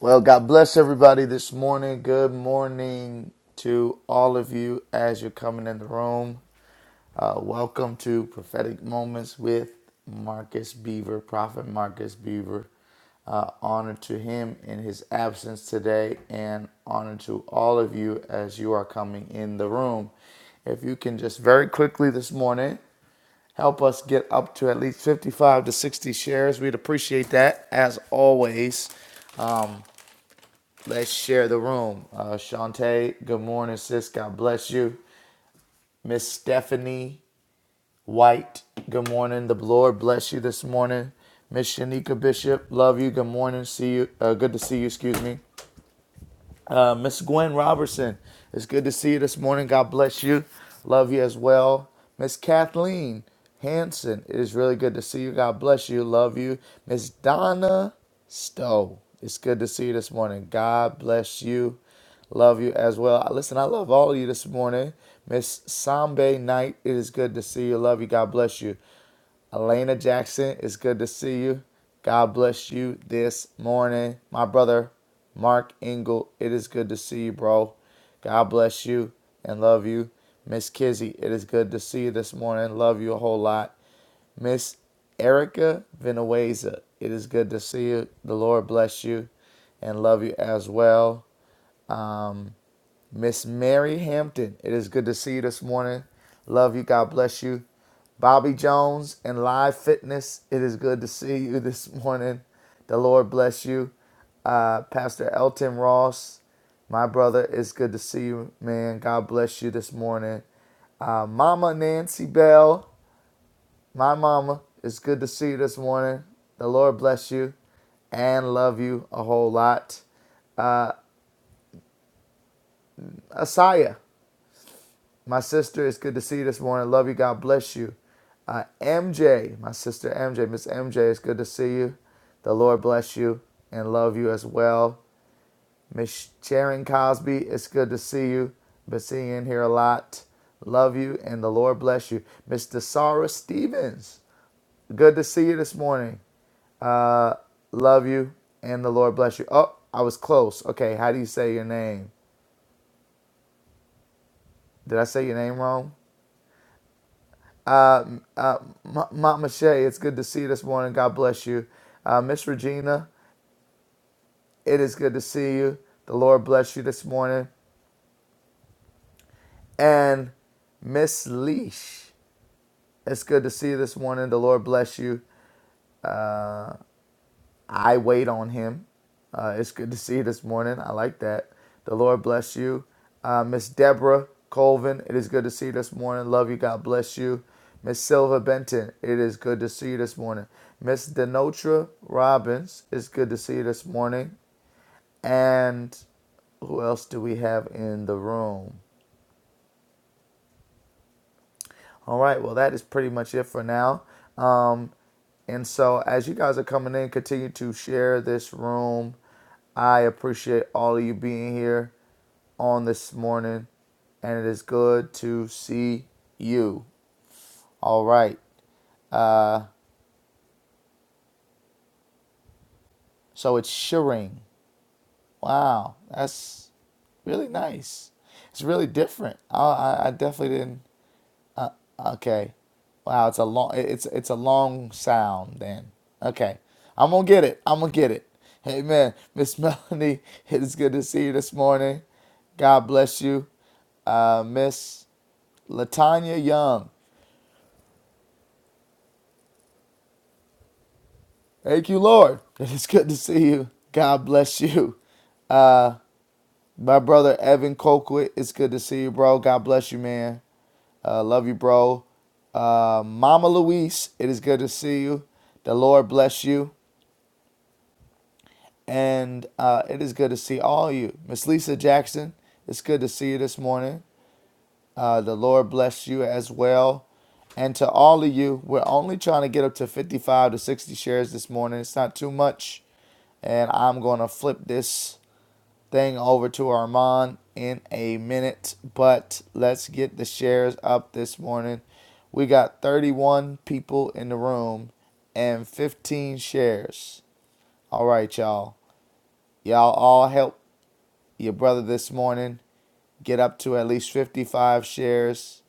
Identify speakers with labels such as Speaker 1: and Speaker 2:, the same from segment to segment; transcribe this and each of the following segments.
Speaker 1: Well, God bless everybody this morning. Good morning to all of you as you're coming in the room. Uh, welcome to Prophetic Moments with Marcus Beaver, Prophet Marcus Beaver. Uh, honor to him in his absence today, and honor to all of you as you are coming in the room. If you can just very quickly this morning help us get up to at least 55 to 60 shares, we'd appreciate that as always. Let's share the room. Uh, Shantae, good morning, sis. God bless you. Miss Stephanie White, good morning. The Lord bless you this morning. Miss Shanika Bishop, love you. Good morning. See you. Uh, good to see you. Excuse me. Uh, Miss Gwen Robertson, it's good to see you this morning. God bless you. Love you as well. Miss Kathleen Hanson, it is really good to see you. God bless you. Love you. Miss Donna Stowe, it's good to see you this morning. God bless you. Love you as well. Uh, Listen, I love all of you this morning. Miss Sambe Knight, it is good to see you. Love you. God bless you. Elena Jackson, it's good to see you. God bless you this morning. My brother, Mark Engel, it is good to see you, bro. God bless you and love you. Miss Kizzy, it is good to see you this morning. Love you a whole lot. Miss Erica Venueza, it is good to see you. The Lord bless you and love you as well. Miss Mary Hampton, it is good to see you this morning. Love you. God bless you. Bobby Jones and Live Fitness, it is good to see you this morning. The Lord bless you. Uh, Pastor Elton Ross, my brother, it's good to see you, man. God bless you this morning. Uh, mama Nancy Bell, my mama, it's good to see you this morning. The Lord bless you and love you a whole lot. Asaya, My sister, it's good to see you this morning. Love you. God bless you. Uh, MJ, my sister MJ, Miss MJ, it's good to see you. The Lord bless you and love you as well. Miss Sharon Cosby, it's good to see you. Been seeing you in here a lot. Love you and the Lord bless you. Miss Desara Stevens, good to see you this morning. Uh, love you and the Lord bless you. Oh, I was close. Okay, how do you say your name? Did I say your name wrong? Uh, uh, Ma- Mama Shay, it's good to see you this morning. God bless you. Uh, Miss Regina, it is good to see you. The Lord bless you this morning. And Miss Leash, it's good to see you this morning. The Lord bless you. I wait on him. Uh, it's good to see you this morning. I like that. The Lord bless you. Uh, Miss Deborah Colvin, it is good to see you this morning. Love you. God bless you. Miss Silva Benton, it is good to see you this morning. Miss Denotra Robbins, it's good to see you this morning. And who else do we have in the room? All right. Well, that is pretty much it for now. Um, and so, as you guys are coming in, continue to share this room. I appreciate all of you being here on this morning, and it is good to see you. All right. Uh, so it's Shireen. Wow, that's really nice. It's really different. I, I, I definitely didn't. Okay. Wow, it's a long it's it's a long sound then. Okay. I'm gonna get it. I'm gonna get it. Amen. Miss Melanie, it is good to see you this morning. God bless you. Uh Miss Latanya Young. Thank you, Lord. It is good to see you. God bless you. Uh my brother Evan Colquitt, it's good to see you, bro. God bless you, man. Uh, love you, bro. Uh, Mama Louise, it is good to see you. The Lord bless you. and uh, it is good to see all of you. Miss Lisa Jackson, it's good to see you this morning. Uh, the Lord bless you as well. And to all of you, we're only trying to get up to 55 to 60 shares this morning. It's not too much. And I'm going to flip this thing over to Armand in a minute. But let's get the shares up this morning. We got 31 people in the room and 15 shares. All right, y'all. Y'all all help your brother this morning. Get up to at least 55 shares.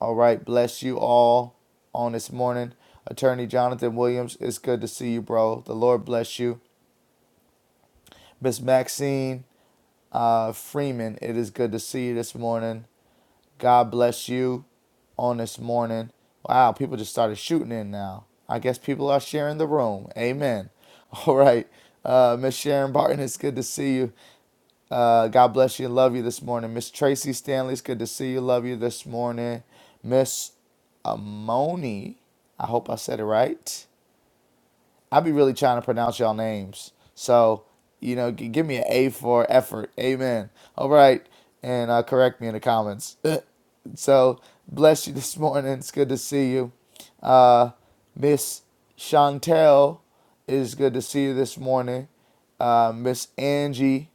Speaker 1: All right. Bless you all on this morning. Attorney Jonathan Williams, it's good to see you, bro. The Lord bless you. Miss Maxine uh, Freeman, it is good to see you this morning. God bless you on this morning. Wow, people just started shooting in now. I guess people are sharing the room. Amen. All right. Uh, Miss Sharon Barton, it's good to see you. Uh, God bless you and love you this morning. Miss Tracy Stanley, it's good to see you. Love you this morning. Miss Amoni, I hope I said it right. I be really trying to pronounce y'all names. So, you know, g- give me an A for effort. Amen. All right. And uh, correct me in the comments. so, bless you this morning. It's good to see you. Uh, Miss Chantel, it is good to see you this morning. Uh, Miss Angie,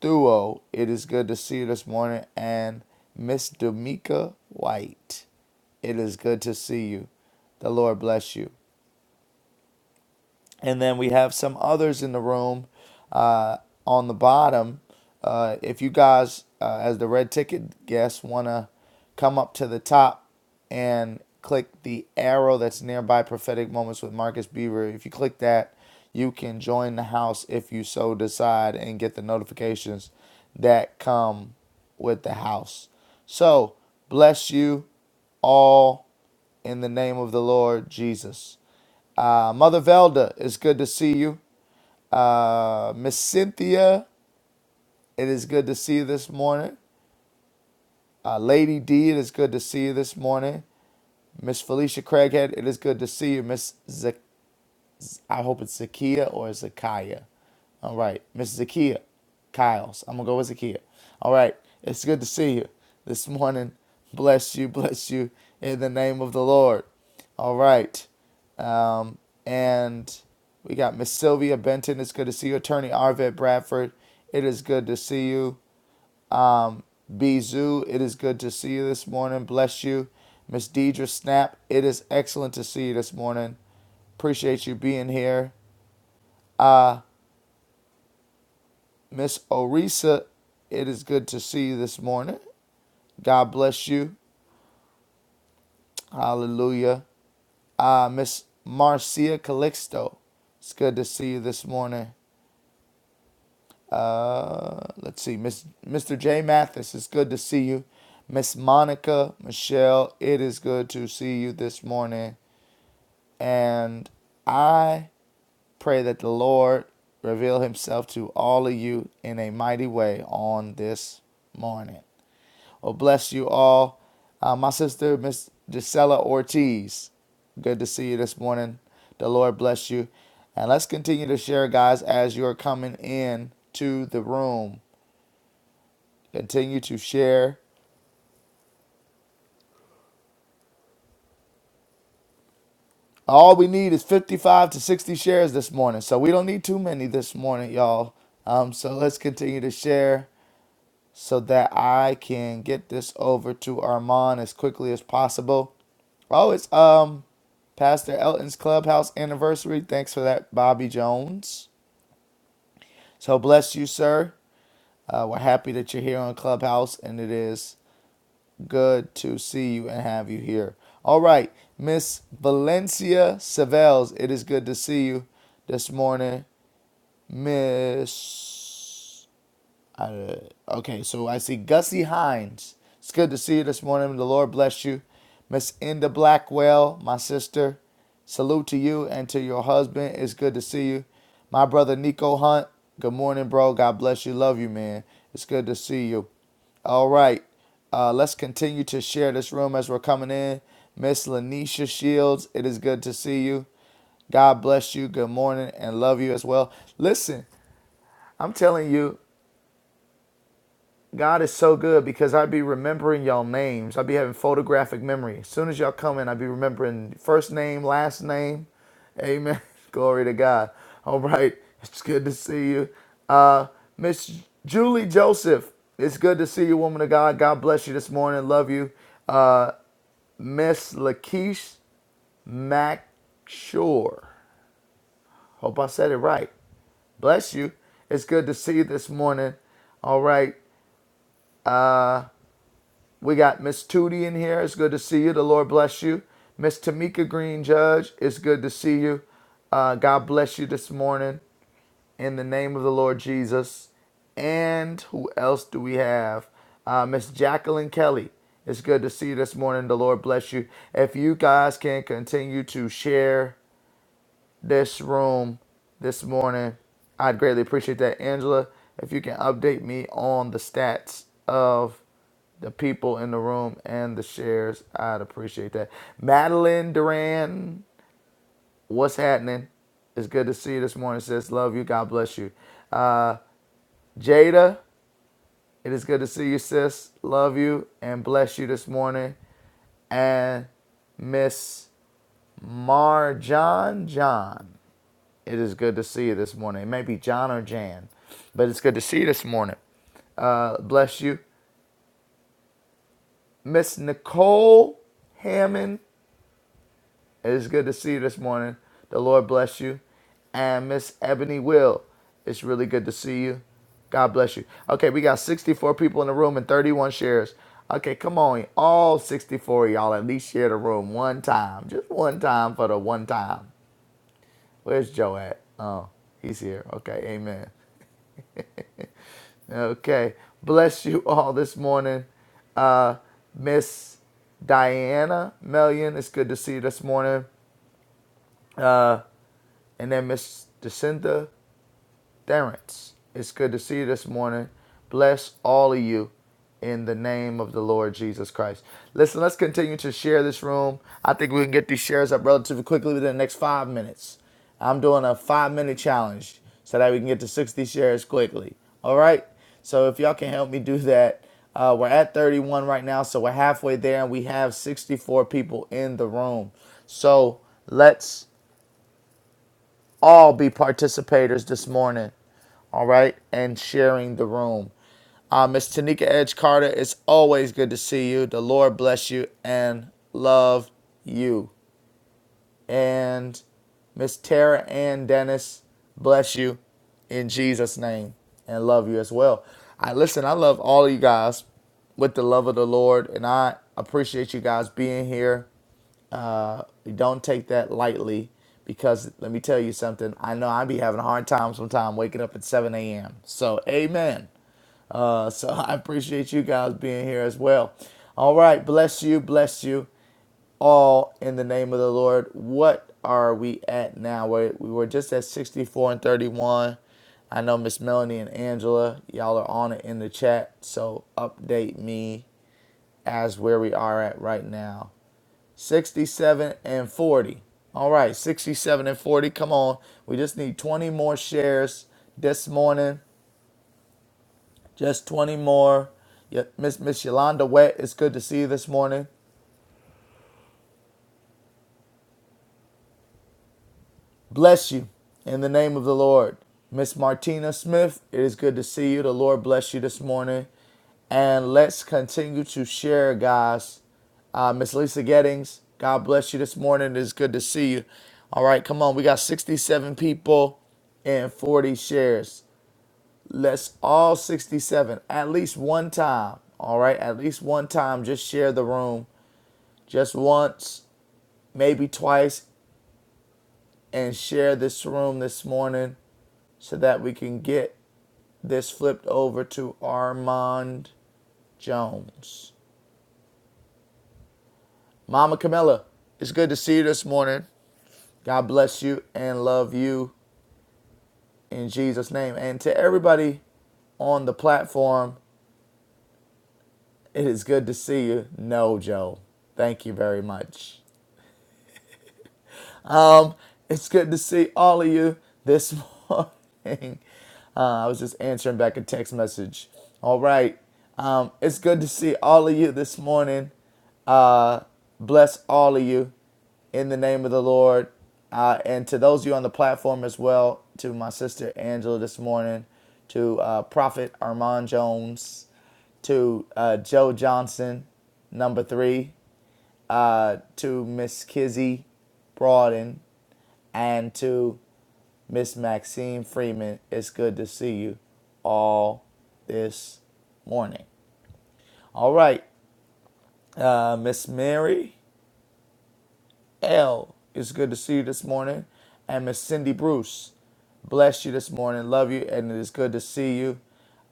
Speaker 1: Thuo. It is good to see you this morning. And Miss Damika White, it is good to see you. The Lord bless you and then we have some others in the room uh, on the bottom. Uh, if you guys, uh, as the red ticket guests, want to come up to the top and click the arrow that's nearby prophetic moments with Marcus Beaver, if you click that, you can join the house if you so decide and get the notifications that come with the house. So, bless you all in the name of the Lord Jesus. Uh, Mother Velda, it's good to see you. Uh, Miss Cynthia, it is good to see you this morning. Uh, Lady D, it is good to see you this morning. Miss Felicia Craighead, it is good to see you. Miss Zak- I hope it's Zakia or Zakiya. All right, Miss Zakia, Kyle's. I'm gonna go with Zakia. All right, it's good to see you this morning. Bless you, bless you in the name of the Lord. All right, um, and we got Miss Sylvia Benton. It's good to see you, Attorney Arvet Bradford. It is good to see you, Bizu. It is good to see you this morning. Bless you, Miss Deidre Snap. It is excellent to see you this morning. Appreciate you being here. Miss Orisa, it is good to see you this morning. God bless you. Hallelujah. Uh, Miss Marcia Calixto, it's good to see you this morning. Uh, let's see, Miss Mr. J Mathis, it's good to see you. Miss Monica Michelle, it is good to see you this morning. And I pray that the Lord reveal Himself to all of you in a mighty way on this morning. Well, bless you all. Uh, my sister, Miss Gisela Ortiz, good to see you this morning. The Lord bless you. And let's continue to share, guys, as you're coming in to the room. Continue to share. All we need is 55 to 60 shares this morning. So we don't need too many this morning, y'all. Um, so let's continue to share. so that I can get this over to Armand as quickly as possible. Oh, it's um Pastor Elton's clubhouse anniversary. Thanks for that, Bobby Jones. So bless you, sir. Uh, we're happy that you're here on Clubhouse, and it is good to see you and have you here. All right, Miss Valencia Savells, it is good to see you this morning, Miss. Uh, okay, so I see Gussie Hines. It's good to see you this morning. The Lord bless you. Miss Inda Blackwell, my sister. Salute to you and to your husband. It's good to see you. My brother Nico Hunt. Good morning, bro. God bless you. Love you, man. It's good to see you. All right. Uh, let's continue to share this room as we're coming in. Miss Lanisha Shields, it is good to see you. God bless you. Good morning and love you as well. Listen, I'm telling you, God is so good because I'd be remembering y'all names. I'd be having photographic memory. As soon as y'all come in, I'd be remembering first name, last name. Amen. Glory to God. All right. It's good to see you. Uh, Miss Julie Joseph, it's good to see you, woman of God. God bless you this morning. Love you. Uh, Miss Lakeisha Mack Hope I said it right. Bless you. It's good to see you this morning. All right. We got Miss Tootie in here. It's good to see you. The Lord bless you. Miss Tamika Green Judge, it's good to see you. Uh, God bless you this morning in the name of the Lord Jesus. And who else do we have? Uh, Miss Jacqueline Kelly, it's good to see you this morning. The Lord bless you. If you guys can continue to share this room this morning. I'd greatly appreciate that, Angela. If you can update me on the stats of the people in the room and the shares, I'd appreciate that. Madeline Duran, what's happening? It's good to see you this morning, sis. Love you. God bless you. Uh, Jada, it is good to see you, sis. Love you and bless you this morning. And Miss Marjan John. It is good to see you this morning. It may be John or Jan, but it's good to see you this morning. Uh, bless you. Miss Nicole Hammond, it is good to see you this morning. The Lord bless you. And Miss Ebony Will, it's really good to see you. God bless you. Okay, we got 64 people in the room and 31 shares. Okay, come on. All 64 of y'all at least share the room one time. Just one time for the one time. Where's Joe at? Oh, he's here. Okay, amen. Okay. Bless you all this morning. Uh, Miss Diana Melian, it's good to see you this morning. And then Miss Jacinta. Terrence, it's good to see you this morning. Bless all of you in the name of the Lord Jesus Christ. Listen, let's continue to share this room. I think we can get these shares up relatively quickly within the next five minutes. I'm doing a five minute challenge so that we can get to 60 shares quickly. All right? So if y'all can help me do that, uh, we're at 31 right now, so we're halfway there, and we have 64 people in the room. So let's all be participators this morning, all right, and sharing the room. Uh, Miss Tanika Edge Carter, it's always good to see you. The Lord bless you and love you. And Miss Tara Ann Dennis, bless you in Jesus' name and love you as well. I listen, I love all of you guys with the love of the Lord, and I appreciate you guys being here we don't take that lightly because let me tell you something. I know I be having a hard time sometime waking up at 7 a.m. So, amen. Uh, so, I appreciate you guys being here as well. All right. Bless you. Bless you all in the name of the Lord. What are we at now? we we were just at 64 and 31. I know Miss Melanie and Angela, y'all are on it in the chat. So, update me as where we are at right now. 67 and 40. All right, 67 and 40. Come on. We just need 20 more shares this morning. Just 20 more. Yeah, Miss Miss Yolanda Wet, it's good to see you this morning. Bless you in the name of the Lord. Miss Martina Smith, it is good to see you. The Lord bless you this morning. And let's continue to share, guys. Uh, Miss Lisa Gettings, God bless you this morning. It is good to see you. All right, come on. We got 67 people and 40 shares. Let's all 67 at least one time. All right, at least one time. Just share the room just once, maybe twice, and share this room this morning. so that we can get this flipped over to Armand Jones. Mama Camilla, it's good to see you this morning. God bless you and love you in Jesus' name. And to everybody on the platform, it is good to see you. No, Joe. Thank you very much. Um, it's good to see all of you this morning. Uh, I was just answering back a text message. All right. Um, it's good to see all of you this morning. Uh, bless all of you in the name of the Lord. Uh, and to those of you on the platform as well, to my sister Angela this morning, to uh, Prophet Armand Jones, to uh, Joe Johnson, number three, uh, to Miss Kizzy Broaden, and to Miss Maxine Freeman. It's good to see you all this morning. All right, uh, Miss Mary. L, it's good to see you this morning. And Miss Cindy Bruce, bless you this morning. Love you, and it is good to see you.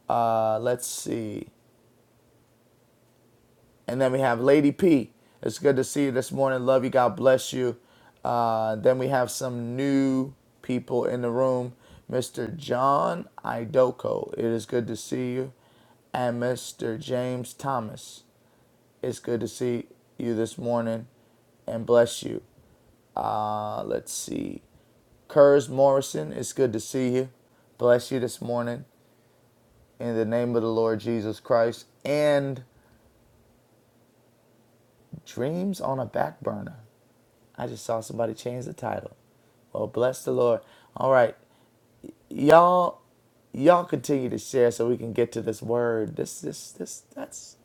Speaker 1: Uh, let's see. And then we have Lady P. It's good to see you this morning. Love you. God bless you. Uh, then we have some new people in the room. Mr. John Idoko, it is good to see you. And Mr. James Thomas, it's good to see you this morning and bless you. Uh, let's see. Kurz Morrison, it's good to see you. Bless you this morning in the name of the Lord Jesus Christ. And dreams on a back burner. I just saw somebody change the title. Well, bless the Lord. All right, y'all, y'all continue to share so we can get to this word. This, this, this. That's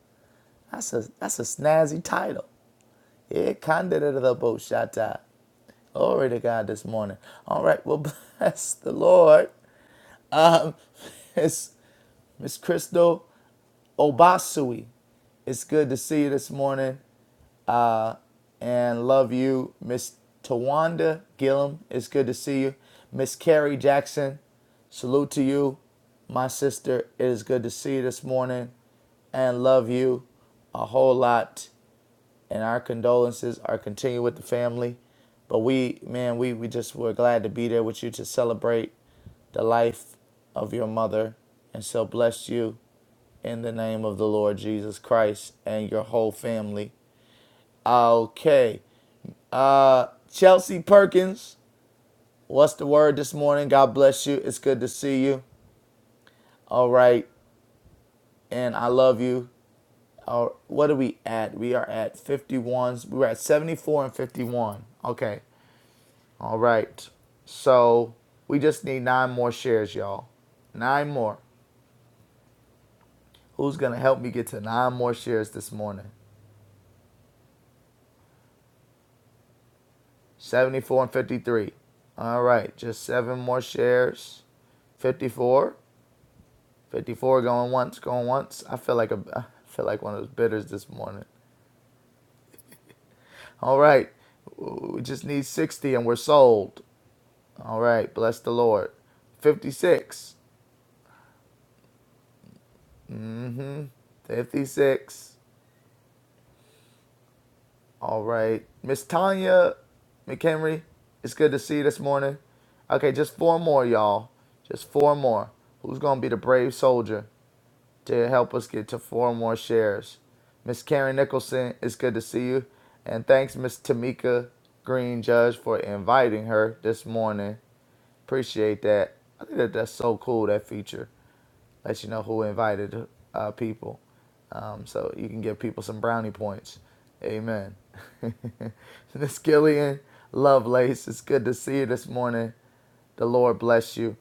Speaker 1: that's a that's a snazzy title. Yeah, kind of the Boshata. Glory to God this morning. All right, well, bless the Lord. Um, Miss Miss Crystal. Obasui, it's good to see you this morning and love you. Miss Tawanda Gillum, it's good to see you. Miss Carrie Jackson, salute to you. My sister, it is good to see you this morning and love you a whole lot. And our condolences are continued with the family. But we, man, we, we just were glad to be there with you to celebrate the life of your mother. And so bless you in the name of the Lord Jesus Christ and your whole family. Okay. Uh Chelsea Perkins, what's the word this morning? God bless you. It's good to see you. All right. And I love you. Uh, what are we at? We are at 51. We We're at 74 and 51. Okay. All right. So we just need nine more shares, y'all. Nine more. Who's going to help me get to nine more shares this morning? 74 and 53. All right, just seven more shares. 54, 54. going once, going once. I feel like a, I feel like one of those bidders this morning. All right, we just need 60 and we're sold. All right, bless the Lord. 56, 56. All right, Miss Tanya McHenry, it's good to see you this morning. Okay, just four more, y'all. Just four more. Who's gonna be the brave soldier? to help us get to four more shares. Miss Karen Nicholson, it's good to see you. And thanks, Miss Tamika Green Judge, for inviting her this morning. Appreciate that. I think that that's so cool, that feature let you know who invited uh, people. Um, so you can give people some brownie points. Amen. Miss Gillian Lovelace, it's good to see you this morning. The Lord bless you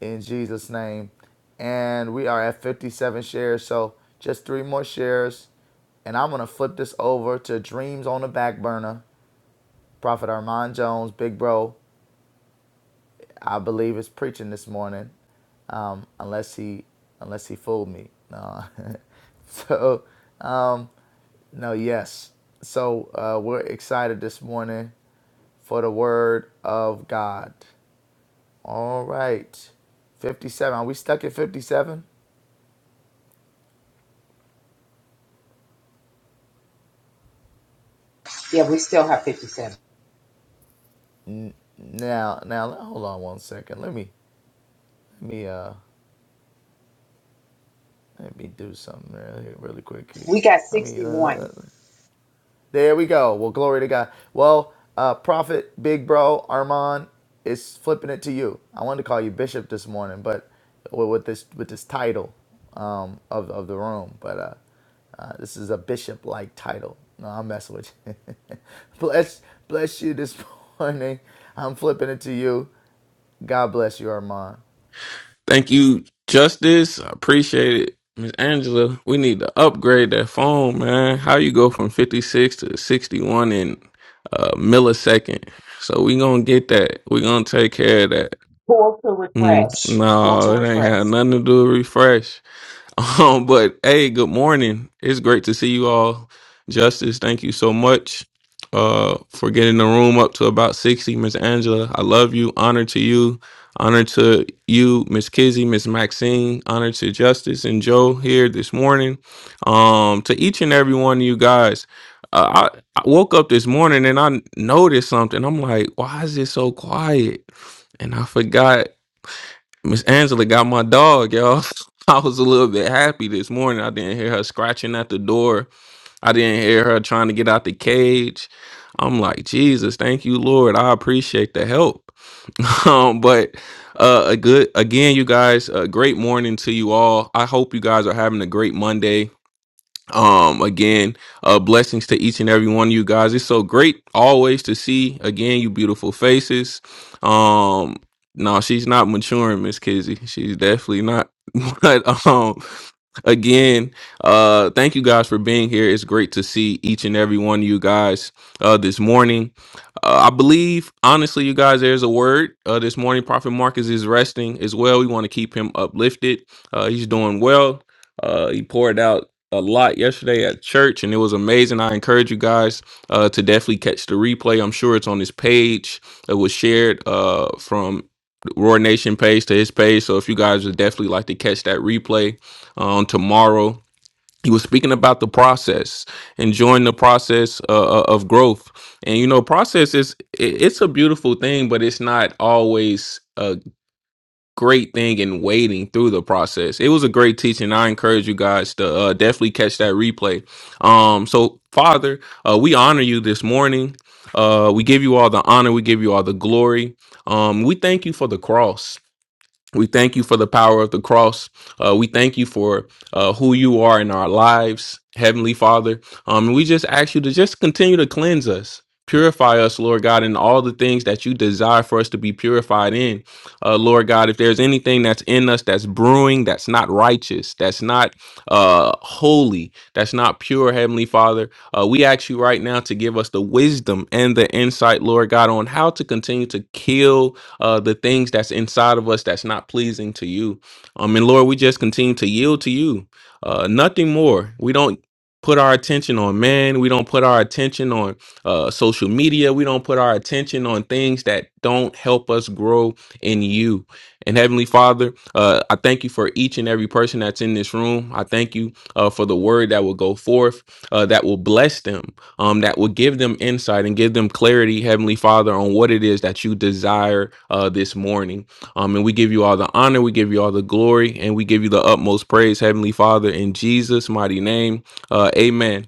Speaker 1: in Jesus' name. And we are at 57 shares, so just three more shares. And I'm going to flip this over to Dreams on the Back Burner. Prophet Armand Jones, Big Bro, I believe it's preaching this morning, um, unless he unless he fooled me. No. so um, no, yes. So uh, we're excited this morning for the word of God. All right, fifty-seven. Are we stuck at fifty-seven?
Speaker 2: Yeah, we still have 57.
Speaker 1: N- Now, now, hold on one second. Let me let me uh let me do something really, really quick. here.
Speaker 2: We got
Speaker 1: Let me.
Speaker 2: 61.
Speaker 1: uh, There we go. Well, glory to God. Well, uh, Prophet, Big Bro, Armand is flipping it to you. I wanted to call you Bishop this morning, but with with this with this title um, of of the room, but uh, uh, this is a bishop like title. No, I'm messing with you. bless bless you this morning. I'm flipping it to you. God bless you, Armand.
Speaker 3: Thank you, Justice. I appreciate it. Miss Angela, we need to upgrade that phone, man. How you go from 56 to 61 in a millisecond? So we gonna get that. We gonna take care of that.
Speaker 2: Pull to
Speaker 3: Mm,
Speaker 2: refresh. Pull
Speaker 3: no,
Speaker 2: to
Speaker 3: it ain't had
Speaker 2: refresh.
Speaker 3: nothing to do with refresh. Um, but hey, good morning. It's great to see you all. Justice, thank you so much uh for getting the room up to about 60. Miss Angela, I love you. Honor to you. Honor to you, Miss Kizzy, Miss Maxine. Honor to Justice and Joe here this morning. Um, to each and every one of you guys. Uh, I, I woke up this morning and I noticed something. I'm like, why is it so quiet? And I forgot Miss Angela got my dog, y'all. I was a little bit happy this morning. I didn't hear her scratching at the door. I didn't hear her trying to get out the cage. I'm like, Jesus, thank you, Lord. I appreciate the help. um, but uh, a good again, you guys. A great morning to you all. I hope you guys are having a great Monday um again uh blessings to each and every one of you guys it's so great always to see again you beautiful faces um no she's not maturing miss kizzy she's definitely not but um again uh thank you guys for being here it's great to see each and every one of you guys uh this morning uh, i believe honestly you guys there's a word uh this morning prophet marcus is resting as well we want to keep him uplifted uh he's doing well uh he poured out a lot yesterday at church, and it was amazing. I encourage you guys uh, to definitely catch the replay. I'm sure it's on his page. It was shared uh, from the Roar Nation page to his page. So if you guys would definitely like to catch that replay uh, on tomorrow. He was speaking about the process, enjoying the process uh, uh, of growth, and you know, process is it- it's a beautiful thing, but it's not always. uh, great thing in waiting through the process. It was a great teaching. I encourage you guys to uh, definitely catch that replay. Um, so Father, uh, we honor you this morning. Uh, we give you all the honor. We give you all the glory. Um, we thank you for the cross. We thank you for the power of the cross. Uh, we thank you for uh, who you are in our lives, Heavenly Father. Um, and we just ask you to just continue to cleanse us, purify us, Lord God, in all the things that you desire for us to be purified in. Uh, Lord God, if there's anything that's in us that's brewing, that's not righteous, that's not uh, holy, that's not pure, Heavenly Father, uh, we ask you right now to give us the wisdom and the insight, Lord God, on how to continue to kill uh, the things that's inside of us that's not pleasing to you. Um, and Lord, we just continue to yield to you. Uh, nothing more. We don't put our attention on man. We don't put our attention on uh, social media. We don't put our attention on things that don't help us grow in you. And Heavenly Father, uh, I thank you for each and every person that's in this room. I thank you uh, for the word that will go forth, uh, that will bless them um, that will give them insight and give them clarity, Heavenly Father, on what it is that you desire uh, this morning. Um, and we give you all the honor, we give you all the glory, and we give you the utmost praise, Heavenly Father, in Jesus' mighty name. Uh, amen.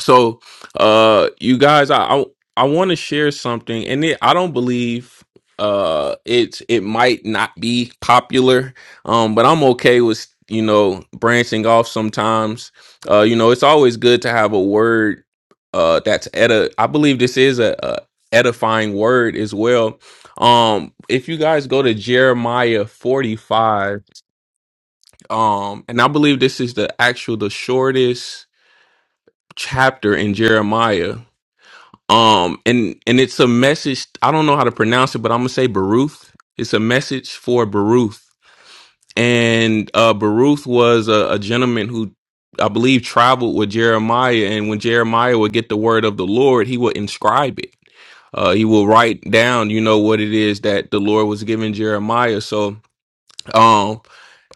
Speaker 3: So, uh, you guys, I I, I want to share something, and it, I don't believe uh it's it might not be popular, um, but I'm okay with you know branching off sometimes. Uh, you know, it's always good to have a word uh that's edit. I believe this is a, a edifying word as well. Um, if you guys go to Jeremiah 45, um, and I believe this is the actual the shortest chapter in Jeremiah um and and it's a message i don't know how to pronounce it but i'm gonna say baruth it's a message for baruth and uh baruth was a, a gentleman who i believe traveled with jeremiah and when jeremiah would get the word of the lord he would inscribe it uh he will write down you know what it is that the lord was giving jeremiah so um,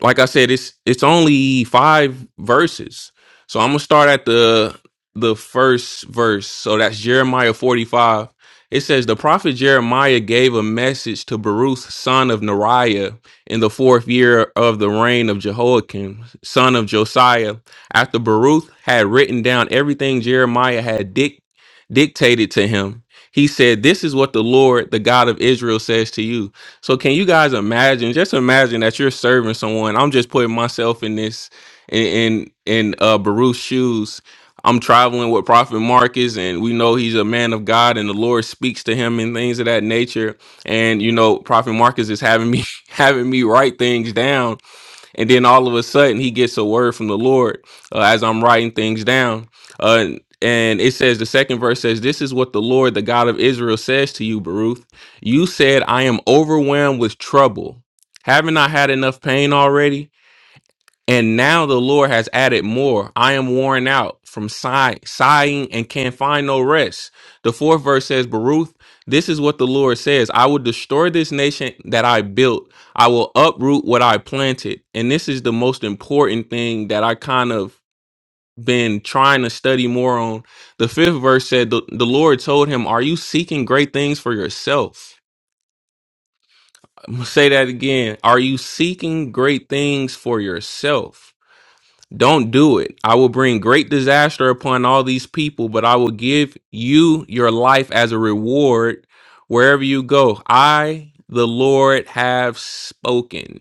Speaker 3: like I said, it's it's only five verses. So I'm gonna start at the the first verse. So that's Jeremiah 45. It says, The prophet Jeremiah gave a message to Baruch, son of Neriah, in the fourth year of the reign of Jehoiakim, son of Josiah. After Baruch had written down everything Jeremiah had dic- dictated to him, he said, This is what the Lord, the God of Israel, says to you. So can you guys imagine? Just imagine that you're serving someone. I'm just putting myself in this in in, in uh Baruch's shoes. I'm traveling with Prophet Marcus, and we know he's a man of God, and the Lord speaks to him and things of that nature. And you know, Prophet Marcus is having me having me write things down and then all of a sudden he gets a word from the Lord uh, as I'm writing things down. Uh, and it says the second verse says, "This is what the Lord, the God of Israel, says to you, Baruch. You said, I am overwhelmed with trouble. Haven't I had enough pain already? And now the Lord has added more. I am worn out from sigh, sighing and can't find no rest. The fourth verse says, Baruch, this is what the Lord says I will destroy this nation that I built, I will uproot what I planted. And this is the most important thing that I kind of been trying to study more on. The fifth verse said, The, the Lord told him, Are you seeking great things for yourself? I'm gonna say that again. Are you seeking great things for yourself? Don't do it. I will bring great disaster upon all these people, but I will give you your life as a reward wherever you go. I, the Lord, have spoken.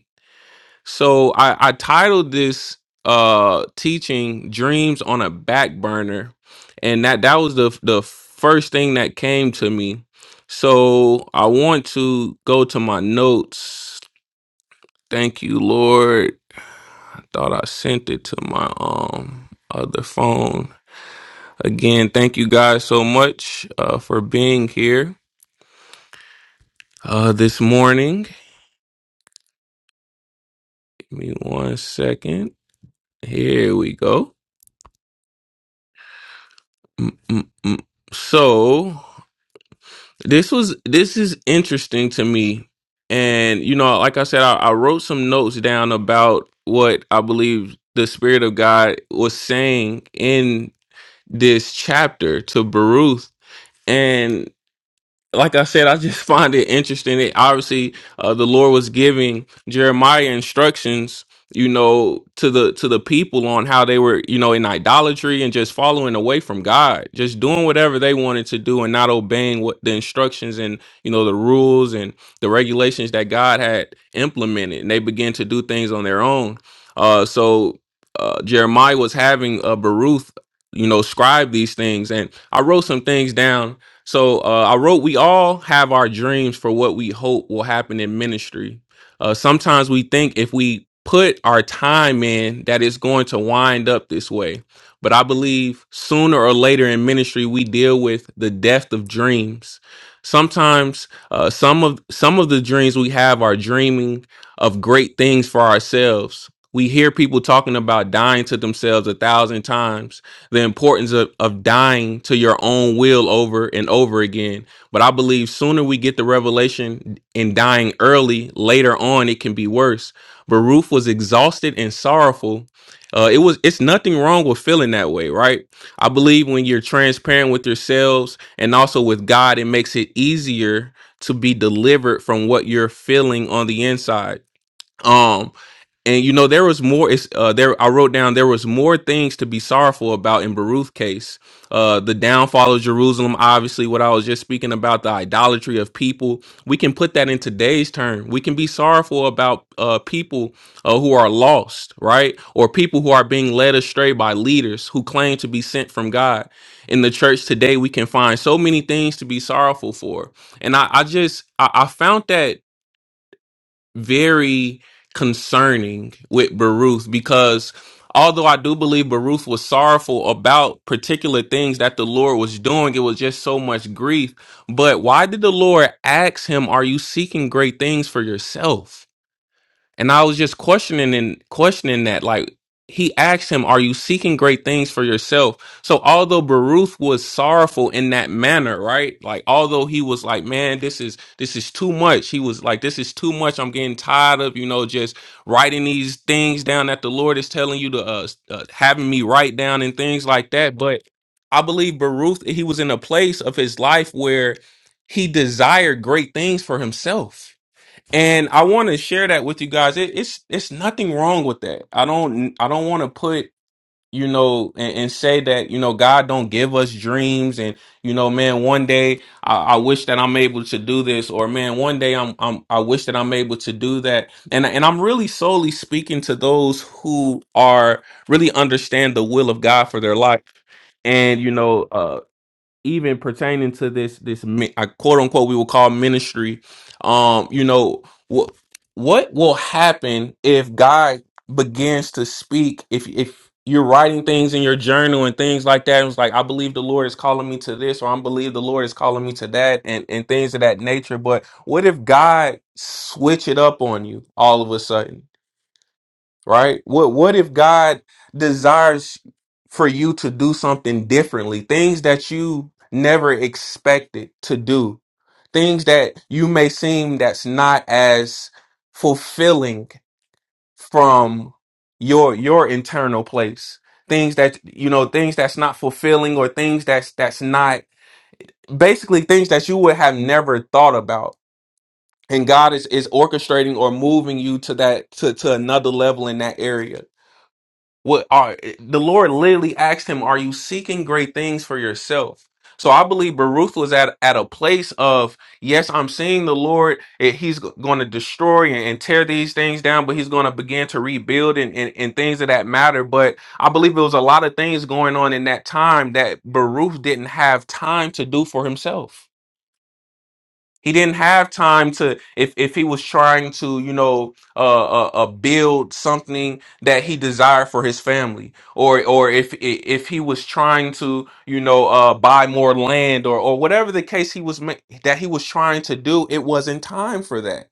Speaker 3: So I, I titled this uh teaching dreams on a back burner and that that was the the first thing that came to me so i want to go to my notes thank you lord Thought I sent it to my um other phone. Again, thank you guys so much uh, for being here uh, this morning. Give me one second. Here we go. Mm-mm-mm. So this was this is interesting to me, and you know, like I said, I, I wrote some notes down about what I believe the Spirit of God was saying in this chapter to Baruch and like I said, I just find it interesting that obviously uh, the Lord was giving Jeremiah instructions, you know, to the to the people on how they were, you know, in idolatry and just following away from God, just doing whatever they wanted to do and not obeying what the instructions and you know the rules and the regulations that God had implemented, and they began to do things on their own. Uh, so uh, Jeremiah was having uh, Baruch, you know, scribe these things, and I wrote some things down so uh, I wrote, we all have our dreams for what we hope will happen in ministry. Uh, sometimes we think if we put our time in, that it's going to wind up this way. But I believe sooner or later in ministry, we deal with the death of dreams. Sometimes uh, some of some of the dreams we have are dreaming of great things for ourselves. We hear people talking about dying to themselves a thousand times the importance of, of dying to your own will over and over again. But I believe sooner we get the revelation in dying early, later on it can be worse. But Ruth was exhausted and sorrowful. Uh, it was it's nothing wrong with feeling that way, right? I believe when you're transparent with yourselves and also with God, it makes it easier to be delivered from what you're feeling on the inside. Um, and you know there was more it's uh there i wrote down there was more things to be sorrowful about in Baruch's case uh the downfall of jerusalem obviously what i was just speaking about the idolatry of people we can put that in today's term we can be sorrowful about uh people uh, who are lost right or people who are being led astray by leaders who claim to be sent from god in the church today we can find so many things to be sorrowful for and i, I just I, I found that very concerning with Baruth because although I do believe Baruth was sorrowful about particular things that the Lord was doing, it was just so much grief. But why did the Lord ask him, Are you seeking great things for yourself? And I was just questioning and questioning that. Like he asked him, Are you seeking great things for yourself? So although Baruch was sorrowful in that manner, right? Like although he was like, Man, this is this is too much. He was like, This is too much. I'm getting tired of, you know, just writing these things down that the Lord is telling you to uh, uh having me write down and things like that. But I believe Baruch he was in a place of his life where he desired great things for himself and I want to share that with you guys. It, it's it's nothing wrong with that. I don't I don't want to put you know and, and say that you know God don't give us dreams and you know man one day I, I wish that I'm able to do this or man one day I'm, I'm I wish that I'm able to do that and and I'm really solely speaking to those who are really understand the will of God for their life and you know uh, even pertaining to this this mi- uh, quote unquote we will call ministry um you know what what will happen if god begins to speak if if you're writing things in your journal and things like that and it's like i believe the lord is calling me to this or i believe the lord is calling me to that and and things of that nature but what if god switch it up on you all of a sudden right? What what if God desires for you to do something differently? Things that you never expected to do. Things that you may seem that's not as fulfilling from your your internal place. Things that you know, things that's not fulfilling or things that's that's not basically things that you would have never thought about. And God is is orchestrating or moving you to that to to another level in that area what are the Lord literally asked him, Are you seeking great things for yourself? So I believe Baruch was at, at a place of, yes, I'm seeing the Lord. eh, He's going to destroy and, and tear these things down, but he's going to begin to rebuild and, and, and things of that matter. But I believe there was a lot of things going on in that time that Baruch didn't have time to do for himself. He didn't have time to if if he was trying to you know uh, uh, uh build something that he desired for his family or or if i- if he was trying to you know uh buy more land or or whatever the case he was ma- that he was trying to do it wasn't time for that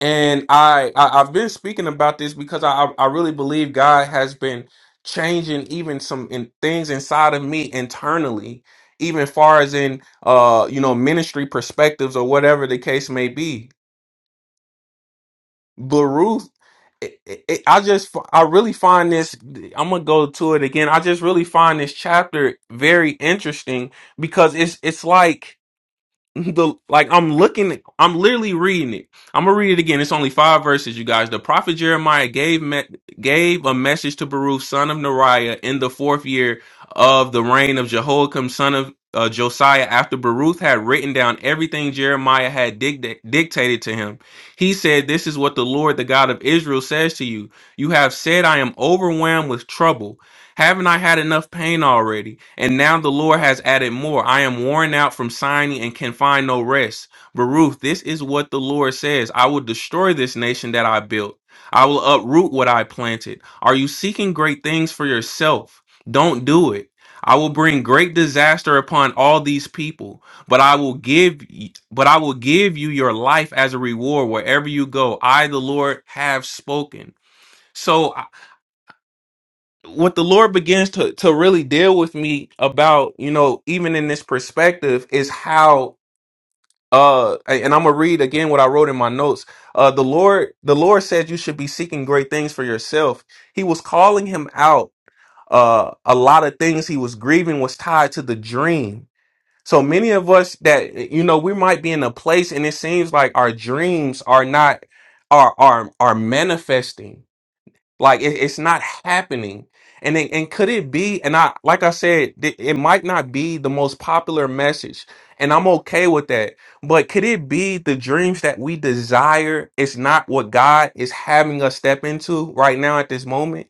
Speaker 3: and I, I I've been speaking about this because I I I really believe God has been changing even some in things inside of me internally, even far as in uh you know ministry perspectives or whatever the case may be. But Ruth, it, it, it- I just f- I really find this. I'm gonna go to it again. I just really find this chapter very interesting because it's it's like the like I'm looking I'm literally reading it. I'm gonna read it again. It's only five verses, you guys. The prophet Jeremiah gave me, gave a message to Baruch, son of Neriah, in the fourth year of the reign of Jehoiakim, son of uh, Josiah. After Baruch had written down everything Jeremiah had dic- dictated to him, he said, "This is what the Lord, the God of Israel, says to you: You have said, I am overwhelmed with trouble. Haven't I had enough pain already? And now the Lord has added more. I am worn out from signing and can find no rest. Baruch, this is what the Lord says I will destroy this nation that I built, I will uproot what I planted. Are you seeking great things for yourself? Don't do it. I will bring great disaster upon all these people, but I will give but I will give you your life as a reward wherever you go. I the Lord have spoken. So what the Lord begins to to really deal with me about, you know, even in this perspective is how uh and I'm gonna read again what I wrote in my notes. Uh the Lord the Lord said you should be seeking great things for yourself. He was calling him out. Uh a lot of things he was grieving was tied to the dream. So many of us that you know we might be in a place and it seems like our dreams are not are are are manifesting like it, it's not happening. And it, and could it be? And I like I said, th- it might not be the most popular message, and I'm okay with that. But could it be the dreams that we desire is not what God is having us step into right now at this moment?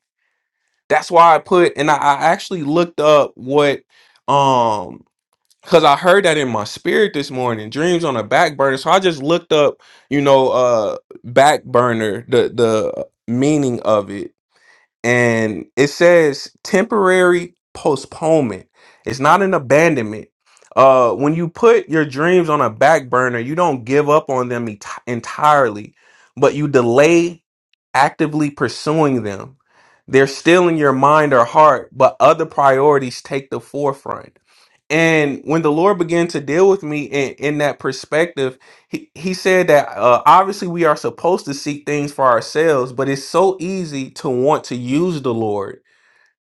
Speaker 3: That's why I put and I, I actually looked up what um because I heard that in my spirit this morning, dreams on a back burner. So I just looked up, you know, uh back burner, the the meaning of it and it says temporary postponement. It's not an abandonment. Uh, when you put your dreams on a back burner, you don't give up on them enti- entirely, but you delay actively pursuing them. They're still in your mind or heart, but other priorities take the forefront. And when the Lord began to deal with me in, in that perspective, he, he said that uh, obviously we are supposed to seek things for ourselves, but it's so easy to want to use the Lord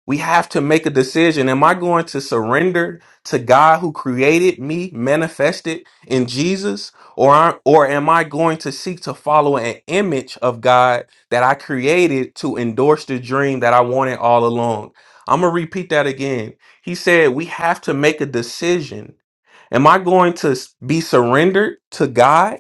Speaker 3: we have to make a decision. Am I going to surrender to God who created me, manifested in Jesus, or I- or am I going to seek to follow an image of God that I created to endorse the dream that I wanted all along? I'm going to repeat that again. He said we have to make a decision. Am I going to s- be surrendered to God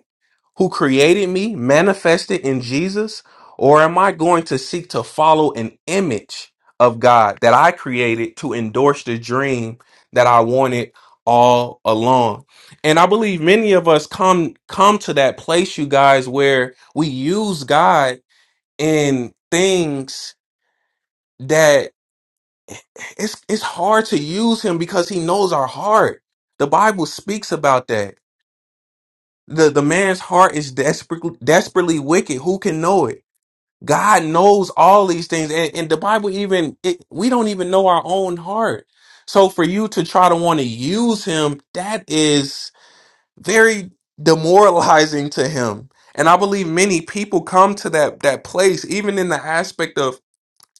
Speaker 3: who created me manifested in Jesus? Or am I going to seek to follow an image of God that I created to endorse the dream that I wanted all along? And I believe many of us come come to that place, you guys, where we use God in things that it's it's hard to use him because he knows our heart. The Bible speaks about that the the man's heart is desperately desperately wicked who can know it God knows all these things. And, and the Bible even, it, we don't even know our own heart. So for you to try to want to use him, that is very demoralizing to him. And I believe many people come to that, that place, even in the aspect of,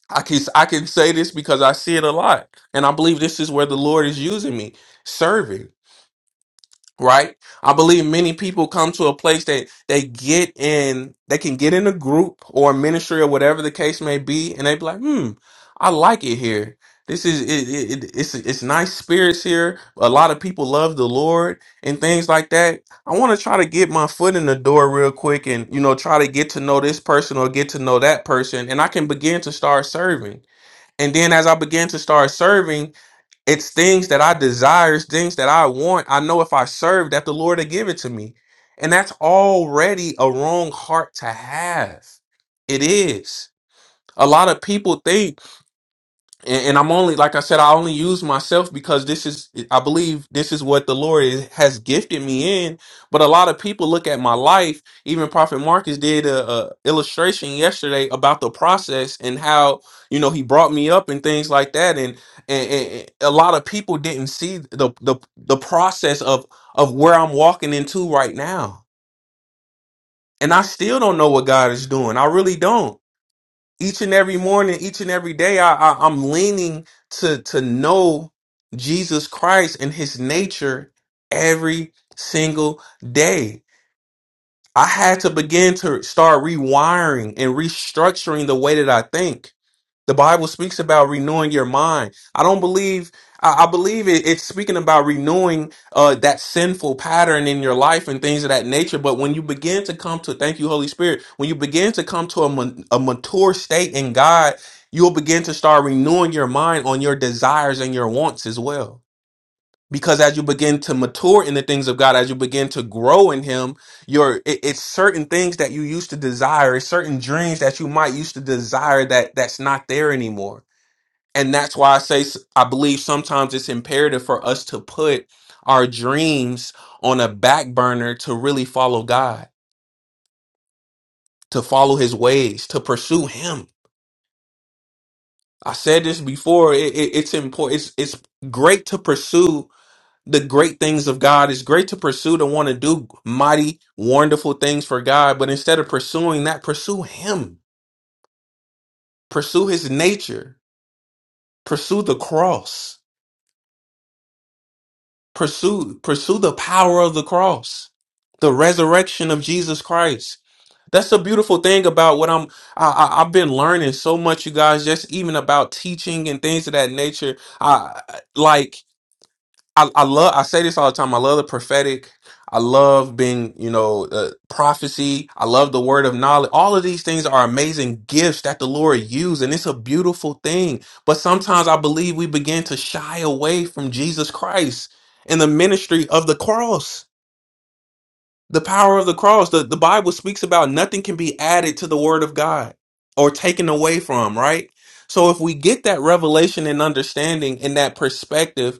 Speaker 3: I can, I can say this because I see it a lot. And I believe this is where the Lord is using me, serving right? I believe many people come to a place that they get in, they can get in a group or a ministry or whatever the case may be, and they be like, hmm, I like it here. This is it, it, it- it's it's nice spirits here. A lot of people love the Lord and things like that. I want to try to get my foot in the door real quick and you know try to get to know this person or get to know that person and I can begin to start serving. And then as I began to start serving, it's things that I desire, it's things that I want. I know if I serve that the Lord will give it to me. And that's already a wrong heart to have. It is. A lot of people think and, and I'm only like I said, I only use myself because this is I believe this is what the Lord is, has gifted me in. But a lot of people look at my life. Even Prophet Marcus did a, a illustration yesterday about the process and how you know he brought me up and things like that. And and, and a lot of people didn't see the the the process of of where I'm walking into right now. And I still don't know what God is doing. I really don't each and every morning, each and every day, I, I I'm leaning to to know Jesus Christ and His nature every single day. I had to begin to start rewiring and restructuring the way that I think. The Bible speaks about renewing your mind. I don't believe, I, I believe it, it's speaking about renewing uh, that sinful pattern in your life and things of that nature. But when you begin to come to, thank you, Holy Spirit, when you begin to come to a, ma- a mature state in God, you'll begin to start renewing your mind on your desires and your wants as well because as you begin to mature in the things of God, as you begin to grow in Him, your it, it's certain things that you used to desire, it's certain dreams that you might used to desire that that's not there anymore. And that's why I say s- I believe sometimes it's imperative for us to put our dreams on a back burner to really follow God, to follow His ways, to pursue Him. I said this before. It, it, it's important. It's, it's great to pursue the great things of God. It's great to pursue to want to do mighty, wonderful things for God, but instead of pursuing that, pursue Him, pursue His nature, pursue the cross, pursue pursue the power of the cross, the resurrection of Jesus Christ. That's the beautiful thing about what I'm. I, I, I've been learning so much, you guys, just even about teaching and things of that nature. I I- like. I, I love I say this all the time. I love the prophetic. I love being, you know, uh, prophecy. I love the word of knowledge. All of these things are amazing gifts that the Lord used, and it's a beautiful thing. But sometimes I believe we begin to shy away from Jesus Christ and the ministry of the cross, the power of the cross. The, the Bible speaks about nothing can be added to the word of God or taken away from, right? So if we get that revelation and understanding and that perspective,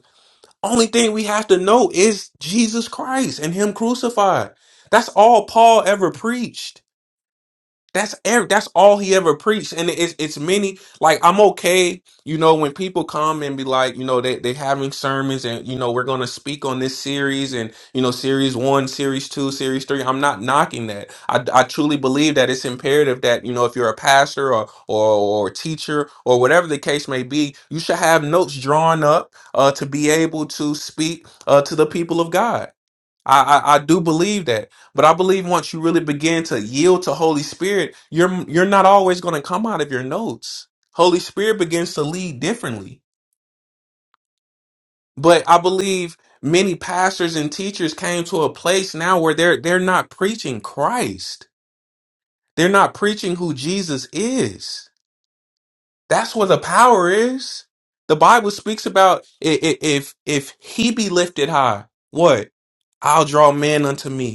Speaker 3: only thing we have to know is Jesus Christ and Him crucified. That's all Paul ever preached. That's ev- that's all he ever preached, and it's it's many. Like I'm okay, you know, when people come and be like, you know, they they having sermons, and you know, we're gonna speak on this series, and you know, series one, series two, series three. I'm not knocking that. I I truly believe that it's imperative that you know, if you're a pastor or or or teacher or whatever the case may be, you should have notes drawn up uh, to be able to speak uh, to the people of God I, I I do believe that, but I believe once you really begin to yield to Holy Spirit, you're you're not always going to come out of your notes. Holy Spirit begins to lead differently. But I believe many pastors and teachers came to a place now where they're they're not preaching Christ. They're not preaching who Jesus is. That's where the power is. The Bible speaks about i- i- if if he be lifted high, what? I'll draw men unto me.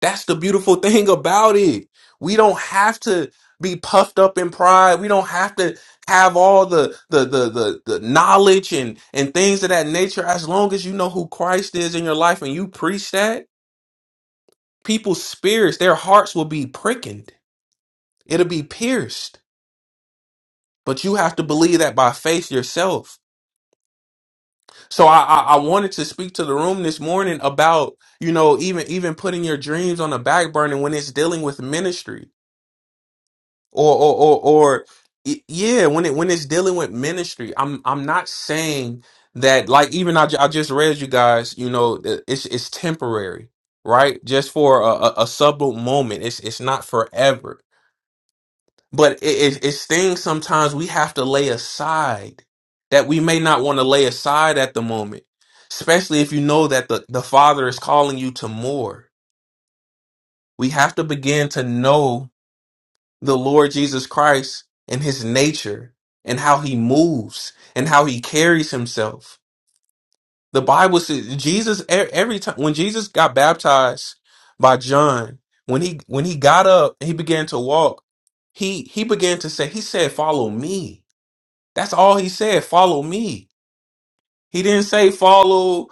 Speaker 3: That's the beautiful thing about it. We don't have to be puffed up in pride. We don't have to have all the the the the, the knowledge and and things of that nature. As long as you know who Christ is in your life and you preach that, people's spirits, their hearts will be pricked. It'll be pierced. But you have to believe that by faith yourself. So I, I I wanted to speak to the room this morning about you know even even putting your dreams on the back burner when it's dealing with ministry or or or, or y- yeah when it when it's dealing with ministry i'm i'm not saying that like even i, ju- I just read you guys you know th- it's it's temporary right just for a, a, a subtle moment it's it's not forever but it, it, it's things sometimes we have to lay aside that we may not want to lay aside at the moment especially if you know that the, the father is calling you to more we have to begin to know the Lord Jesus Christ and his nature and how he moves and how he carries himself. The Bible says Jesus e- every time when Jesus got baptized by John, when he when he got up and he began to walk, he he began to say he said follow me. That's all he said, follow me. He didn't say follow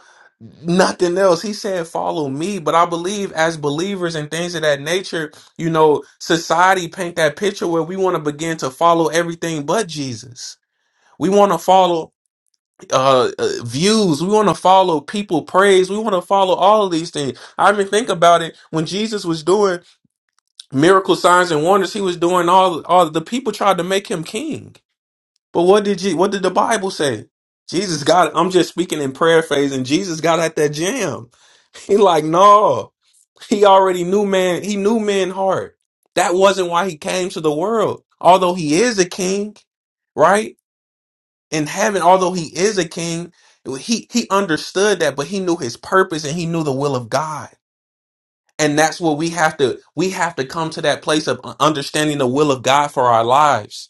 Speaker 3: nothing else. He said follow me. But I believe as believers and things of that nature, you know, society paint that picture where we want to begin to follow everything but Jesus. We want to follow uh, uh, views. We want to follow people praise. We want to follow all of these things. I even think about it when Jesus was doing miracle signs and wonders. He was doing all all the people tried to make him king. But what did you what did the Bible say? Jesus got I'm just speaking in paraphrasing. Jesus got at that jam. He like, no. He already knew man, he knew man heart. That wasn't why he came to the world. Although he is a king, right? In heaven, although he is a king, he he understood that, but he knew his purpose and he knew the will of God and that's where we have to we have to come to that place of understanding the will of god for our lives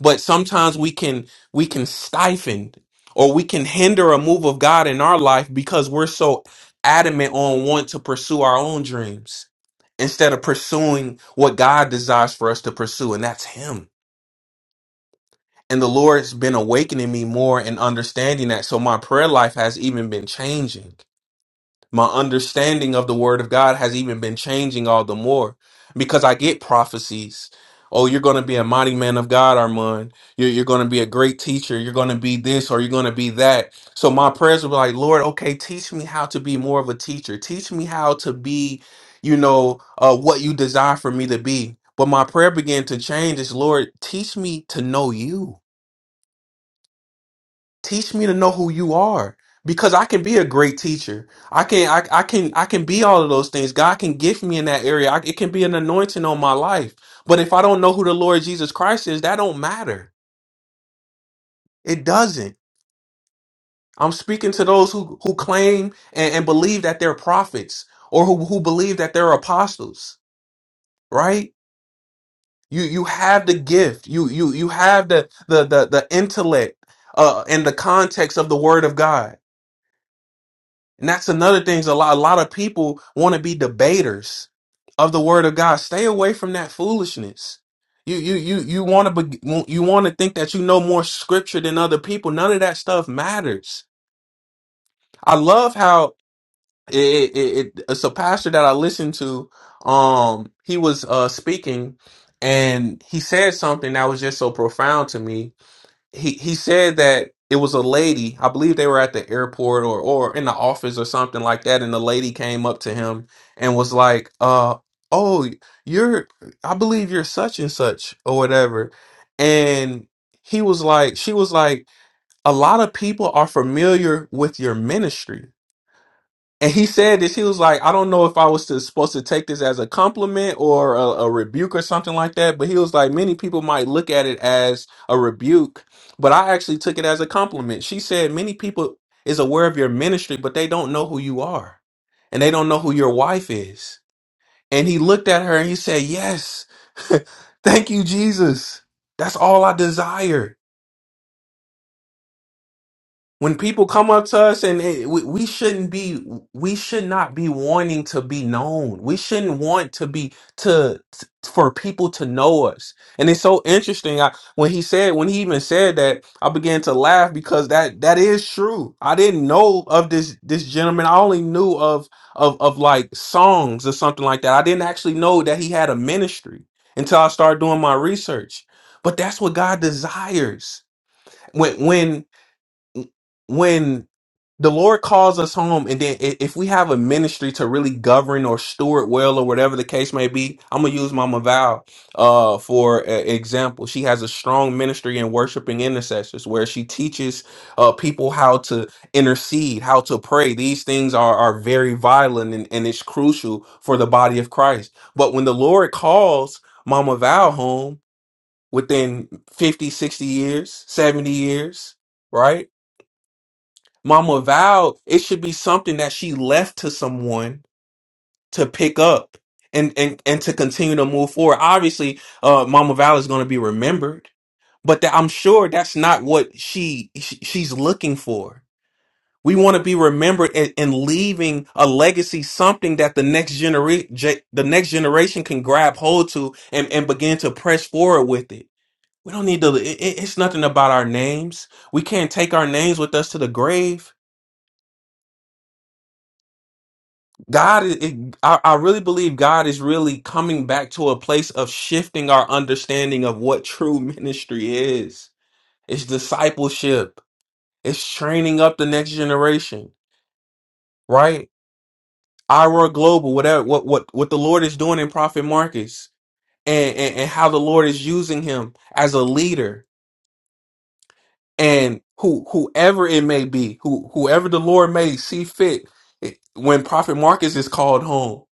Speaker 3: but sometimes we can we can stifle or we can hinder a move of god in our life because we're so adamant on want to pursue our own dreams instead of pursuing what god desires for us to pursue and that's him and the lord's been awakening me more and understanding that so my prayer life has even been changing my understanding of the word of God has even been changing all the more because I get prophecies. Oh, you're going to be a mighty man of God, Armand. You're, you're going to be a great teacher. You're going to be this or you're going to be that. So my prayers were like, Lord, okay, teach me how to be more of a teacher. Teach me how to be, you know, uh, what you desire for me to be. But my prayer began to change is, Lord, teach me to know you teach me to know who you are because i can be a great teacher i can i, I can i can be all of those things god can gift me in that area I, it can be an anointing on my life but if i don't know who the lord jesus christ is that don't matter it doesn't i'm speaking to those who who claim and, and believe that they're prophets or who, who believe that they're apostles right you you have the gift you you you have the the the, the intellect uh in the context of the word of god And that's another thing is a lot a lot of people want to be debaters of the word of God. Stay away from that foolishness. You you you you want to be, you want to think that you know more scripture than other people. None of that stuff matters. I love how it, it, it it's a pastor that I listened to um he was uh speaking and he said something that was just so profound to me he he said that it was a lady. I believe they were at the airport or or in the office or something like that. And the lady came up to him and was like, "Uh, oh, you're I believe you're such and such or whatever." And he was like, she was like, a lot of people are familiar with your ministry and he said this. He was like, I don't know if I was to, supposed to take this as a compliment or a, a rebuke or something like that. But he was like, many people might look at it as a rebuke, but I actually took it as a compliment. She said, many people is aware of your ministry, but they don't know who you are, and they don't know who your wife is. And he looked at her and he said, Yes, thank you, Jesus. That's all I desire. when people come up to us and it, we, we shouldn't be we should not be wanting to be known we shouldn't want to be to, t- for people to know us and it's so interesting I, when he said when he even said that i began to laugh because that that is true i didn't know of this this gentleman i only knew of of of like songs or something like that i didn't actually know that he had a ministry until i started doing my research but that's what god desires when when when the Lord calls us home, and then i- if we have a ministry to really govern or steward well, or whatever the case may be, I'm gonna use Mama Val uh, for a- example. She has a strong ministry in worshiping intercessors, where she teaches uh, people how to intercede, how to pray. These things are are very vital, and, and it's crucial for the body of Christ. But when the Lord calls Mama Val home within 50, 60 years, 70 years, right? Mama Val, it should be something that she left to someone to pick up and and and to continue to move forward. Obviously, uh, Mama Val is going to be remembered, but that, I'm sure that's not what she, she she's looking for. We want to be remembered and, and leaving a legacy, something that the next generation the next generation can grab hold to and and begin to press forward with it. We don't need to. It, it- it's nothing about our names. We can't take our names with us to the grave God is, it, I, I really believe God is really coming back to a place of shifting our understanding of what true ministry is. It's discipleship. It's training up the next generation, right? Ira Global, whatever, what, what, what the Lord is doing in Prophet Marcus and, and, and how the Lord is using him as a leader and who, whoever it may be, who, whoever the Lord may see fit it- when Prophet Marcus is called home.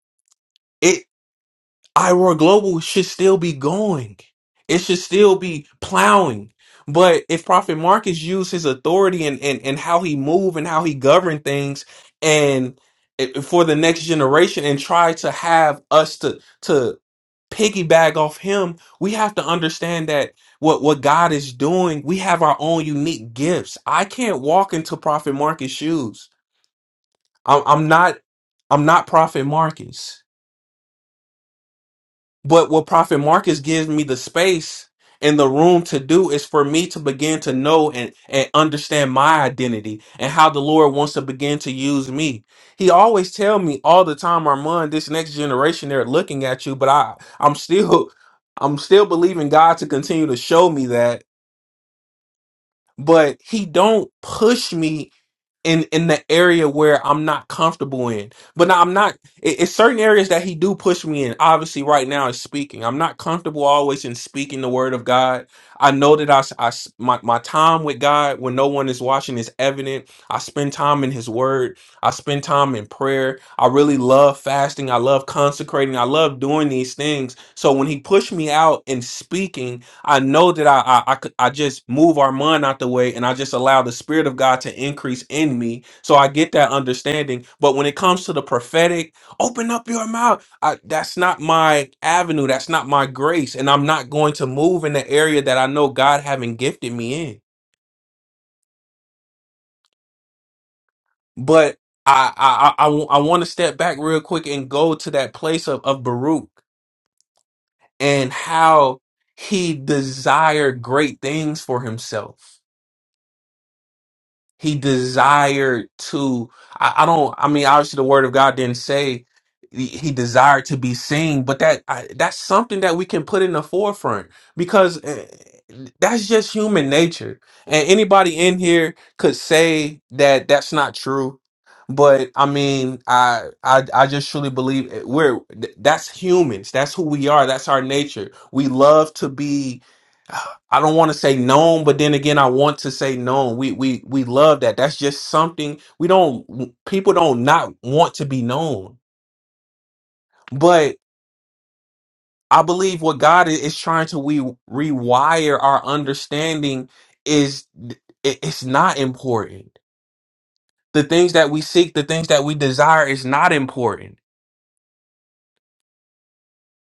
Speaker 3: iRoar Global should still be going. It should still be plowing. But if Prophet Marcus used his authority and, and, and how he move and how he govern things and it- for the next generation and try to have us to to piggyback off him, we have to understand that what what God is doing, we have our own unique gifts. I can't walk into Prophet Marcus shoes. I'm, I'm not I'm not Prophet Marcus. But what Prophet Marcus gives me the space and the room to do is for me to begin to know and, and understand my identity and how the Lord wants to begin to use me. He always tell me all the time, Armand, this next generation, they're looking at you, but I, I'm still, I'm still believing God to continue to show me that, but he don't push me in in the area where I'm not comfortable in. But now I'm not. It, it's certain areas that he do push me in. Obviously, right now is speaking. I'm not comfortable always in speaking the word of God. I know that I, s- I s- my my time with God when no one is watching is evident. I spend time in His Word. I spend time in prayer. I really love fasting. I love consecrating. I love doing these things. So when he pushed me out in speaking. I know that I, I I could- I just move our mind out the way and I just allow the spirit of God to increase in me. So I get that understanding. But when it comes to the prophetic, open up your mouth. I, that's not my avenue. That's not my grace. And I'm not going to move in the area that I know God haven't gifted me in. But I I I, want to step back real quick and go to that place of, of Baruch and how he desired great things for himself He desired to, I, I don't, I mean, obviously the word of God didn't say he he desired to be seen, but that I, that's something that we can put in the forefront because eh, that's just human nature. And anybody in here could say that that's not true. But I mean, I I I just truly believe it- we're th- that's humans. That's who we are. That's our nature. We love to be. I don't want to say known, but then again, I want to say known. We we we love that. That's just something we don't. People don't not want to be known, but I believe what God i- is trying to we rewire our understanding is th- it- it's not important. The things that we seek, the things that we desire, is not important.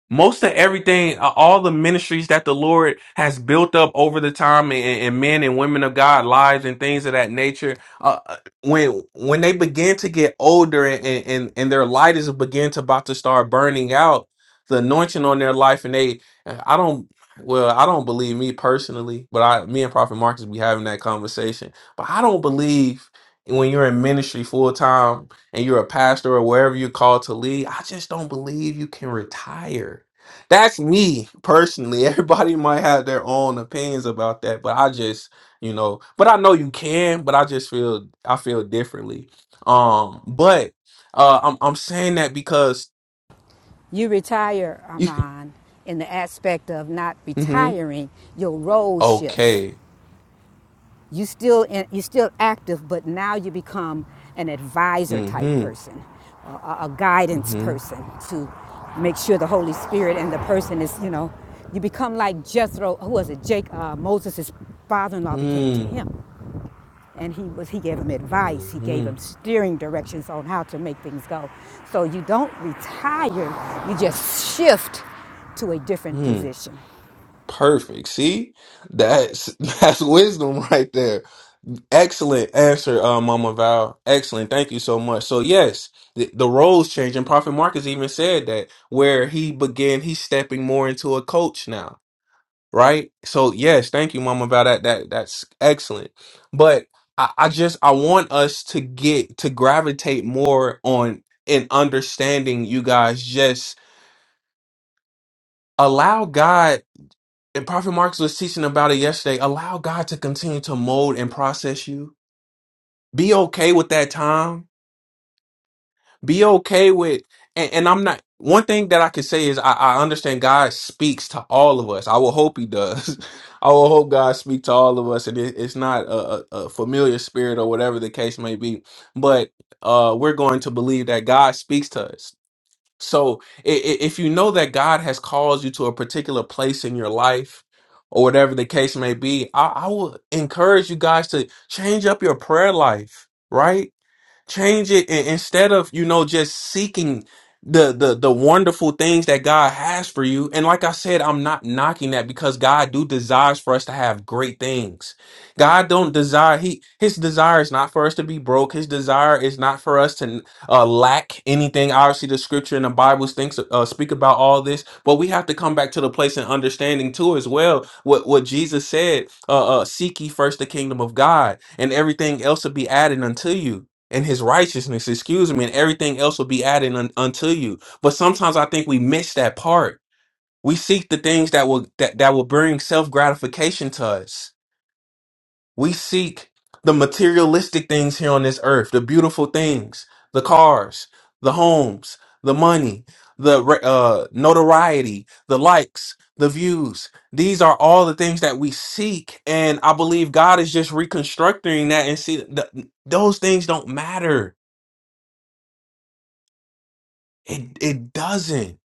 Speaker 3: most of everything, uh, all the ministries that the Lord has built up over the time, and, and men and women of God lives and things of that nature, uh, uh, when when they begin to get older and and, and their light is begin to about to start burning out, the anointing on their life, and they, I don't. Well, I don't believe me personally, but I, me and Prophet Marcus be having that conversation. But I don't believe when you're in ministry full time and you're a pastor or wherever you're called to lead, I just don't believe you can retire. That's me personally. Everybody might have their own opinions about that, but I just, you know, but I know you can, but I just feel I feel differently. Um, but uh I'm I'm saying that because
Speaker 4: You retire,
Speaker 3: you
Speaker 4: Armand, in the aspect of not
Speaker 3: hmm
Speaker 4: retiring, your role shifts.
Speaker 3: okay.
Speaker 4: You still in, you're still active, but now you become an advisor type
Speaker 3: Mm-hmm.
Speaker 4: person, a, a guidance
Speaker 3: Mm-hmm.
Speaker 4: person to make sure the Holy Spirit and the person is, you know, you become like Jethro, who was it? Jake, uh, Moses' father-in-law became to
Speaker 3: Mm-hmm.
Speaker 4: him and he was he gave him advice he gave
Speaker 3: Mm-hmm.
Speaker 4: him steering directions on how to make things go so you don't retire you just shift to a different
Speaker 3: Mm-hmm.
Speaker 4: position
Speaker 3: Perfect. See? That's that's wisdom right there. Excellent answer, uh, Mama Val. Excellent. Thank you so much. So yes, the, the roles change, and Prophet Marcus even said that where he began, he's stepping more into a coach now, right? So yes, thank you, Mama Val. That that that's excellent. But I, I just I want us to get to gravitate more on in understanding you guys. Just allow God and Prophet Marcus was teaching about it yesterday. Allow God to continue to mold and process you. Be okay with that time. Be okay with, and, and I'm not. One thing that I can say is I, I understand God speaks to all of us. I will hope He does. I will hope God speaks to all of us, and it, it's not a, a, a familiar spirit or whatever the case may be. But uh, we're going to believe that God speaks to us. So i- i- if you know that God has called you to a particular place in your life, or whatever the case may be, I, I will encourage you guys to change up your prayer life, right? change it and instead of you know just seeking the the the wonderful things that God has for you and like I said I'm not knocking that because God do desires for us to have great things. God don't desire he his desire is not for us to be broke. His desire is not for us to uh, lack anything. Obviously the scripture and the Bible thinks uh, speak about all this, but we have to come back to the place and understanding too as well what what Jesus said, uh, uh seek ye first the kingdom of God and everything else will be added unto you and his righteousness, excuse me, and everything else will be added un- unto you. But sometimes I think we miss that part. We seek the things that will that, that will bring self gratification to us. We seek the materialistic things here on this earth, the beautiful things, the cars, the homes, the money, the re- uh, notoriety, the likes, the views. These are all the things that we seek, and I believe God is just reconstructing that and see that those things don't matter It it doesn't.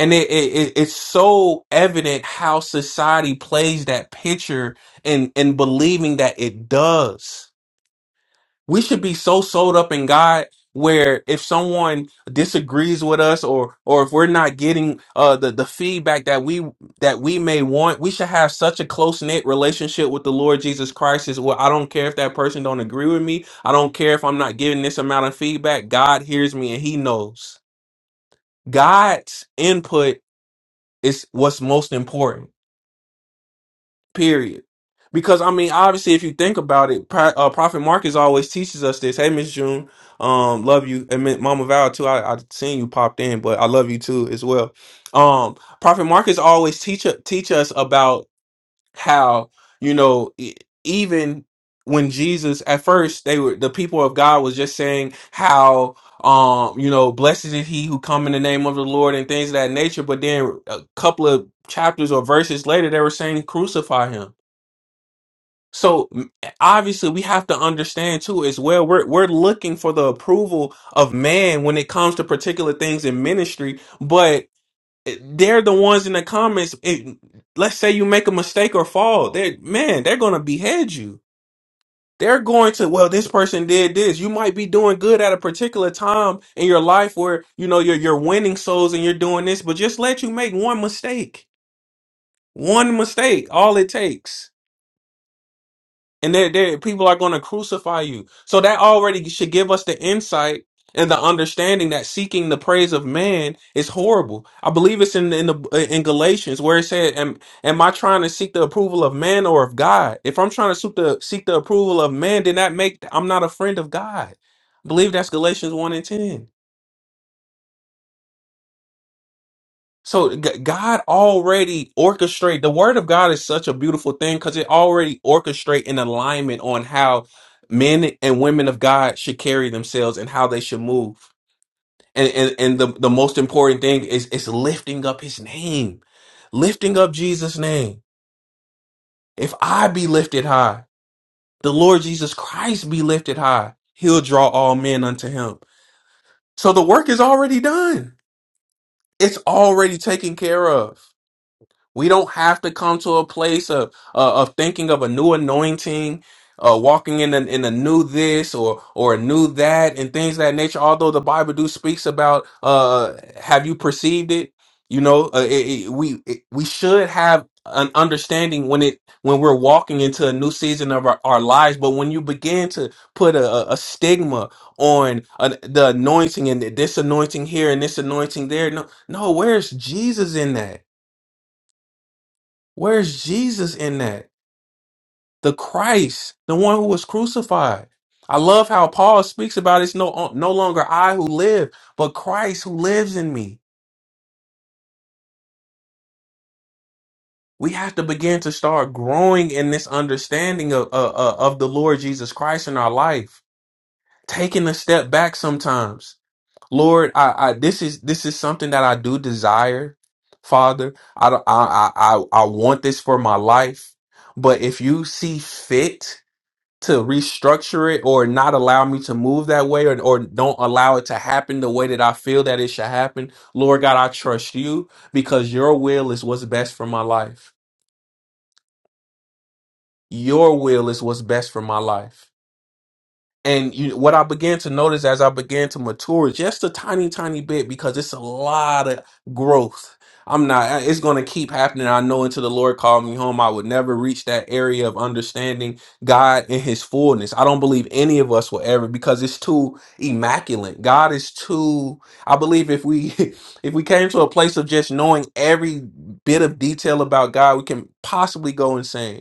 Speaker 3: And it, it, it it's so evident how society plays that picture and and believing that it does. We should be so sold up in God where if someone disagrees with us or or if we're not getting uh the, the feedback that we that we may want, we should have such a close knit relationship with the Lord Jesus Christ is well, I don't care if that person don't agree with me. I don't care if I'm not getting this amount of feedback. God hears me and he knows. God's input is what's most important, period. Because I mean, obviously, if you think about it, Pro- uh, Prophet Marcus always teaches us this. Hey, Miss June, um, love you, and Mi- Mama Val too. I, I seen you popped in, but I love you too as well. Um, Prophet Marcus always teach teach us about how you know e- even when Jesus at first they were the people of God was just saying how um you know blessed is he who come in the name of the Lord and things of that nature but then a couple of chapters or verses later they were saying crucify him so m- obviously we have to understand too as well we're we're looking for the approval of man when it comes to particular things in ministry they're the ones in the comments. It, let's say you make a mistake or fall. They man, they're gonna behead you. They're going to well, this person did this. You might be doing good at a particular time in your life where you know you're you're winning souls and you're doing this, but just let you make one mistake. One mistake, all it takes and there, they people are going to crucify you. So that already should give us the insight and the understanding that seeking the praise of man is horrible. I believe it's in in the in Galatians where it said, "Am am I trying to seek the approval of man or of God? If I'm trying to seek the seek the approval of man, then that make I'm not a friend of God." I believe that's Galatians one and ten. So G- God already orchestrate. The word of God is such a beautiful thing because it already orchestrate an alignment on how men and women of God should carry themselves and how they should move. And and, and the, the most important thing is is lifting up his name. Lifting up Jesus' name. If I be lifted high, the Lord Jesus Christ be lifted high, he'll draw all men unto him. So the work is already done. It's already taken care of. We don't have to come to a place of uh, of thinking of a new anointing, uh, walking in a, in a new this or or a new that and things of that nature. Although the Bible do speaks about, uh, have you perceived it? You know, uh, it, it, we it, we should have an understanding when it when we're walking into a new season of our, our lives. But when you begin to put a, a a stigma on an, the anointing and this anointing here and this anointing there, no, no, where's Jesus in that? Where's Jesus in that? The Christ, the one who was crucified. I love how Paul speaks about it's no no longer I who live, but Christ who lives in me. We have to begin to start growing in this understanding of of, of the Lord Jesus Christ in our life. Taking a step back sometimes. Lord, I, I this is this is something that I do desire, Father. I don't- I I I I want this for my life, but if you see fit to restructure it or not allow me to move that way or, or don't allow it to happen the way that I feel that it should happen. Lord God, I trust you because your will is what's best for my life. Your will is what's best for my life. And you, what I began to notice as I began to mature, just a tiny, tiny bit, because it's a lot of growth. I'm not, it's going to keep happening. I know until the Lord called me home, I would never reach that area of understanding God in his fullness. I don't believe any of us will ever because it's too immaculate. God is too, I believe if we, if we came to a place of just knowing every bit of detail about God, we can possibly go insane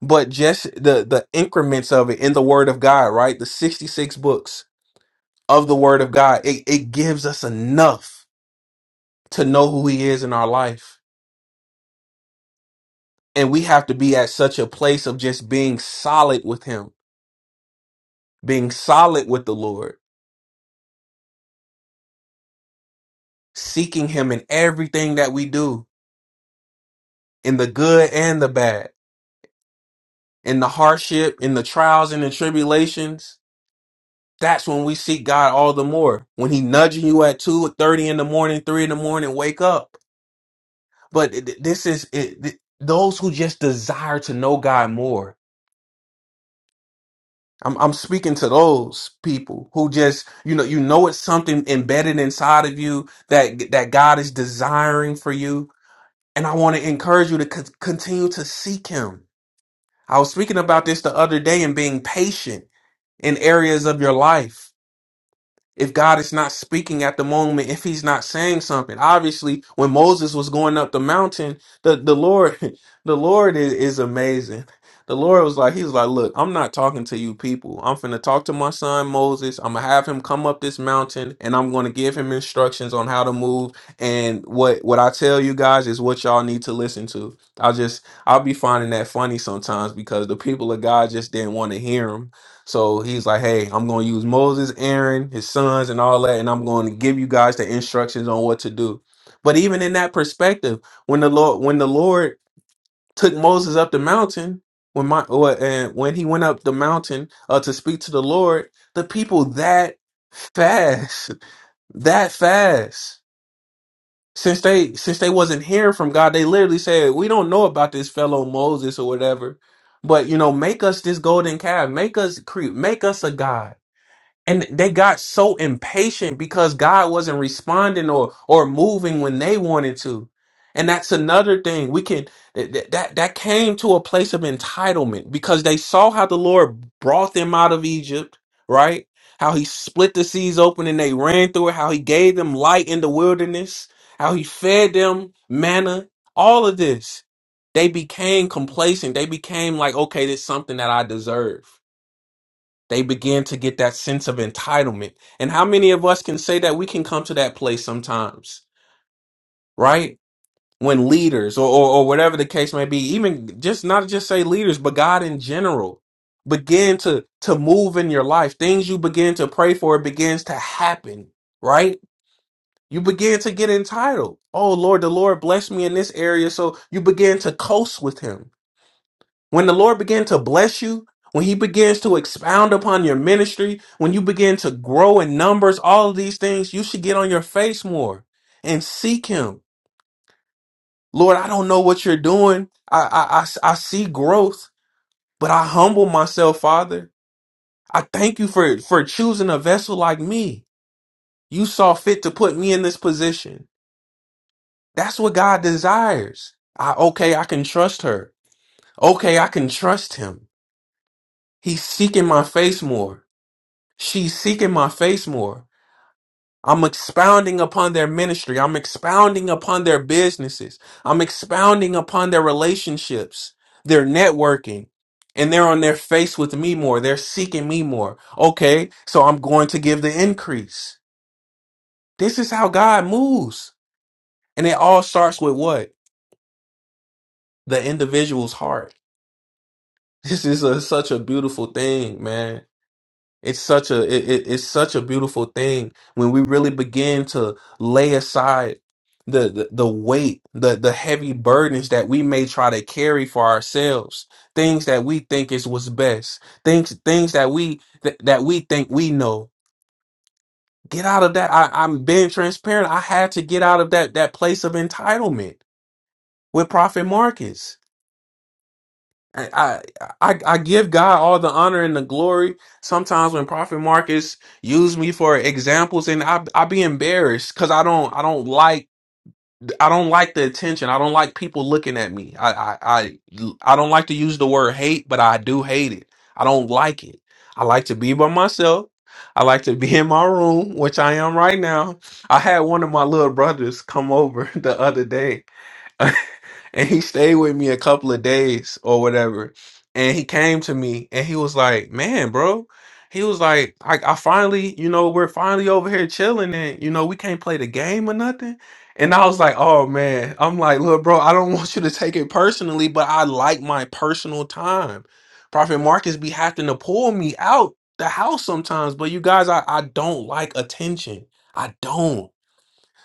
Speaker 3: but just the the increments of it in the word of god right the 66 books of the word of god it, it gives us enough to know who he is in our life and we have to be at such a place of just being solid with him being solid with the lord seeking him in everything that we do in the good and the bad in the hardship in the trials and the tribulations that's when we seek god all the more when he nudging you at 2 or 30 in the morning 3 in the morning wake up But it- this is it, th- those who just desire to know God more. I'm I'm speaking to those people who just you know you know it's something embedded inside of you that that God is desiring for you, and I want to encourage you to co- continue to seek Him. I was speaking about this the other day and being patient in areas of your life if God is not speaking at the moment, if he's not saying something. Obviously, when Moses was going up the mountain, the, the Lord, the Lord is, is amazing. The Lord was like, he was like, look, I'm not talking to you people. I'm finna talk to my son Moses. I'm gonna have him come up this mountain and I'm gonna give him instructions on how to move. And what, what I tell you guys is what y'all need to listen to. I just, I'll be finding that funny sometimes because the people of God just didn't want to hear him so he's like, hey, I'm going to use Moses, Aaron, his sons, and all that, and I'm going to give you guys the instructions on what to do. But even in that perspective, when the Lord, when the Lord took Moses up the mountain, when my or, and when he went up the mountain uh, to speak to the Lord, the people that fast, that fast, since they since they wasn't hearing from God, they literally said, we don't know about this fellow Moses or whatever. But you know, make us this golden calf, make us creep, make us a god and they got so impatient because God wasn't responding or or moving when they wanted to. And that's another thing we can that that that that came to a place of entitlement because they saw how the Lord brought them out of Egypt, right? How he split the seas open and they ran through it, how he gave them light in the wilderness, how he fed them manna, all of this. They became complacent. They became like, okay, this is something that I deserve they begin to get that sense of entitlement. And how many of us can say that we can come to that place sometimes, right? When leaders or, or, or whatever the case may be, even just not just say leaders, but God in general begin to to move in your life. Things you begin to pray for, it begins to happen, right? You begin to get entitled. Oh Lord, the Lord blessed me in this area. So you begin to coast with him when the Lord began to bless you, when he begins to expound upon your ministry, when you begin to grow in numbers, all of these things, you should get on your face more and seek him. Lord, I don't know what you're doing. I, I, I, s- I see growth, but I humble myself, Father. I thank you for, for choosing a vessel like me. You saw fit to put me in this position. That's what God desires. I, okay, I can trust her. Okay, I can trust him. He's seeking my face more. She's seeking my face more. I'm expounding upon their ministry. I'm expounding upon their businesses. I'm expounding upon their relationships, their networking. And they're on their face with me more. They're seeking me more. Okay, so I'm going to give the increase. This is how God moves. And it all starts with what? The individual's heart. This is a, such a beautiful thing, man. It's such a it, it- it's such a beautiful thing when we really begin to lay aside the, the the weight, the the heavy burdens that we may try to carry for ourselves, things that we think is what's best, things things that we th- that we think we know. Get out of that. I, I'm being transparent. I had to get out of that that place of entitlement with Prophet Marcus. I, I I give God all the honor and the glory. Sometimes when Prophet Marcus use me for examples, and I I be embarrassed because I don't I don't like I don't like the attention. I don't like people looking at me. I I I, I don't like to use the word hate, but I do hate it. I don't like it. I like to be by myself. I like to be in my room, which I am right now. I had one of my little brothers come over the other day and he stayed with me a couple of days or whatever. And he came to me and he was like, Man, bro, he was like, I, I finally, you know, we're finally over here chilling and, you know, we can't play the game or nothing. And I was like, Oh, man. I'm like, Look, bro, I don't want you to take it personally, but I like my personal time. Prophet Marcus be having to pull me out the house sometimes, but you guys, I, I don't like attention. I don't.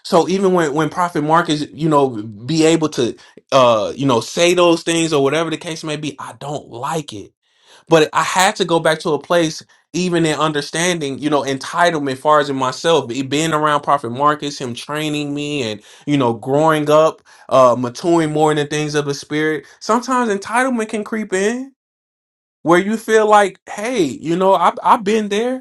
Speaker 3: So even when when Prophet Marcus, you know, be able to, uh, you know, say those things or whatever the case may be, I don't like it. But I had to go back to a place, even in understanding, you know, entitlement, far as in myself, be- being around Prophet Marcus, him training me, and you know, growing up, uh, maturing more in the things of the spirit. Sometimes entitlement can creep in where you feel like, hey, you know, I I've been there.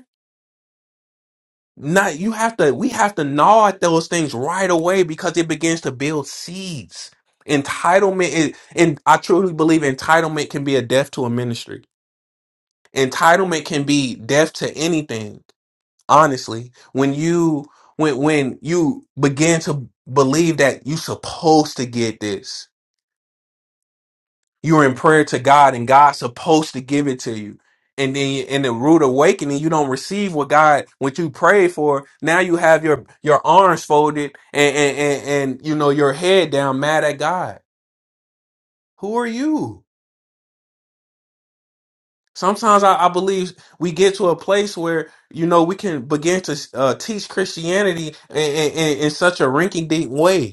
Speaker 3: Not you have to we have to gnaw at those things right away because it begins to build seeds. Entitlement is, and I truly believe entitlement can be a death to a ministry. Entitlement can be death to anything, honestly. When you when when you begin to believe that you're supposed to get this you are in prayer to God and God's supposed to give it to you. And then in the rude awakening, you don't receive what God, what you prayed for. Now you have your, your arms folded and, and, and, and, you know, your head down mad at God. Who are you? Sometimes I, I believe we get to a place where, you know, we can begin to uh, teach Christianity in, in, in in such a rinky dink way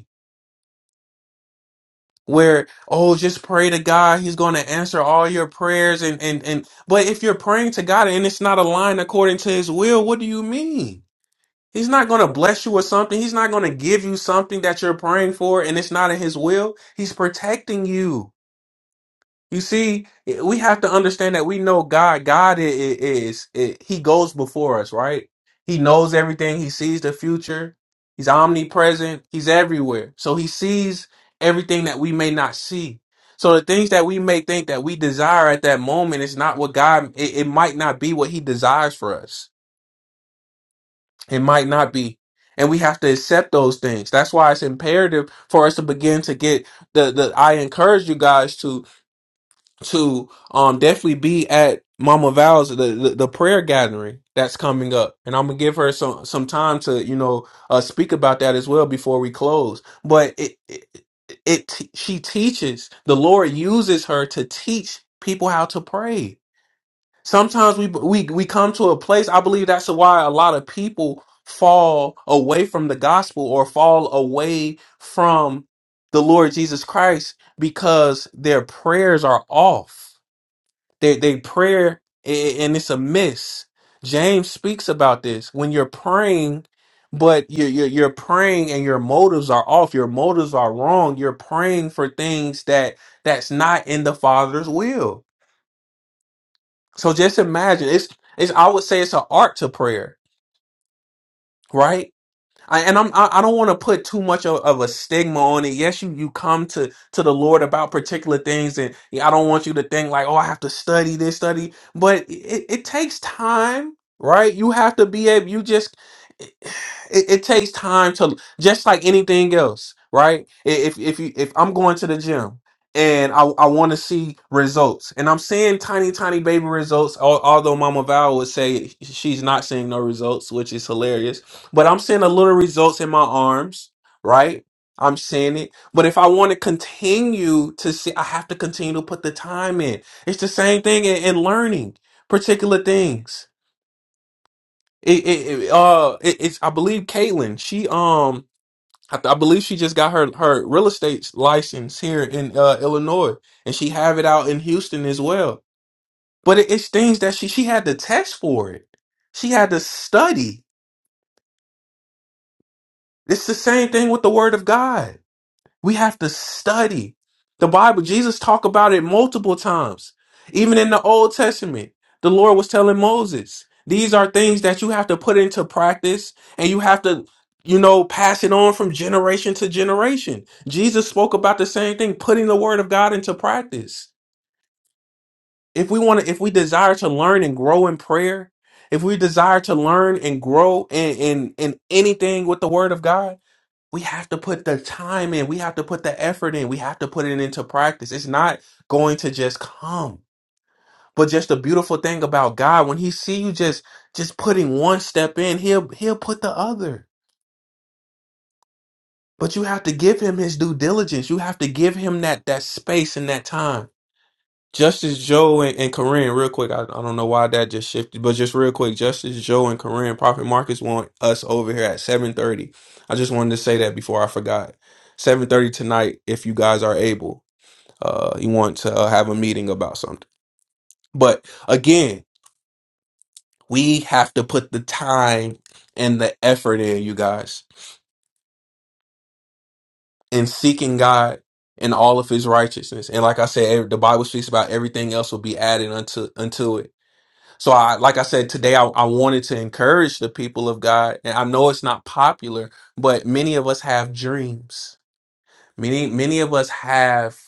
Speaker 3: where oh just pray to god he's going to answer all your prayers and and and but if you're praying to god and it's not aligned according to his will what do you mean he's not going to bless you with something he's not going to give you something that you're praying for and it's not in his will he's protecting you you see, we have to understand that we know God. God i- i- is i- He goes before us, right? He knows everything. He sees the future. He's omnipresent. He's everywhere. So He sees everything that we may not see. So the things that we may think that we desire at that moment is not what God. It, it might not be what He desires for us. It might not be. And we have to accept those things. That's why it's imperative for us to begin to get the, the I encourage you guys to to um definitely be at Mama Val's the, the the prayer gathering that's coming up, and I'm gonna give her some some time to you know uh, speak about that as well before we close. But it it, it she teaches the Lord uses her to teach people how to pray. Sometimes we we we come to a place. I believe that's why a lot of people fall away from the gospel or fall away from the Lord Jesus Christ because their prayers are off they they prayer i- and it's a miss. James speaks about this when you're praying, but you're, you're you're praying and your motives are off. Your motives are wrong. You're praying for things that that's not in the Father's will. So just imagine it's it's I would say it's an art to prayer, right? I, and I'm I, I don't want to put too much of, of a stigma on it. Yes, you you come to to the Lord about particular things, and yeah, I don't want you to think like, oh, I have to study this, study. But it, it takes time, right? You have to be able. You just it, it takes time to just like anything else, right? I- If if you if I'm going to the gym and I I want to see results, and I'm seeing tiny tiny baby results, al- although Mama Val would say she's not seeing no results, which is hilarious but I'm seeing a little results in my arms, right? I'm seeing it. But if I want to continue to see, I have to continue to put the time in. It's the same thing in, in learning particular things. It, it, it uh, it, it's I believe Caitlin. She um, I, I believe she just got her her real estate license here in uh, Illinois, and she have it out in Houston as well. But it, it's things that she she had to test for it. She had to study. It's the same thing with the Word of God We have to study the Bible. Jesus talked about it multiple times. Even in the Old Testament, the Lord was telling Moses, these are things that you have to put into practice and you have to, you know, pass it on from generation to generation. Jesus spoke about the same thing, putting the word of God into practice. If we want to, if we desire to learn and grow in prayer, if we desire to learn and grow in, in, in anything with the word of God, we have to put the time in. We have to put the effort in. We have to put it into practice. It's not going to just come. But just the beautiful thing about God, when He see you just just putting one step in, He'll He'll put the other. But you have to give Him His due diligence. You have to give Him that that space and that time. Justice Joe and, and Corinne, real quick. I, I don't know why that just shifted, but just real quick, Justice Joe and Corinne, Prophet Marcus want us over here at seven thirty. I just wanted to say that before I forgot. Seven thirty tonight, if you guys are able, uh, you want to uh, have a meeting about something. But again, we have to put the time and the effort in, you guys, in seeking God and all of His righteousness. And like I said, ev- the Bible speaks about everything else will be added unto unto it So I like I said today I, I wanted to encourage the people of God and I know it's not popular but many of us have dreams. Many many of us have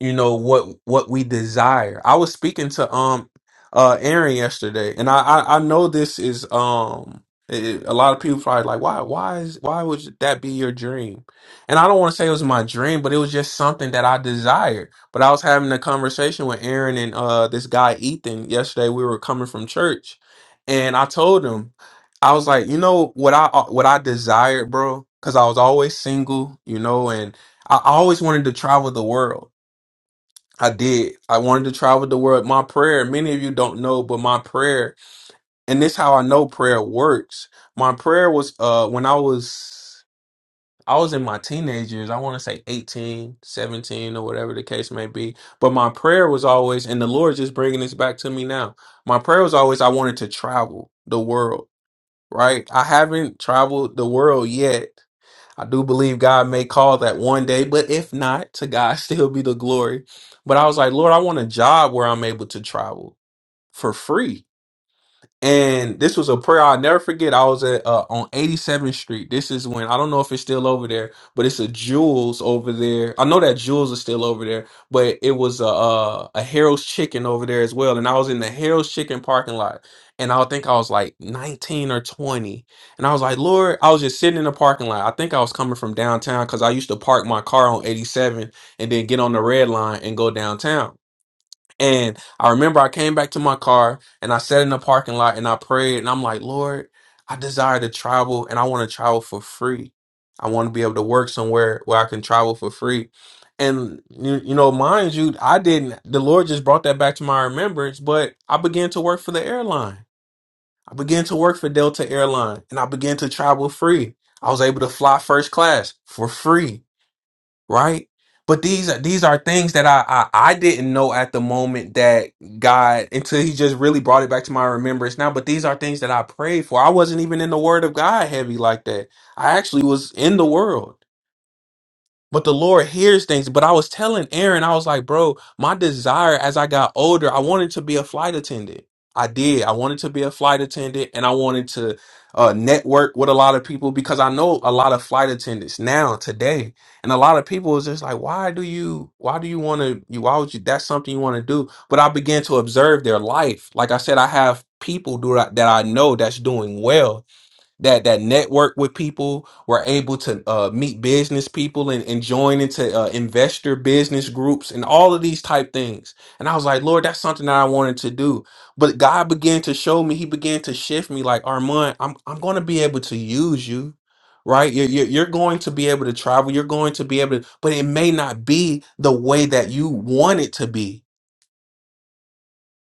Speaker 3: you know what what we desire i was speaking to um uh aaron yesterday and i i, I know this is um it, it- a lot of people probably like why why is why would that be your dream and i don't want to say it was my dream but it was just something that i desired but i was having a conversation with aaron and uh this guy ethan yesterday we were coming from church and i told him i was like you know what i uh, what i desired bro because i was always single you know and I I always wanted to travel the world I did. I wanted to travel the world. My prayer, many of you don't know, but my prayer, and this how I know prayer works. My prayer was uh when I was I was in my teenage years. I want to say 18, 17, or whatever the case may be. But my prayer was always and the Lord just bringing this back to me now. My prayer was always I wanted to travel the world, right? I haven't traveled the world yet I do believe God may call that one day, but if not, to God still be the glory. But I was like, Lord, I want a job where I'm able to travel for free and this was a prayer I'll never forget. I was at uh, on 87th Street. This is when I don't know if it's still over there, but it's a Jules over there. I know that Jules is still over there, but it was a a, a Harold's Chicken over there as well. And I was in the Harold's Chicken parking lot, and I think I was like 19 or 20, and I was like, Lord, I was just sitting in the parking lot. I think I was coming from downtown because I used to park my car on 87 and then get on the red line and go downtown. And I remember I came back to my car and I sat in the parking lot and I prayed and I'm like, Lord, I desire to travel and I want to travel for free. I want to be able to work somewhere where I can travel for free. And you, you know, mind you, I didn't, the Lord just brought that back to my remembrance, but I began to work for the airline. I began to work for Delta Airline and I began to travel free. I was able to fly first class for free right? But these are these are things that I, I I didn't know at the moment that God until He just really brought it back to my remembrance now. But these are things that I prayed for. I wasn't even in the Word of God heavy like that. I actually was in the world. But the Lord hears things. But I was telling Aaron, I was like, bro, my desire as I got older, I wanted to be a flight attendant. I did. I wanted to be a flight attendant and I wanted to uh, network with a lot of people because I know a lot of flight attendants now, today. And a lot of people is just like, why do you, why do you want to, you, why would you, that's something you want to do? But I began to observe their life. Like I said, I have people do that, that I know that's doing well that that network with people were able to uh, meet business people and, and join into uh, investor business groups and all of these type things and i was like lord that's something that i wanted to do but god began to show me he began to shift me like armand i'm, I'm going to be able to use you right you're, you're you're going to be able to travel you're going to be able to but it may not be the way that you want it to be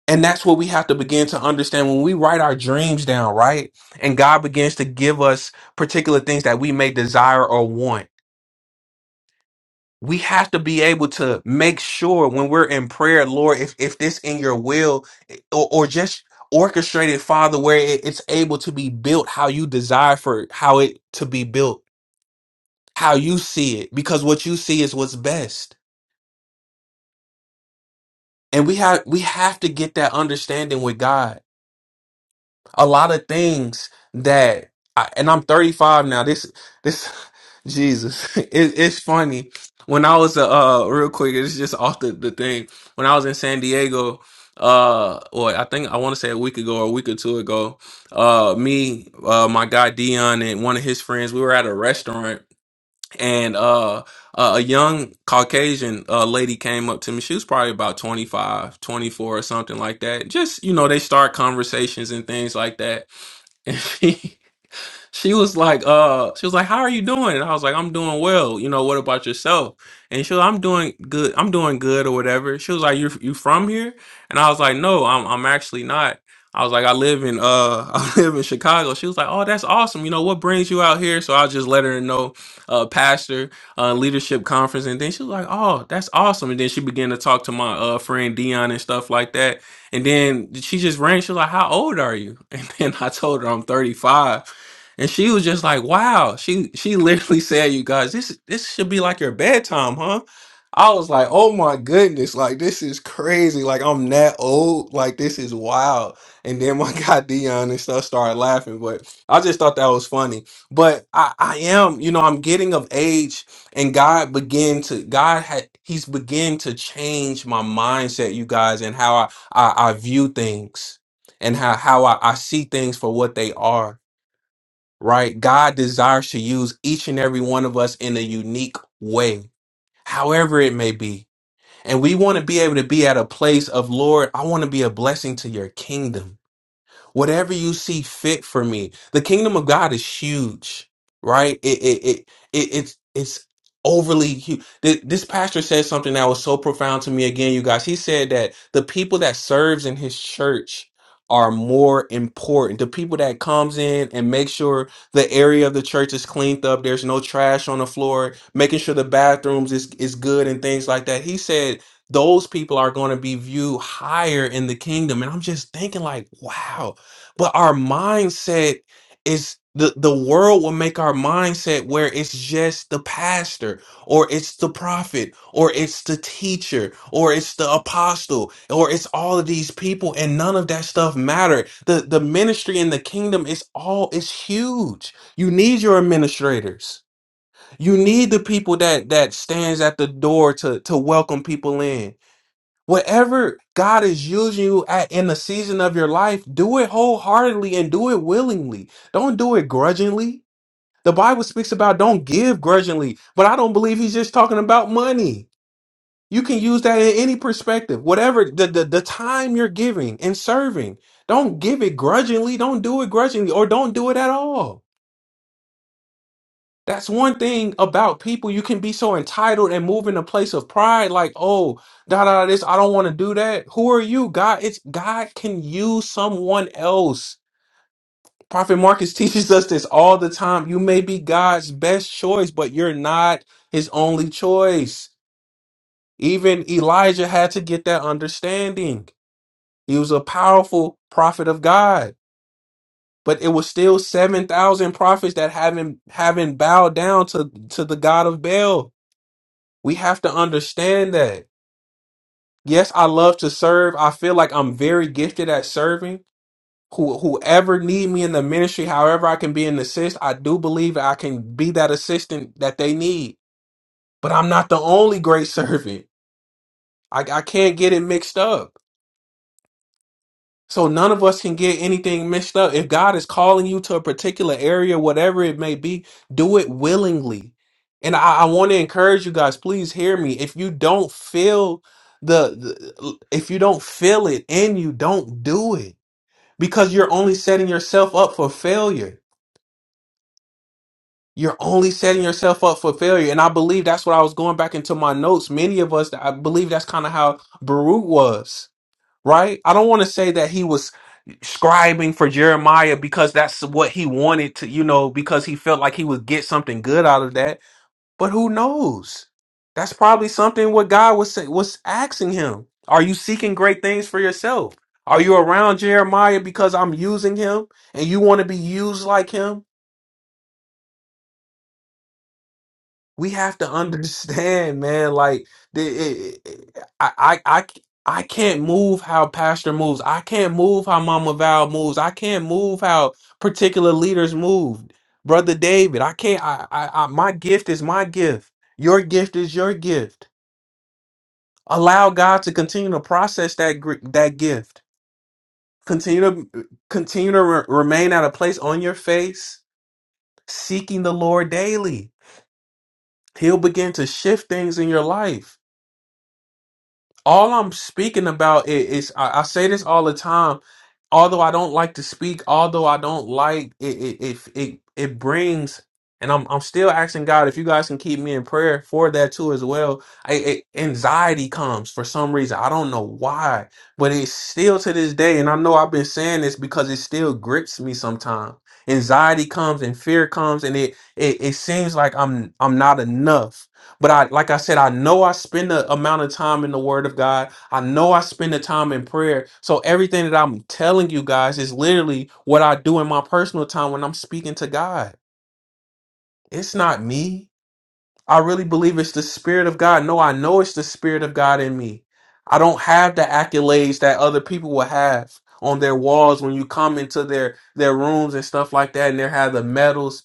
Speaker 3: and that's what we have to begin to understand when we write our dreams down, right? And God begins to give us particular things that we may desire or want. We have to be able to make sure when we're in prayer, Lord, if, if this in your will eh, or, or just orchestrated, Father, where it- it's able to be built how you desire for how it to be built, how you see it, because what you see is what's best. And we have we have to get that understanding with God a lot of things that I, and I'm 35 now. This this Jesus, it, it's funny. When I was uh uh, real quick, it's just off the, the thing. When I was in San Diego, uh, or I think I want to say a week ago or a week or two ago, uh, me, uh, my guy Dion and one of his friends, we were at a restaurant and uh uh, a young Caucasian uh, lady came up to me. She was probably about 25, 24 or something like that. Just, you know, they start conversations and things like that. If he she was like, uh, she was like, How are you doing? And I was like, I'm doing well. You know, what about yourself? And she was like, I'm doing good. I'm doing good or whatever. She was like, You you from here? And I was like, No, I'm I'm actually not. I was like, I live in uh I live in Chicago. She was like, Oh, that's awesome. You know, what brings you out here? So I just let her know uh pastor uh leadership conference and then she was like, Oh, that's awesome. And then she began to talk to my uh friend Dion and stuff like that. And then she just ran, she was like, How old are you? And then I told her I'm 35 and she was just like, "Wow." She she literally said, "You guys, this this should be like your bedtime, huh?" I was like, "Oh my goodness, like this is crazy. Like I'm that old. Like this is wild." And then my guy Dion and stuff started laughing, but I just thought that was funny. But I I am, you know, I'm getting of age and God began to God had he's began to change my mindset, you guys, and how I I, I view things and how how I, I see things for what they are right? God desires to use each and every one of us in a unique way, however it may be. And we want to be able to be at a place of, Lord, I want to be a blessing to your kingdom whatever you see fit for me. The kingdom of God is huge, right? It it it, it it's it's overly huge. This pastor said something that was so profound to me again, you guys. He said that the people that serves in his church are more important. The people that comes in and make sure the area of the church is cleaned up, there's no trash on the floor, making sure the bathrooms is is good and things like that. He said those people are going to be viewed higher in the kingdom and i'm just thinking like wow but our mindset is the the world will make our mindset where it's just the pastor or it's the prophet or it's the teacher or it's the apostle or it's all of these people and none of that stuff matter the the ministry in the kingdom is all is huge you need your administrators you need the people that that stands at the door to to welcome people in Whatever God is using you at in the season of your life, do it wholeheartedly and do it willingly. Don't do it grudgingly. The Bible speaks about don't give grudgingly, but I don't believe he's just talking about money. You can use that in any perspective. Whatever the, the, the time you're giving and serving, don't give it grudgingly. Don't do it grudgingly or don't do it at all. That's one thing about people. You can be so entitled and move in a place of pride, like, oh, da da da, this, I don't want to do that. Who are you? God, it's God can use someone else. Prophet Marcus teaches us this all the time. You may be God's best choice, but you're not his only choice. Even Elijah had to get that understanding. He was a powerful prophet of God, but it was still 7,000 prophets that haven't haven't bowed down to to the God of Baal We have to understand that. Yes, I love to serve. I feel like I'm very gifted at serving. Who whoever need me in the ministry, however I can be an assist, I do believe I can be that assistant that they need. But I'm not the only great servant. I, I can't get it mixed up. So none of us can get anything mixed up. If God is calling you to a particular area, whatever it may be, do it willingly. And I, I want to encourage you guys, please hear me. If you don't feel the, the if you don't feel it in you, don't do it. Because you're only setting yourself up for failure. You're only setting yourself up for failure. And I believe that's what I was going back into my notes. Many of us, I believe that's kind of how Baruch was right? I don't want to say that he was scribing for Jeremiah because that's what he wanted to, you know, because he felt like he would get something good out of that. But who knows? That's probably something what God was say, was asking him. Are you seeking great things for yourself? Are you around Jeremiah because I'm using him and you want to be used like him? we have to understand, man. Like, the, it, it, I I, c- I can't move how Pastor moves. I can't move how Mama Val moves. I can't move how particular leaders move. Brother David, I can't. I, I, I my gift is my gift. Your gift is your gift. Allow God to continue to process that gr- that gift. Continue to continue to re- remain at a place on your face, seeking the Lord daily. He'll begin to shift things in your life. all I'm speaking about i- is, I, I say this all the time. Although I don't like to speak, although I don't like it, it, it, it, it brings, and I'm I'm still asking God if you guys can keep me in prayer for that too as well. I, it, anxiety comes for some reason. I don't know why, but it's still to this day, and I know I've been saying this because it still grips me sometimes. Anxiety comes and fear comes, and it, it it seems like I'm I'm not enough but I, like I said, I know I spend the amount of time in the Word of God. I know I spend the time in prayer. So everything that I'm telling you guys is literally what I do in my personal time when I'm speaking to God. It's not me. I really believe it's the Spirit of God. No, I know it's the Spirit of God in me. I don't have the accolades that other people will have on their walls when you come into their their rooms and stuff like that, and they have the medals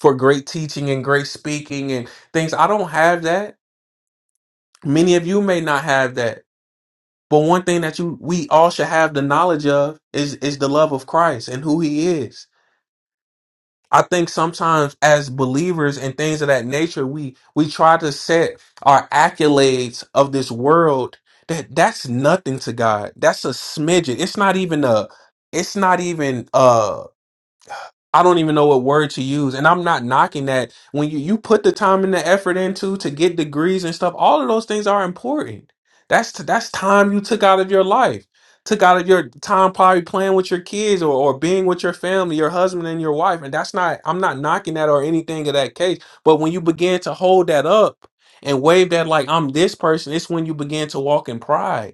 Speaker 3: for great teaching and great speaking and things. I don't have that. many of you may not have that but one thing that you we all should have the knowledge of is is the love of christ and who he is i think sometimes as believers and things of that nature we we try to set our accolades of this world that that's nothing to god that's a smidgen it's not even a it's not even uh, I don't even know what word to use. And I'm not knocking that. When you, you put the time and the effort into to get degrees and stuff, all of those things are important. That's that's time you took out of your life. Took out of your time probably playing with your kids or, or being with your family, your husband and your wife. And that's not I'm not knocking that or anything of that case. But when you begin to hold that up and wave that like I'm this person, it's when you begin to walk in pride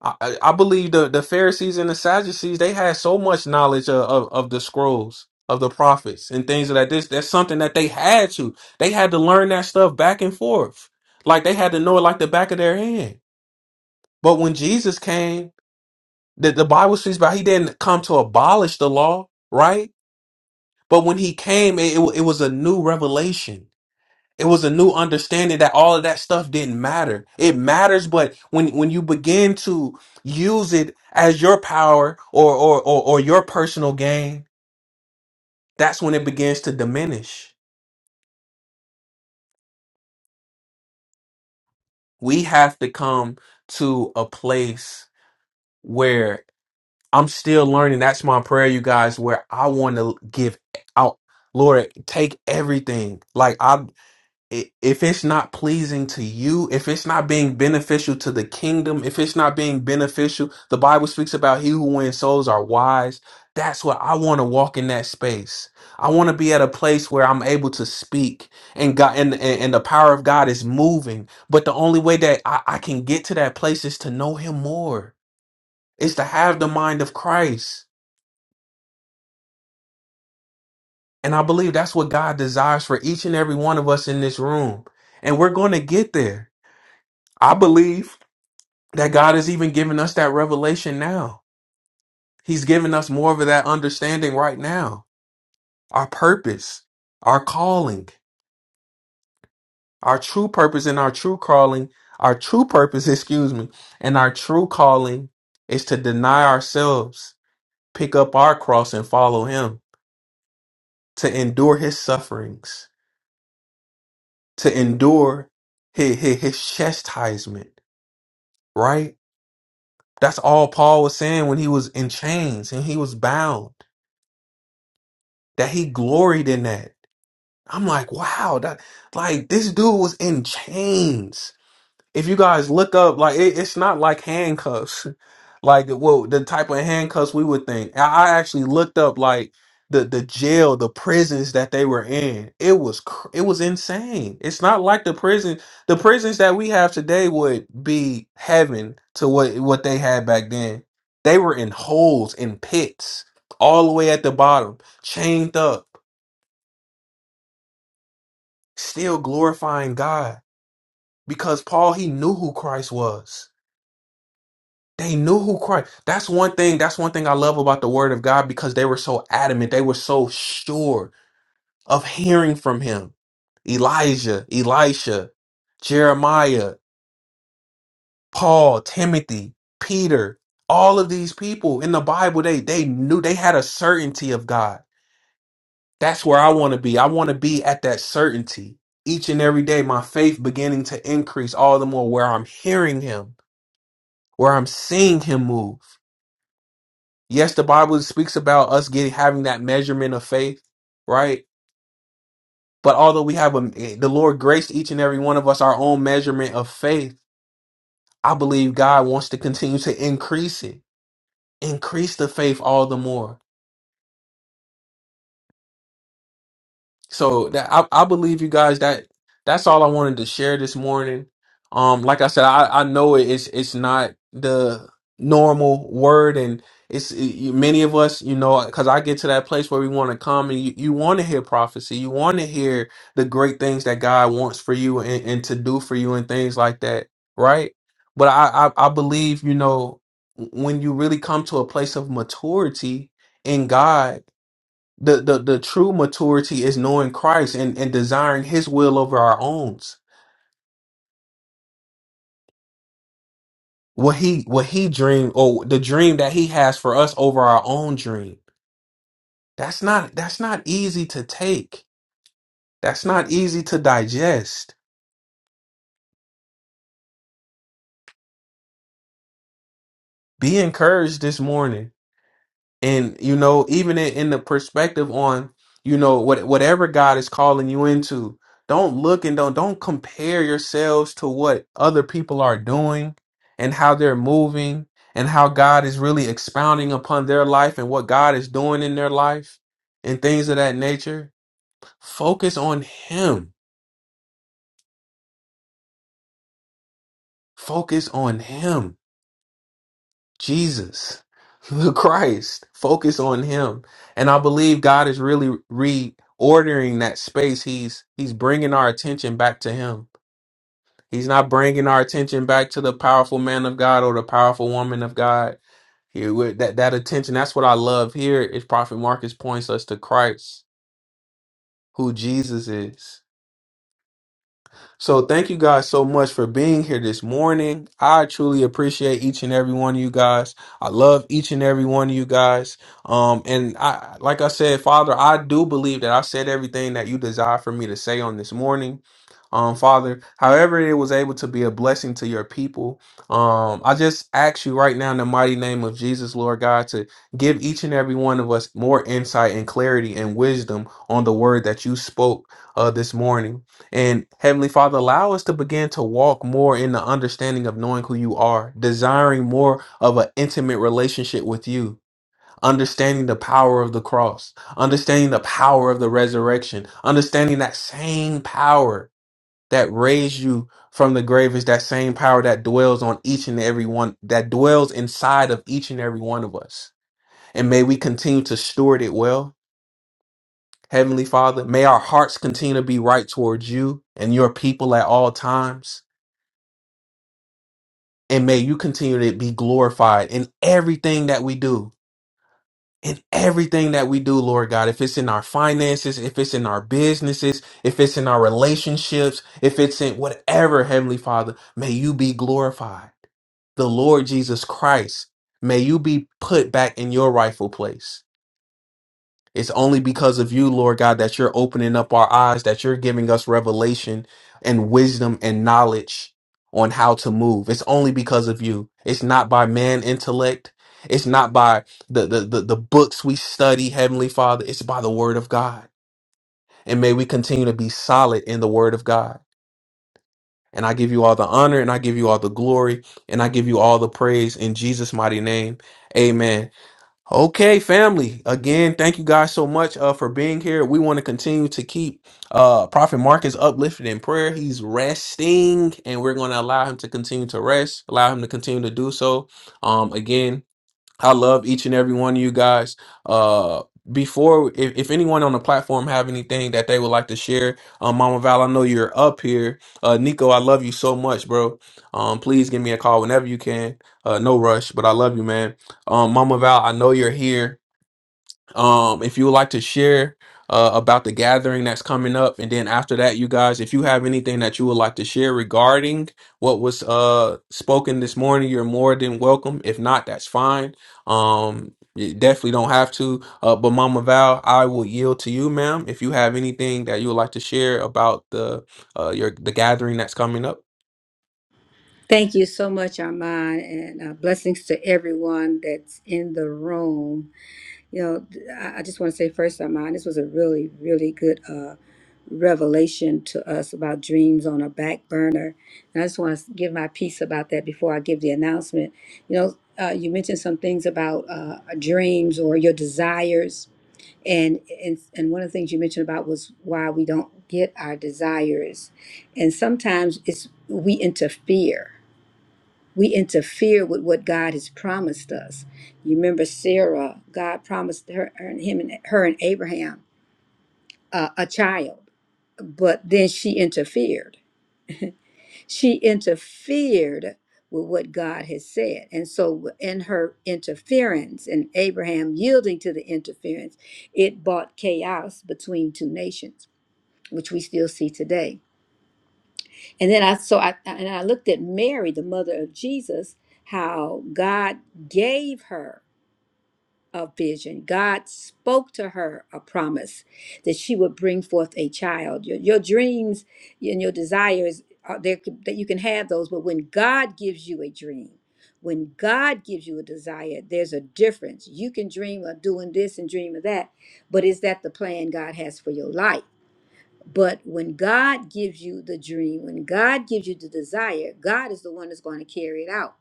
Speaker 3: I, I believe the, the Pharisees and the Sadducees they had so much knowledge of, of, of the scrolls of the prophets and things like this. That's something that they had to. They had to learn that stuff back and forth. Like they had to know it like the back of their hand. But when Jesus came, the, the Bible speaks about he didn't come to abolish the law, right? But when he came, it, it, it was a new revelation it was a new understanding that all of that stuff didn't matter. It matters, but when when you begin to use it as your power or or or, or your personal gain, that's when it begins to diminish. We have to come to a place where I'm still learning. That's my prayer, you guys, where I want to give out. Lord, take everything. Like I i- if it's not pleasing to you, if it's not being beneficial to the kingdom, if it's not being beneficial, the Bible speaks about he who wins souls are wise. That's what I want to walk in that space. I want to be at a place where I'm able to speak and God and, and, and the power of God is moving. But the only way that I, I can get to that place is to know him more, is to have the mind of Christ. And I believe that's what God desires for each and every one of us in this room. And we're going to get there. I believe that God is even giving us that revelation now. He's giving us more of that understanding right now. Our purpose, our calling, our true purpose and our true calling, our true purpose, excuse me, and our true calling is to deny ourselves, pick up our cross and follow him, to endure his sufferings, to endure his, his, his chastisement, right? That's all Paul was saying when he was in chains and he was bound, that he gloried in that I'm like, wow, that like this dude was in chains. If you guys look up, like it, it's not like handcuffs, like well, the type of handcuffs we would think. I, I actually looked up like the the jail, the prisons that they were in. It was cr- it was insane. It's not like the prison, the prisons that we have today would be heaven to what what they had back then. They were in holes, in pits, all the way at the bottom, chained up, still glorifying God. because Paul he knew who Christ was. They knew who Christ. That's one thing. That's one thing I love about the Word of God because they were so adamant. They were so sure of hearing from Him. Elijah, Elisha, Jeremiah, Paul, Timothy, Peter, all of these people in the Bible, they they knew they had a certainty of God. That's where I want to be. I want to be at that certainty each and every day. My faith beginning to increase all the more where I'm hearing Him where I'm seeing him move. Yes, the Bible speaks about us getting having that measurement of faith, right? But although we have a, the Lord graced each and every one of us our own measurement of faith, I believe God wants to continue to increase it, increase the faith all the more so that I, I believe you guys that that's all I wanted to share this morning. Um, like I said, I, I know it- it's it's not the normal word, and it's you- many of us, you know, because I get to that place where we want to come and you, you want to hear prophecy, you want to hear the great things that God wants for you and, and to do for you and things like that, right? But I, I I believe you know when you really come to a place of maturity in God the, the the true maturity is knowing Christ and, and desiring his will over our own. What he what he dreamed or the dream that he has for us over our own dream. That's not that's not easy to take. That's not easy to digest. Be encouraged this morning and you know even in, in the perspective on you know what whatever god is calling you into don't look and don't don't compare yourselves to what other people are doing and how they're moving and how god is really expounding upon their life and what god is doing in their life and things of that nature focus on him focus on him Jesus, the Christ. Focus on him. And I believe God is really reordering that space. He's he's bringing our attention back to him. He's not bringing our attention back to the powerful man of God or the powerful woman of God. Here with that that attention, that's what I love here is Prophet Marcus points us to Christ, who Jesus is. So thank you guys so much for being here this morning. I truly appreciate each and every one of you guys. I love each and every one of you guys. Um, and I, like I said, Father, I do believe that I said everything that you desire for me to say on this morning. Um, Father, however it was able to be a blessing to your people. Um, I just ask you right now in the mighty name of Jesus, Lord God, to give each and every one of us more insight and clarity and wisdom on the word that you spoke uh, this morning. And Heavenly Father, allow us to begin to walk more in the understanding of knowing who you are, desiring more of an intimate relationship with you, understanding the power of the cross, understanding the power of the resurrection, understanding that same power that raised you from the grave is that same power that dwells on each and every one, that dwells inside of each and every one of us. And may we continue to steward it well. Heavenly Father, may our hearts continue to be right towards you and your people at all times. And may you continue to be glorified in everything that we do. In everything that we do, Lord God, if it's in our finances, if it's in our businesses, if it's in our relationships, if it's in whatever, Heavenly Father, may you be glorified. The Lord Jesus Christ, may you be put back in your rightful place. It's only because of you, Lord God, that you're opening up our eyes, that you're giving us revelation and wisdom and knowledge on how to move. It's only because of you. It's not by man intellect. It's not by the, the, the, the books we study, Heavenly Father. It's by the word of God. And may we continue to be solid in the word of God. And I give you all the honor and I give you all the glory and I give you all the praise in Jesus' mighty name. Amen. Okay, family. Again, thank you guys so much uh, for being here. We want to continue to keep uh, Prophet Marcus uplifted in prayer. He's resting, and we're going to allow him to continue to rest, allow him to continue to do so. Um, again, I love each and every one of you guys. Uh, before, if, if anyone on the platform have anything that they would like to share, um, Mama Val, I know you're up here. Uh, Nico, I love you so much, bro. Um, please give me a call whenever you can. Uh, no rush, but I love you, man. Um, Mama Val, I know you're here um if you would like to share uh about the gathering that's coming up and then after that you guys if you have anything that you would like to share regarding what was uh spoken this morning you're more than welcome if not that's fine um you definitely don't have to uh but mama val i will yield to you ma'am if you have anything that you would like to share about the uh your the gathering that's coming up
Speaker 4: Thank you so much, Armand, and uh, blessings to everyone that's in the room. You know, th- I I just want to say first, Armand, this was a really, really good uh, revelation to us about dreams on a back burner. And I just want to give my piece about that before I give the announcement. You know, uh, you mentioned some things about uh, dreams or your desires. And, and and one of the things you mentioned about was why we don't get our desires, and sometimes it's we interfere we interfere with what God has promised us. You remember Sarah, God promised her, her and him and her and Abraham uh, a child, but then she interfered. She interfered with what God has said. And so in her interference and Abraham yielding to the interference, it brought chaos between two nations, which we still see today. And then I so I and I looked at Mary, the mother of Jesus, how God gave her. of vision. God spoke to her a promise that she would bring forth a child. Your, your dreams and your desires are there could- that you can have those, but when God gives you a dream, when God gives you a desire, there's a difference. You can dream of doing this and dream of that, but is that the plan God has for your life? But when God gives you the dream, when God gives you the desire, God is the one that's going to carry it out.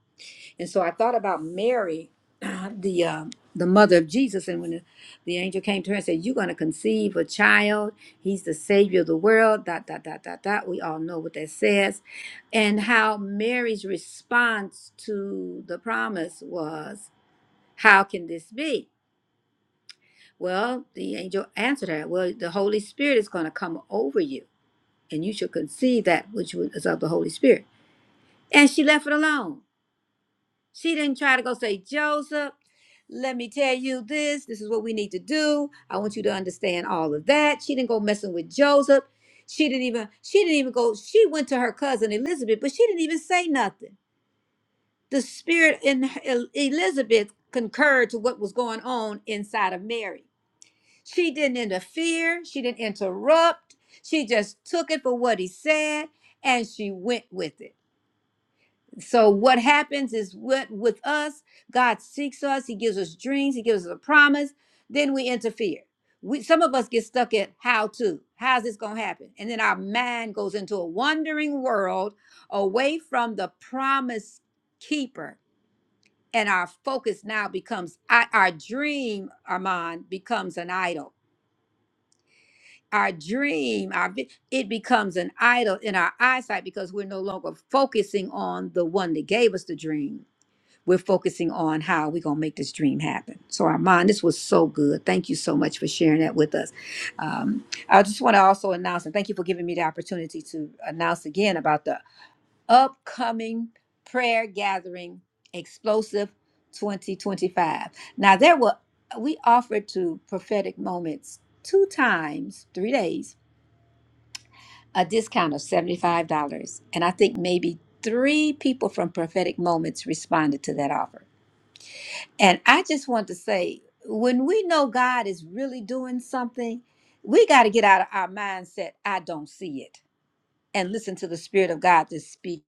Speaker 4: And so I thought about Mary, the uh, the mother of Jesus, and when the, the angel came to her and said, "You're going to conceive a child. He's the savior of the world." Dot dot dot dot dot. We all know what that says, and how Mary's response to the promise was, "How can this be?" Well, the angel answered her, "Well, the Holy Spirit is going to come over you, and you shall conceive that which was of the Holy Spirit." And she left it alone. She didn't try to go say, Joseph, let me tell you this. This is what we need to do. I want you to understand all of that. She didn't go messing with Joseph. She didn't even, she didn't even go, she went to her cousin Elizabeth, but she didn't even say nothing. The spirit in her- El- Elizabeth concurred to what was going on inside of Mary. She didn't interfere. She didn't interrupt. She just took it for what he said and she went with it so what happens is what with us, God seeks us, He gives us dreams, He gives us a promise, then we interfere. We some of us get stuck at how to, how's this gonna happen? And then our mind goes into a wandering world away from the promise keeper. And our focus now becomes I- our dream, Armand, becomes an idol. Our dream, our vi- it becomes an idol in our eyesight because we're no longer focusing on the one that gave us the dream we're focusing on how we're going to make this dream happen. So, Armand, this was so good. Thank you so much for sharing that with us. Um, I just want to also announce, and thank you for giving me the opportunity to announce again about the upcoming prayer gathering, Explosive 2025. Now, there were, we offered to prophetic moments two times, three days a discount of $75. And I think maybe three people from Prophetic Moments responded to that offer. And I just want to say, when we know God is really doing something, we got to get out of our mindset, I don't see it, and listen to the Spirit of God to speak.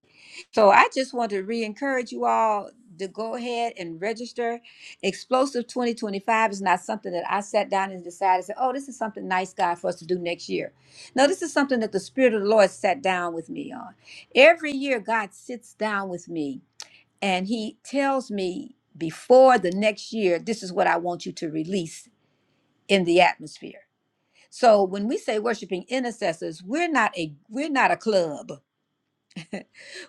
Speaker 4: So I just want to re encourage you all to go ahead and register. Explosive 2025 is not something that I sat down and decided, said, oh, this is something nice, God, for us to do next year. No, this is something that the Spirit of the Lord sat down with me on. Every year, God sits down with me and he tells me before the next year, this is what I want you to release in the atmosphere. So when we say worshiping intercessors, we're not a we're not a club.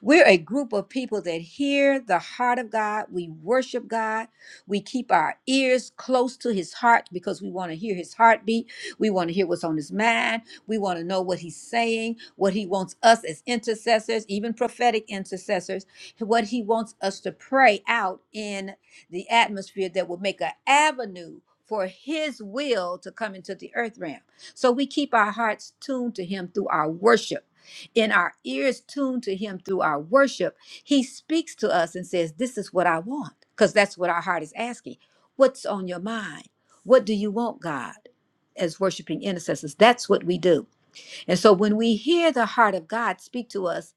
Speaker 4: We're a group of people that hear the heart of God. We worship God. We keep our ears close to his heart because we want to hear his heartbeat. We want to hear what's on his mind. We want to know what he's saying, what he wants us as intercessors, even prophetic intercessors, what he wants us to pray out in the atmosphere that will make an avenue for his will to come into the earth realm. So we keep our hearts tuned to him through our worship and our ears tuned to him through our worship, he speaks to us and says, This is what I want, because that's what our heart is asking. What's on your mind? What do you want, God, as worshiping intercessors? That's what we do. And so when we hear the heart of God speak to us,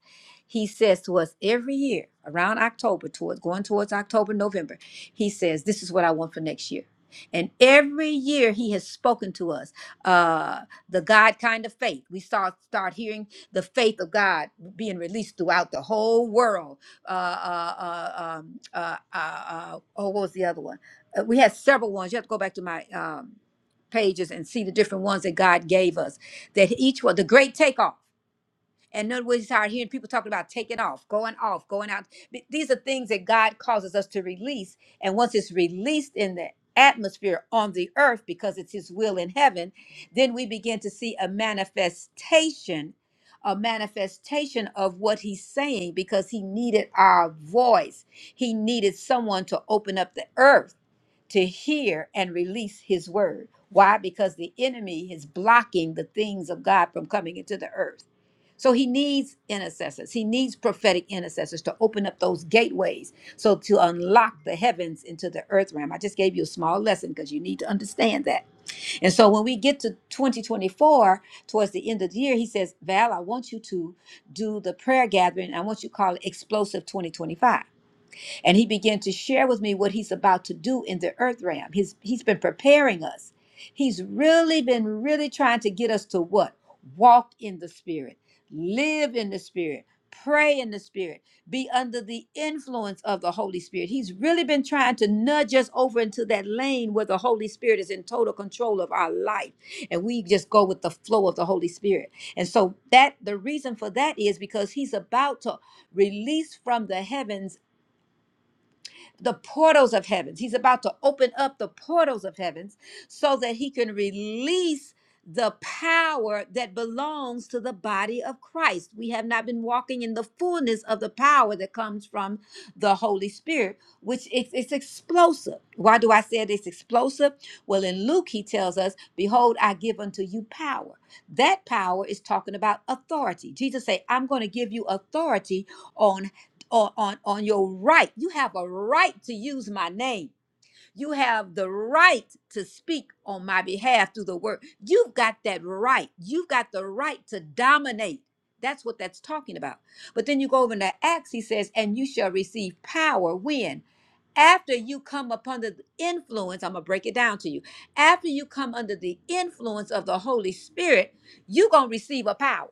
Speaker 4: he says to us every year around October, towards going towards October, November, he says, This is what I want for next year. And every year he has spoken to us uh, the God kind of faith. We start start hearing the faith of God being released throughout the whole world. Uh, uh, uh, um, uh, uh, uh, oh, what was the other one? Uh, we had several ones. You have to go back to my um, pages and see the different ones that God gave us. That each one, the great takeoff. And none we start hearing people talking about taking off, going off, going out. Th- These are things that God causes us to release. And once it's released in the atmosphere on the earth, because it's His will in heaven, then we begin to see a manifestation, a manifestation of what He's saying, because He needed our voice. He needed someone to open up the earth to hear and release his word. Why? Because the enemy is blocking the things of God from coming into the earth. So he needs intercessors. He needs prophetic intercessors to open up those gateways. So to unlock the heavens into the earth realm. I just gave you a small lesson because you need to understand that. And so when we get to 2024, towards the end of the year, he says, Val, I want you to do the prayer gathering. I want you to call it Explosive 2025 and he began to share with me what he's about to do in the earth realm. He's, he's been preparing us. He's really been really trying to get us to what? Walk in the spirit, live in the spirit, pray in the spirit, be under the influence of the Holy Spirit. He's really been trying to nudge us over into that lane where the Holy Spirit is in total control of our life. And we just go with the flow of the Holy Spirit. And so that the reason for that is because he's about to release from the heavens the portals of heavens. He's about to open up the portals of heavens so that he can release the power that belongs to the body of Christ. We have not been walking in the fullness of the power that comes from the Holy Spirit, which it's, it's explosive. Why do I say it's explosive? Well, in Luke, he tells us, Behold, I give unto you power. That power is talking about authority. Jesus said, I'm going to give you authority on or on, on your right. You have a right to use my name. You have the right to speak on my behalf through the word. You've got that right. You've got the right to dominate. That's what that's talking about. But then you go over into Acts, he says, and you shall receive power when? After you come upon the influence, I'm going to break it down to you. After you come under the influence of the Holy Spirit, you're going to receive a power.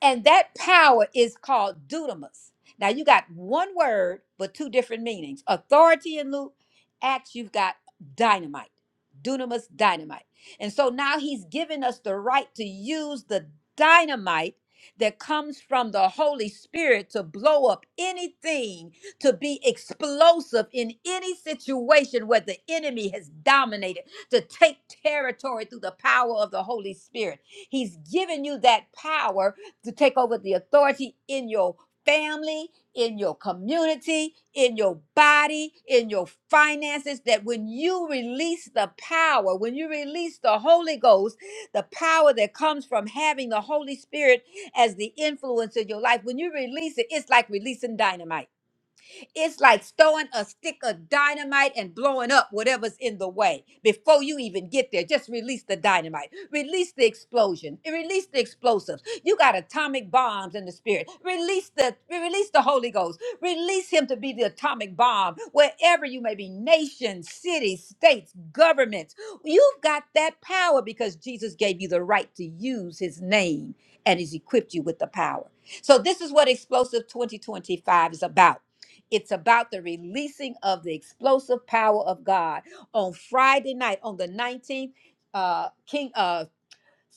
Speaker 4: And that power is called dunamis. Now you got one word, but two different meanings. Authority in Luke, Acts, you've got dynamite. Dunamis dynamite. And so now he's given us the right to use the dynamite that comes from the Holy Spirit to blow up anything, to be explosive in any situation where the enemy has dominated, to take territory through the power of the Holy Spirit. He's given you that power to take over the authority in your family, in your community, in your body, in your finances, that when you release the power, when you release the Holy Ghost, the power that comes from having the Holy Spirit as the influence in your life, when you release it, it's like releasing dynamite. It's like throwing a stick of dynamite and blowing up whatever's in the way. Before you even get there, just release the dynamite, release the explosion, and release the explosives. You got atomic bombs in the spirit. Release the release the Holy Ghost. Release him to be the atomic bomb wherever you may be, nations, cities, states, governments. You've got that power because Jesus gave you the right to use his name and he's equipped you with the power. So this is what Explosive 2025 is about. It's about the releasing of the explosive power of God. On Friday night, on the 19th, uh, King uh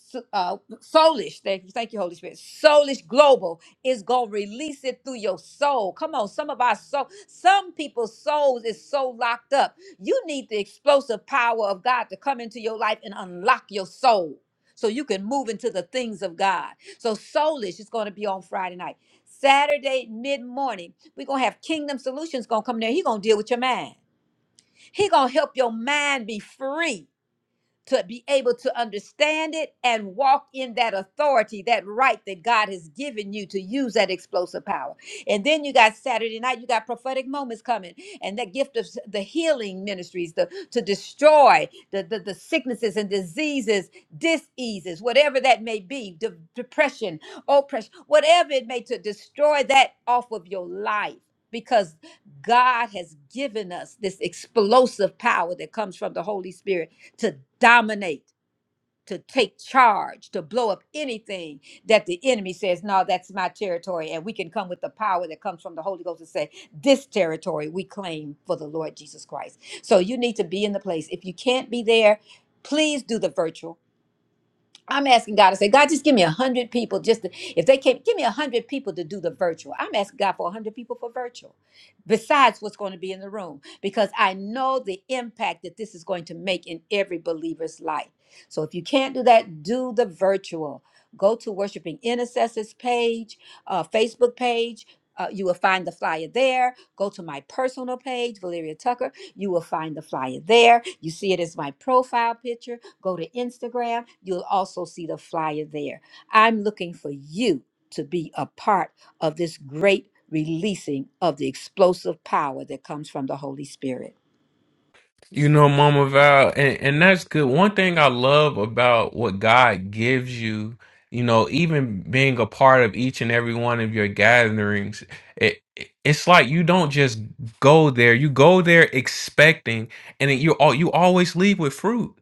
Speaker 4: so- uh, soulish. Thank you, thank you, Holy Spirit. Soulish Global is gonna release it through your soul. Come on, some of our soul, some people's souls is so locked up. You need the explosive power of God to come into your life and unlock your soul, so you can move into the things of God. So soulish is gonna be on Friday night, Saturday mid morning. We're gonna have Kingdom Solutions gonna come there. He gonna deal with your mind. He gonna help your mind be free to be able to understand it and walk in that authority, that right that God has given you to use that explosive power. And then you got Saturday night, you got prophetic moments coming, and that gift of s- the healing ministries, the to destroy the, the, the sicknesses and diseases, diseases, whatever that may be, de- depression, oppression, whatever it may to destroy that off of your life because God has given us this explosive power that comes from the Holy Spirit to dominate, to take charge, to blow up anything that the enemy says, No, that's my territory. And we can come with the power that comes from the Holy Ghost and say, This territory we claim for the Lord Jesus Christ. So you need to be in the place. If you can't be there, please do the virtual. I'm asking God to say, God, just give me a hundred people. Just to, if they can't give me a hundred people to do the virtual, I'm asking God for a hundred people for virtual besides what's going to be in the room because I know the impact that this is going to make in every believer's life. So if you can't do that, do the virtual. Go to Worshiping Intercessors page, uh, Facebook page. Uh, you will find the flyer there. Go to my personal page, Valeria Tucker. You will find the flyer there. You see it as my profile picture. Go to Instagram. You'll also see the flyer there. I'm looking for you to be a part of this great releasing of the explosive power that comes from the Holy Spirit.
Speaker 3: You know, Mama Val, and, and that's good. One thing I love about what God gives you, you know, even being a part of each and every one of your gatherings, it, it- it's like you don't just go there. You go there expecting, and it, you al- you always leave with fruit.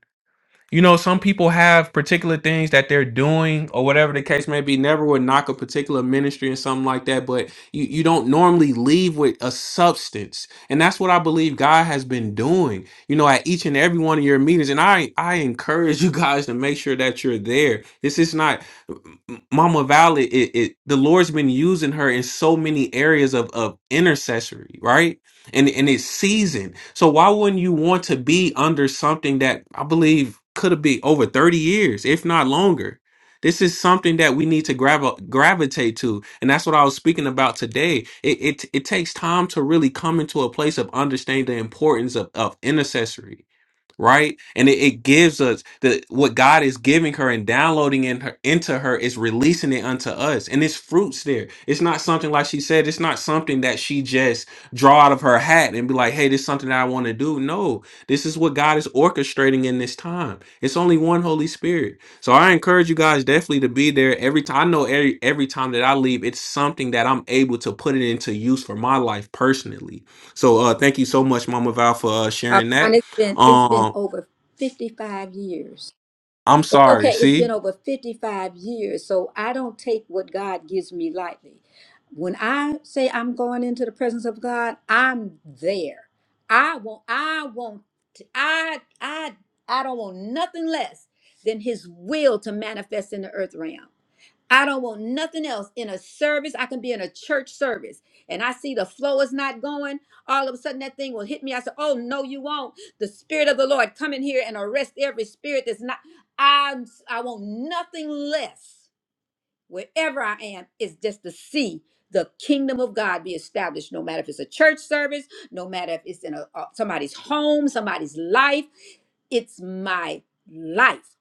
Speaker 3: You know, some people have particular things that they're doing or whatever the case may be. Never would knock a particular ministry and something like that, but you, you don't normally leave with a substance. And that's what I believe God has been doing, you know, at each and every one of your meetings. And I, I encourage you guys to make sure that you're there. This is not Mama Valley. It, it, the Lord's been using her in so many areas of, of intercessory, right? and and it's seasoned. So why wouldn't you want to be under something that I believe could have been over 30 years, if not longer? This is something that we need to grav- gravitate to, and that's what I was speaking about today. It, it it takes time to really come into a place of understanding the importance of, of intercessory right and it, it gives us the what god is giving her and downloading in her into her is releasing it unto us and it's fruits there it's not something like she said it's not something that she just draw out of her hat and be like hey this is something that i want to do no this is what god is orchestrating in this time it's only one holy spirit so i encourage you guys definitely to be there every time i know every every time that i leave it's something that i'm able to put it into use for my life personally so uh thank you so much mama val for uh, sharing
Speaker 4: Armand,
Speaker 3: that
Speaker 4: it's been it's
Speaker 3: Um,
Speaker 4: been over fifty five years.
Speaker 3: I'm
Speaker 4: It's
Speaker 3: sorry.
Speaker 4: okay. It's been
Speaker 3: See,
Speaker 4: over fifty five years, so I don't take what God gives me lightly. When I say I'm going into the presence of God, I'm there. I want. I want. I. I. I don't want nothing less than His will to manifest in the earth realm. I don't want nothing else in a service. I can be in a church service and I see the flow is not going. All of a sudden, that thing will hit me. I said, Oh, no, you won't. The Spirit of the Lord come in here and arrest every spirit that's not. I'm, I want nothing less wherever I am is just to see the kingdom of God be established, no matter if it's a church service, no matter if it's in a, uh, somebody's home, somebody's life. It's my life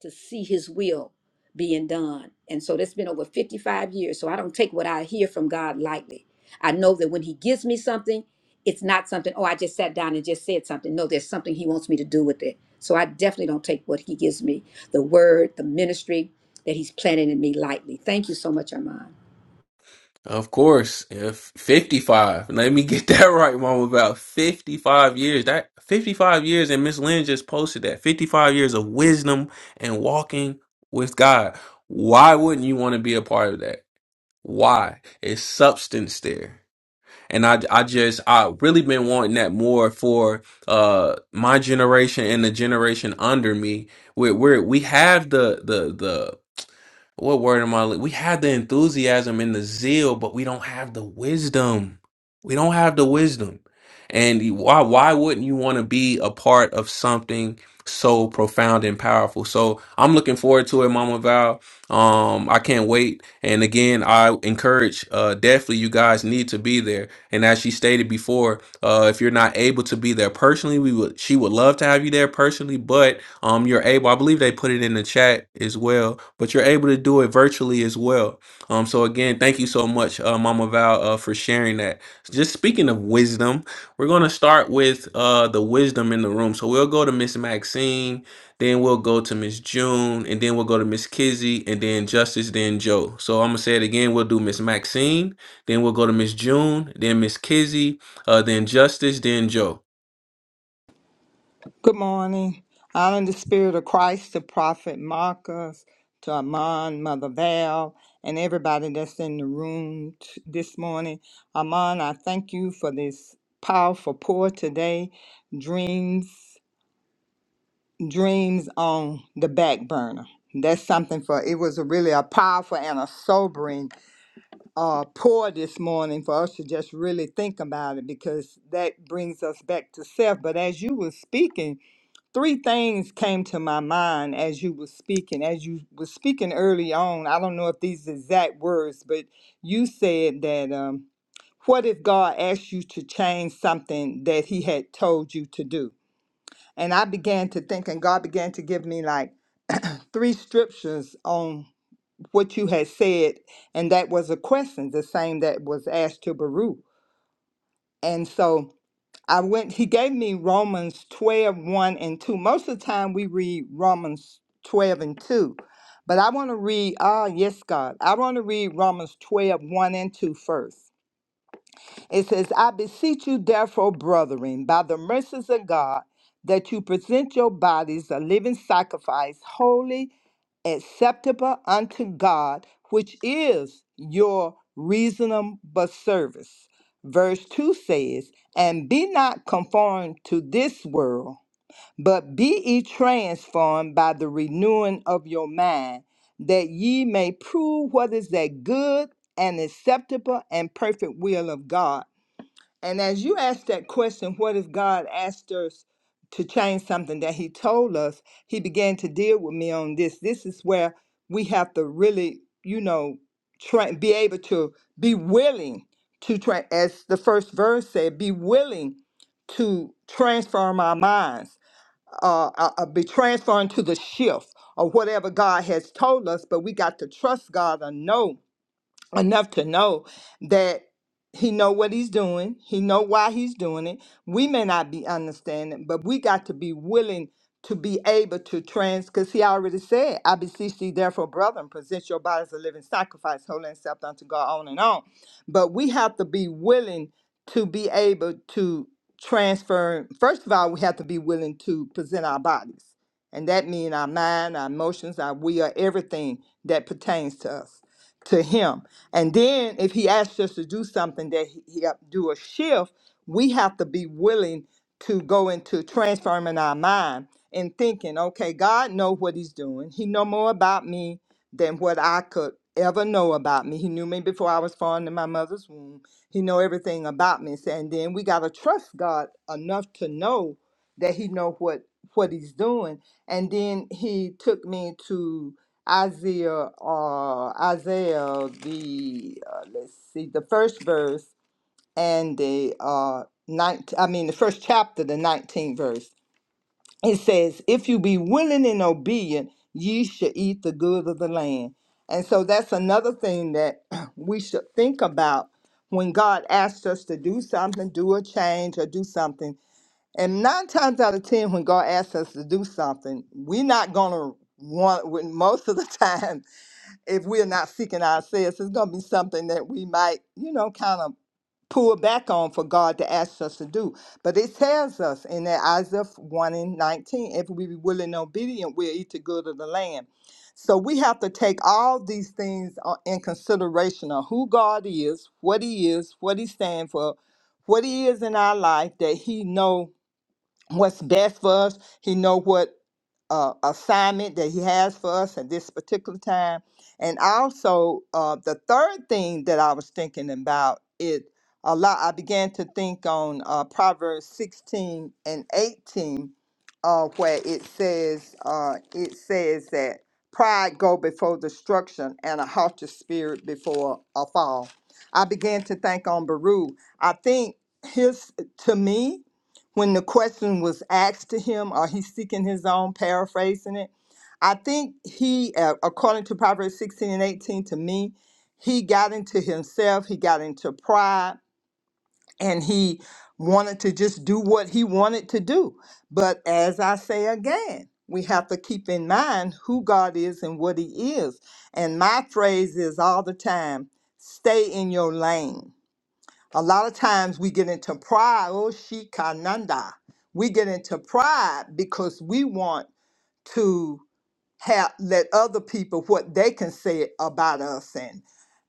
Speaker 4: to see his will being done. And so that's been over 55 years. So I don't take what I hear from God lightly. I know that when he gives me something, it's not something, oh, I just sat down and just said something. No, there's something he wants me to do with it. So I definitely don't take what he gives me, the word, the ministry that he's planning in me lightly. Thank you so much, Armand.
Speaker 3: of course, if 55, let me get that right, mom. About 55 years. That 55 years, and Miss Lynn just posted that 55 years of wisdom and walking with God. Why wouldn't you want to be a part of that? Why? It's substance there. And I, I just, I really been wanting that more for uh my generation and the generation under me. We're, we're we have the the What word am I? li- We have the enthusiasm and the zeal, but we don't have the wisdom. We don't have the wisdom. And you- why why wouldn't you want to be a part of something so profound and powerful? So I'm looking forward to it, Mama Val. Um, I can't wait. And again, I encourage uh definitely you guys need to be there. And as she stated before, uh if you're not able to be there personally, we would she would love to have you there personally, but um, you're able, I believe they put it in the chat as well, but you're able to do it virtually as well. Um, so again, thank you so much, uh, Mama Val, uh, for sharing that. Just speaking of wisdom, we're gonna start with uh the wisdom in the room. So we'll go to Miss Maxine, then we'll go to Miss June, and then we'll go to Miss Kizzy, and then Justice, then Joe. So I'm gonna say it again. We'll do Miss Maxine, then we'll go to Miss June, then Miss Kizzy, uh, then Justice, then Joe.
Speaker 5: Good morning. Honor the Spirit of Christ, to Prophet Marcus, to Amon, Mother Val, and everybody that's in the room t- this morning. Amon, I thank you for this powerful pour today. Dreams, dreams on the back burner. That's something for it was a really a powerful and a sobering uh pour this morning for us to just really think about it because that brings us back to self. But as you were speaking, three things came to my mind as you were speaking as you were speaking early on i don't know if these exact words but you said that um, what if god asked you to change something that he had told you to do and i began to think and god began to give me like three scriptures on what you had said and that was a question the same that was asked to baruch and so I went, he gave me Romans twelve one and 2. Most of the time we read Romans 12 and 2. But I want to read, ah, yes, God. I want to read Romans twelve one and 2 first. It says, I beseech you, therefore, brethren, by the mercies of God, that you present your bodies a living sacrifice, holy acceptable unto God, which is your reasonable service. Verse 2 says, And be not conformed to this world, but be ye transformed by the renewing of your mind, that ye may prove what is that good and acceptable and perfect will of God. And as you asked that question, what if God asked us to change something that He told us? He began to deal with me on this. This is where we have to really, you know, try be able to be willing to try, as the first verse said, be willing to transform our minds, uh, uh, uh, be transformed to the shift or whatever God has told us. But we got to trust God and know enough to know that he know what he's doing he know why he's doing it we may not be understanding but we got to be willing to be able to trans because he already said i beseech thee therefore brethren present your bodies a living sacrifice holy and acceptable unto god on and on but we have to be willing to be able to transfer first of all we have to be willing to present our bodies and that means our mind our emotions our will everything that pertains to us to him and then if he asks us to do something that he, he up- do a shift, we have to be willing to go into transforming our mind and thinking, okay, God know what he's doing. He know more about me than what I could ever know about me. He knew me before I was formed in my mother's womb. He know everything about me. So, And then we got to trust God enough to know that he know what what he's doing. And then he took me to Isaiah, uh, Isaiah, the uh, let's see, the first verse and the uh, ninth. I mean, the first chapter, the nineteenth verse. It says, "If you be willing and obedient, ye shall eat the good of the land." And so that's another thing that we should think about when God asks us to do something, do a change, or do something. And nine times out of ten, when God asks us to do something, we're not gonna want. When Most of the time if we're not seeking ourselves, it's going to be something that we might, you know, kind of pull back on for God to ask us to do. But it tells us in that Isaiah 1 and 19, if we be willing and obedient, we'll eat the good of the land. So we have to take all these things uh, in consideration of who God is, what he is, what he stands for, what he is in our life, that he know what's best for us. He know what uh, assignment that he has for us at this particular time. And also, uh, the third thing that I was thinking about is a lot. I began to think on uh, Proverbs 16 and 18, uh, where it says, uh, it says that pride go before destruction and a haughty spirit before a fall. I began to think on Baruch. I think his to me when the question was asked to him, or he's seeking his own, paraphrasing it, I think he, uh, according to Proverbs 16 and 18, to me, he got into himself, he got into pride, and he wanted to just do what he wanted to do. But as I say again, we have to keep in mind who God is and what he is. And my phrase is all the time stay in your lane a lot of times we get into pride, oh shikananda. We get into pride because we want to have let other people what they can say about us and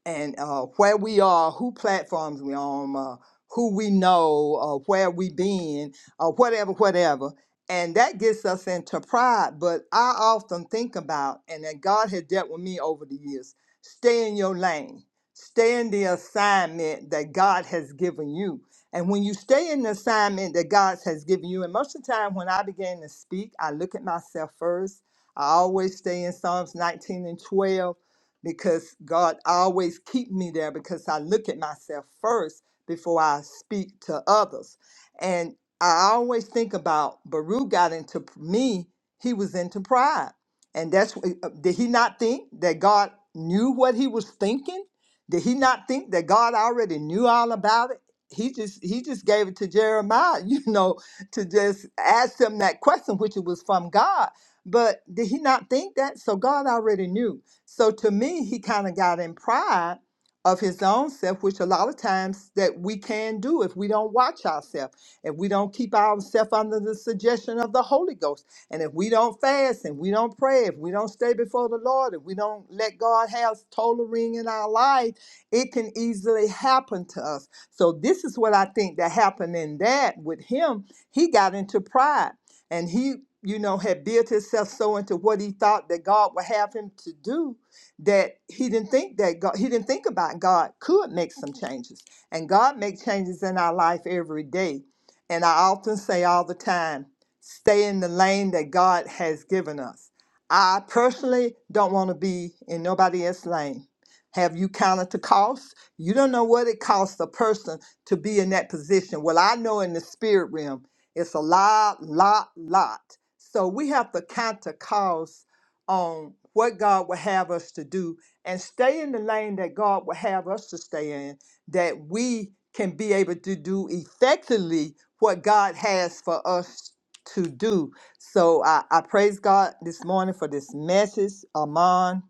Speaker 5: and uh, where we are, who platforms we on, uh, who we know, uh, where we been, uh, whatever, whatever. And that gets us into pride. But I often think about, and that God has dealt with me over the years, stay in your lane, stay in the assignment that God has given you. And when you stay in the assignment that God has given you, and most of the time when I begin to speak, I look at myself first I always stay in Psalms 19 and 12 because God always keep me there because I look at myself first before I speak to others. And I always think about Baruch got into p- me, he was into pride. And that's wh- uh, did he not think that God knew what he was thinking? Did he not think that God already knew all about it? He just he just gave it to Jeremiah, you know, to just ask him that question, which it was from God but did he not think that? So God already knew. So to me, he kind of got in pride of his own self, which a lot of times that we can do if we don't watch ourselves, if we don't keep ourselves under the suggestion of the Holy Ghost, and if we don't fast and we don't pray, if we don't stay before the Lord, if we don't let God have total ring in our life, it can easily happen to us. So this is what I think that happened in that with him. He got into pride and he you know had built himself so into what he thought that god would have him to do that he didn't think that god he didn't think about god could make some changes and god makes changes in our life every day and i often say all the time stay in the lane that god has given us i personally don't want to be in nobody else's lane have you counted the cost you don't know what it costs a person to be in that position well i know in the spirit realm it's a lot, lot, lot. So we have to count the cost on what God would have us to do and stay in the lane that God would have us to stay in, that we can be able to do effectively what God has for us to do. So I, I praise God this morning for this message, Amon,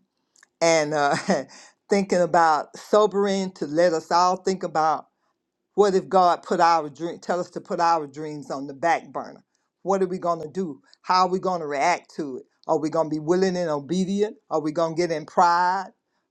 Speaker 5: and uh, thinking about sobering to let us all think about. What if God put our dream, tell us to put our dreams on the back burner? What are we going to do? How are we going to react to it? Are we going to be willing and obedient? Are we going to get in pride?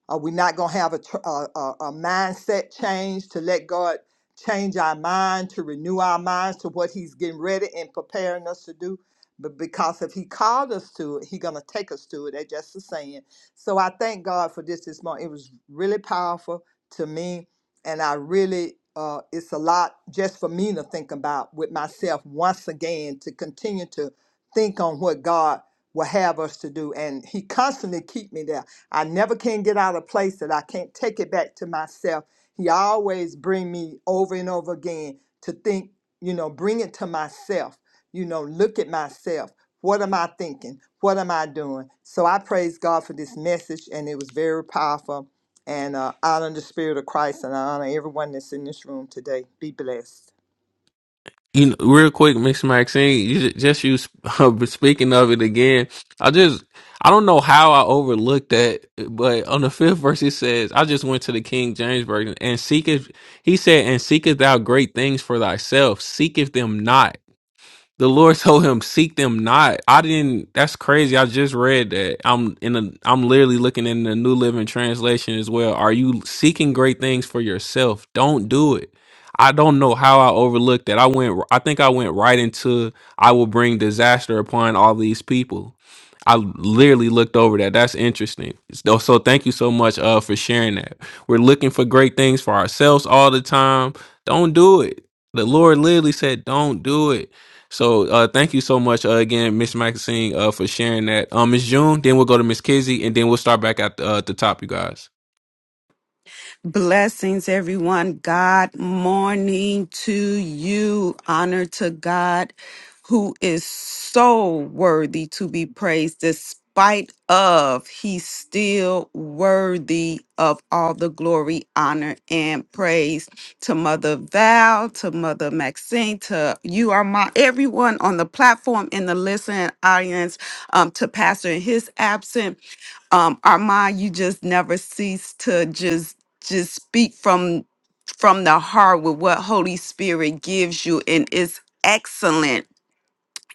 Speaker 5: Are we not going to have a, tr- a, a, a mindset change to let God change our mind, to renew our minds to what He's getting ready and preparing us to do? But because if He called us to it, He's going to take us to it. That's just the saying. So I thank God for this this morning. It was really powerful to me and I really uh, it's a lot just for me to think about with myself once again to continue to think on what God will have us to do, and He constantly keep me there. I never can get out of place that I can't take it back to myself. He always bring me over and over again to think, you know, bring it to myself. You know, look at myself. What am I thinking? What am I doing? So I praise God for this message, and it was very powerful and uh, I honor the Spirit of Christ and I honor everyone that's in this room today. Be blessed.
Speaker 3: You know, real quick, Miss Maxine, you ju- just you sp- uh, speaking of it again. I just I don't know how I overlooked that, but on the fifth verse it says, "I just went to the King James version and seeketh." He said, "And seeketh thou great things for thyself, seeketh them not." The Lord told him, "Seek them not." I didn't. That's crazy. I just read that. I'm in a. I'm literally looking in the New Living Translation as well. Are you seeking great things for yourself? Don't do it. I don't know how I overlooked that. I went. I think I went right into. I will bring disaster upon all these people. I literally looked over that. That's interesting. So, so thank you so much uh, for sharing that. We're looking for great things for ourselves all the time. Don't do it. The Lord literally said, "Don't do it." So uh, thank you so much uh, again, Miss Maxine, uh, for sharing that. Um, Miss June, then we'll go to Miss Kizzy, and then we'll start back at the, uh, the top, you guys.
Speaker 6: Blessings, everyone. God morning to you. Honor to God who is so worthy to be praised despite of he's still worthy of all the glory honor and praise to mother val to mother maxine to you are my everyone on the platform in the listening audience um, to pastor in his absence um Armand, you just never cease to just just speak from from the heart with what Holy Spirit gives you and it's excellent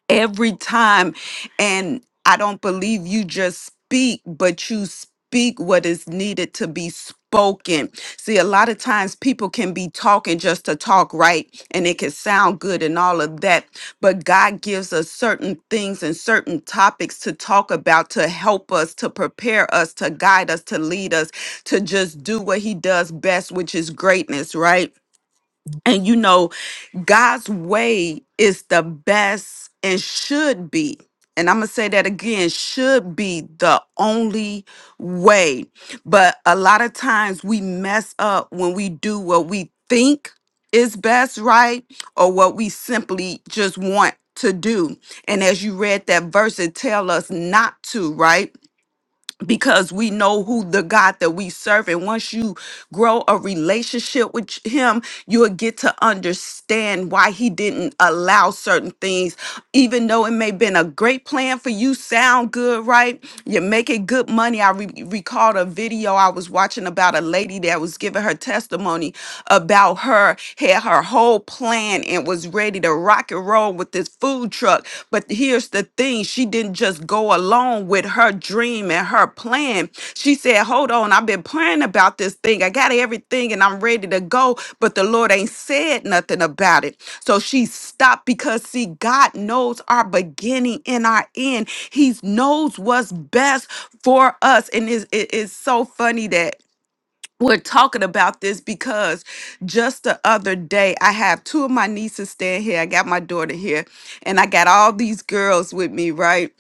Speaker 6: every time. And I don't believe you just speak, but you speak what is needed to be spoken. See, a lot of times people can be talking just to talk, right? And it can sound good and all of that. But God gives us certain things and certain topics to talk about to help us, to prepare us, to guide us, to lead us, to just do what He does best, which is greatness, right? And you know, God's way is the best and should be. And I'm going to say that again should be the only way. But a lot of times we mess up when we do what we think is best, right? Or what we simply just want to do. And as you read that verse, it tell us not to, right? because we know who the God that we serve. And once you grow a relationship with Him, you'll get to understand why He didn't allow certain things, even though it may have been a great plan for you, sound good, right? You're making good money. I re- recalled a video I was watching about a lady that was giving her testimony about her, had her whole plan and was ready to rock and roll with this food truck. But here's the thing. She didn't just go along with her dream and her plan. She said, Hold on, I've been praying about this thing. I got everything and I'm ready to go, but the Lord ain't said nothing about it. So she stopped because, see, God knows our beginning and our end. He knows what's best for us. And it's, it- it's so funny that we're talking about this because just the other day I have two of my nieces staying here. I got my daughter here, and I got all these girls with me, right?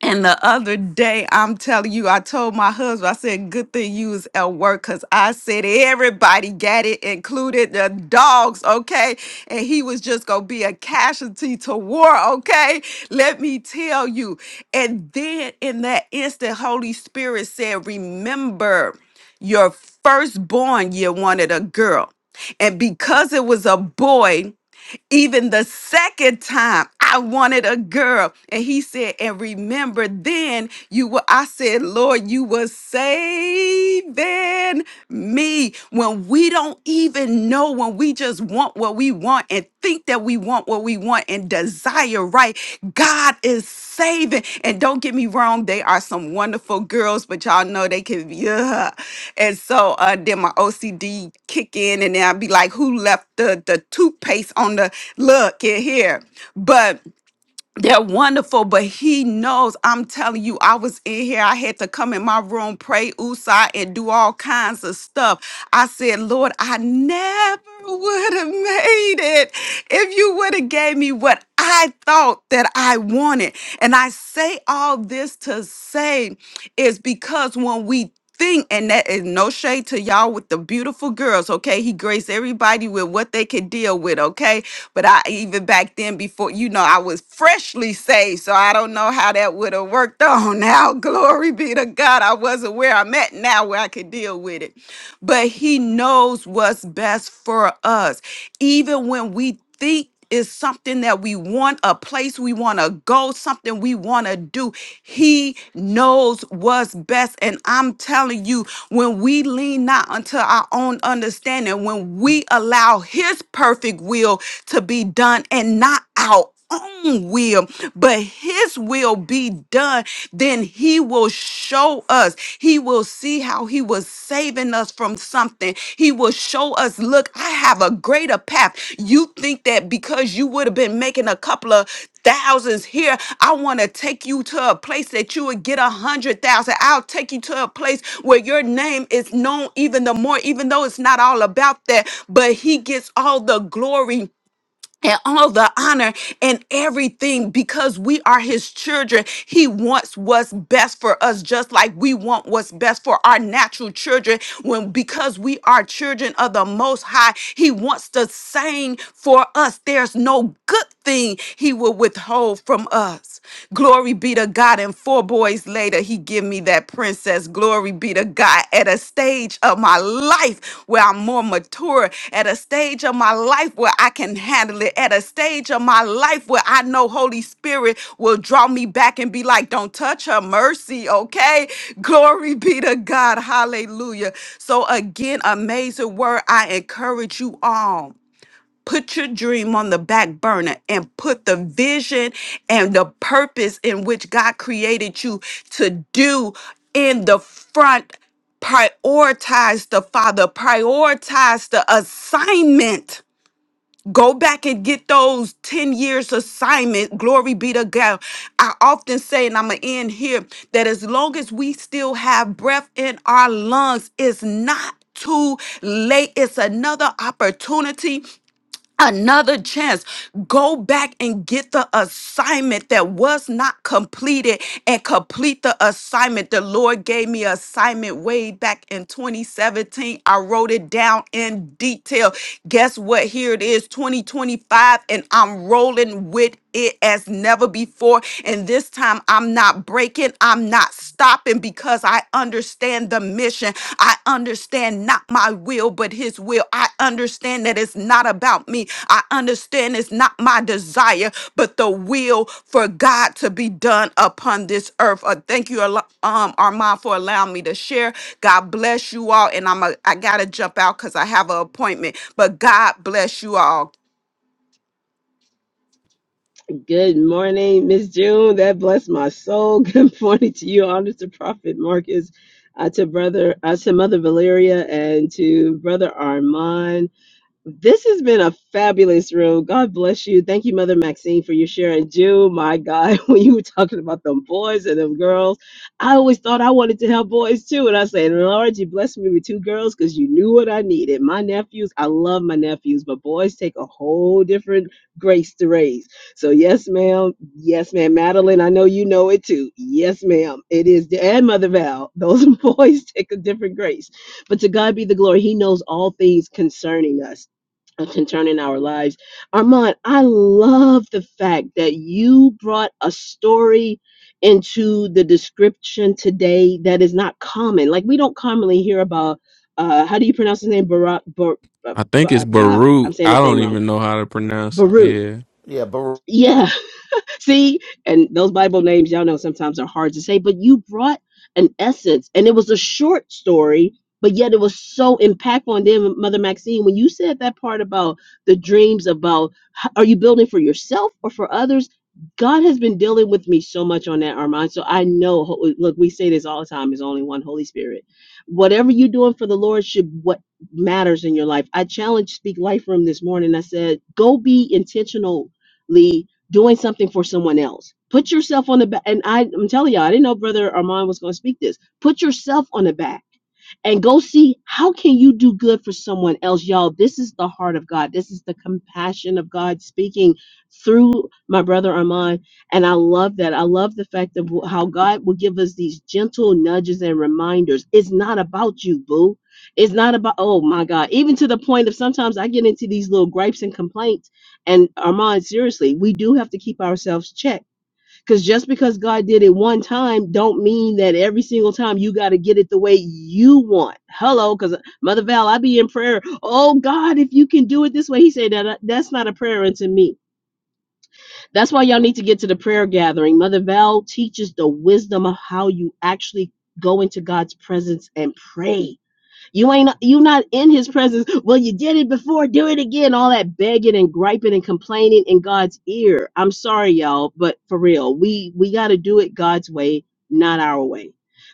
Speaker 6: And the other day, I'm telling you, I told my husband, I said, good thing you was at work because I said everybody got it, included the dogs, okay? And he was just going to be a casualty to war, okay? Let me tell you. And then in that instant, Holy Spirit said, remember your firstborn, you wanted a girl. And because it was a boy, even the second time, I wanted a girl. And he said, and remember then you were, I said, Lord, you were saving me. When we don't even know, when we just want what we want and think that we want what we want and desire right, God is saving. And don't get me wrong, they are some wonderful girls, but y'all know they can, yeah. And so uh, then my OCD kick in, and then I'd be like, who left? the the toothpaste on the look here here but they're wonderful but he knows i'm telling you i was in here i had to come in my room pray usai and do all kinds of stuff i said lord i never would have made it if you would have gave me what i thought that i wanted and i say all this to say is because when we think, and that is no shade to y'all with the beautiful girls, okay? He graced everybody with what they could deal with, okay? But I even back then before, you know, I was freshly saved, so I don't know how that would have worked on now. Glory be to God. I wasn't where I'm at now where I could deal with it. But he knows what's best for us. Even when we think is something that we want, a place we want to go, something we want to do. He knows what's best. And I'm telling you, when we lean not unto our own understanding, when we allow His perfect will to be done and not our own will, but his will be done, then he will show us. He will see how he was saving us from something. He will show us, look, I have a greater path. You think that because you would have been making a couple of thousands here, I want to take you to a place that you would get a hundred thousand. I'll take you to a place where your name is known even the more, even though it's not all about that, but he gets all the glory and all the honor and everything because we are his children. He wants what's best for us, just like we want what's best for our natural children. When because we are children of the most high, he wants the same for us. There's no good nothing he will withhold from us. Glory be to God. And four boys later, he give me that princess. Glory be to God. At a stage of my life where I'm more mature, at a stage of my life where I can handle it, at a stage of my life where I know Holy Spirit will draw me back and be like, don't touch her mercy, okay? Glory be to God. Hallelujah. So again, amazing word. I encourage you all. Put your dream on the back burner and put the vision and the purpose in which God created you to do in the front. Prioritize the Father, prioritize the assignment. Go back and get those 10 years assignment. Glory be to God. I often say, and I'm going to end here, that as long as we still have breath in our lungs, it's not too late. It's another opportunity another chance. Go back and get the assignment that was not completed and complete the assignment. The Lord gave me an assignment way back in 2017. I wrote it down in detail. Guess what? Here it is, 2025, and I'm rolling with it as never before. And this time I'm not breaking, I'm not stopping happen because I understand the mission. I understand not my will, but His will. I understand that it's not about me. I understand it's not my desire, but the will for God to be done upon this earth. Uh, thank you, Al- um, Armand, for allowing me to share. God bless you all, and I'm a, I gotta jump out because I have an appointment. But God bless you all.
Speaker 7: Good morning, Miss June. That blessed my soul. Good morning to you, honor to Prophet Marcus, uh, to brother, uh, to Mother Valeria, and to Brother Armand. This has been a fabulous room. God bless you. Thank you, Mother Maxine, for your share. And Jew, my God, when you were talking about them boys and them girls, I always thought I wanted to have boys too. And I said, Lord, you blessed me with two girls because you knew what I needed. My nephews, I love my nephews, but boys take a whole different grace to raise. So, yes, ma'am. Yes, ma'am. Madeline, I know you know it too. Yes, ma'am. It is. And Mother Val, those boys take a different grace. But to God be the glory. He knows all things concerning us concerning our lives. Armand, I love the fact that you brought a story into the description today that is not common. Like we don't commonly hear about uh how do you pronounce his name? Barak Bar, uh,
Speaker 3: I
Speaker 7: Ba-
Speaker 3: think it's
Speaker 7: Ba- I'm
Speaker 3: Baruch.
Speaker 7: saying
Speaker 3: I
Speaker 7: his
Speaker 3: don't
Speaker 7: name wrong.
Speaker 3: even know how to pronounce it.
Speaker 7: Baruch.
Speaker 3: Yeah.
Speaker 1: Yeah, Baruch.
Speaker 7: Yeah. See, and those Bible names, y'all know, sometimes are hard to say, but you brought an essence, and it was a short story, but yet it was so impactful. And then, Mother Maxine, when you said that part about the dreams, about h- are you building for yourself or for others? God has been dealing with me so much on that, Armand. So I know, ho- look, we say this all the time is only one Holy Spirit. Whatever you're doing for the Lord should what matters in your life. I challenged Speak Life Room this morning. I said, go be intentionally doing something for someone else. Put yourself on the back. And I, I'm telling y'all, I didn't know Brother Armand was going to speak this. Put yourself on the back and go see how can you do good for someone else y'all this is the heart of god this is the compassion of god speaking through my brother armand and i love that i love the fact of how god will give us these gentle nudges and reminders it's not about you boo it's not about oh my god even to the point of sometimes i get into these little gripes and complaints and armand seriously we do have to keep ourselves checked because just because God did it one time, don't mean that every single time you got to get it the way you want. Hello, because Mother Val, I be in prayer. Oh God, if you can do it this way, He said that uh, that's not a prayer unto me. That's why y'all need to get to the prayer gathering. Mother Val teaches the wisdom of how you actually go into God's presence and pray you ain't you not in his presence. Well, you did it before, do it again. All that begging and griping and complaining in God's ear. I'm sorry, y'all, but for real, we we gotta do it God's way, not our way.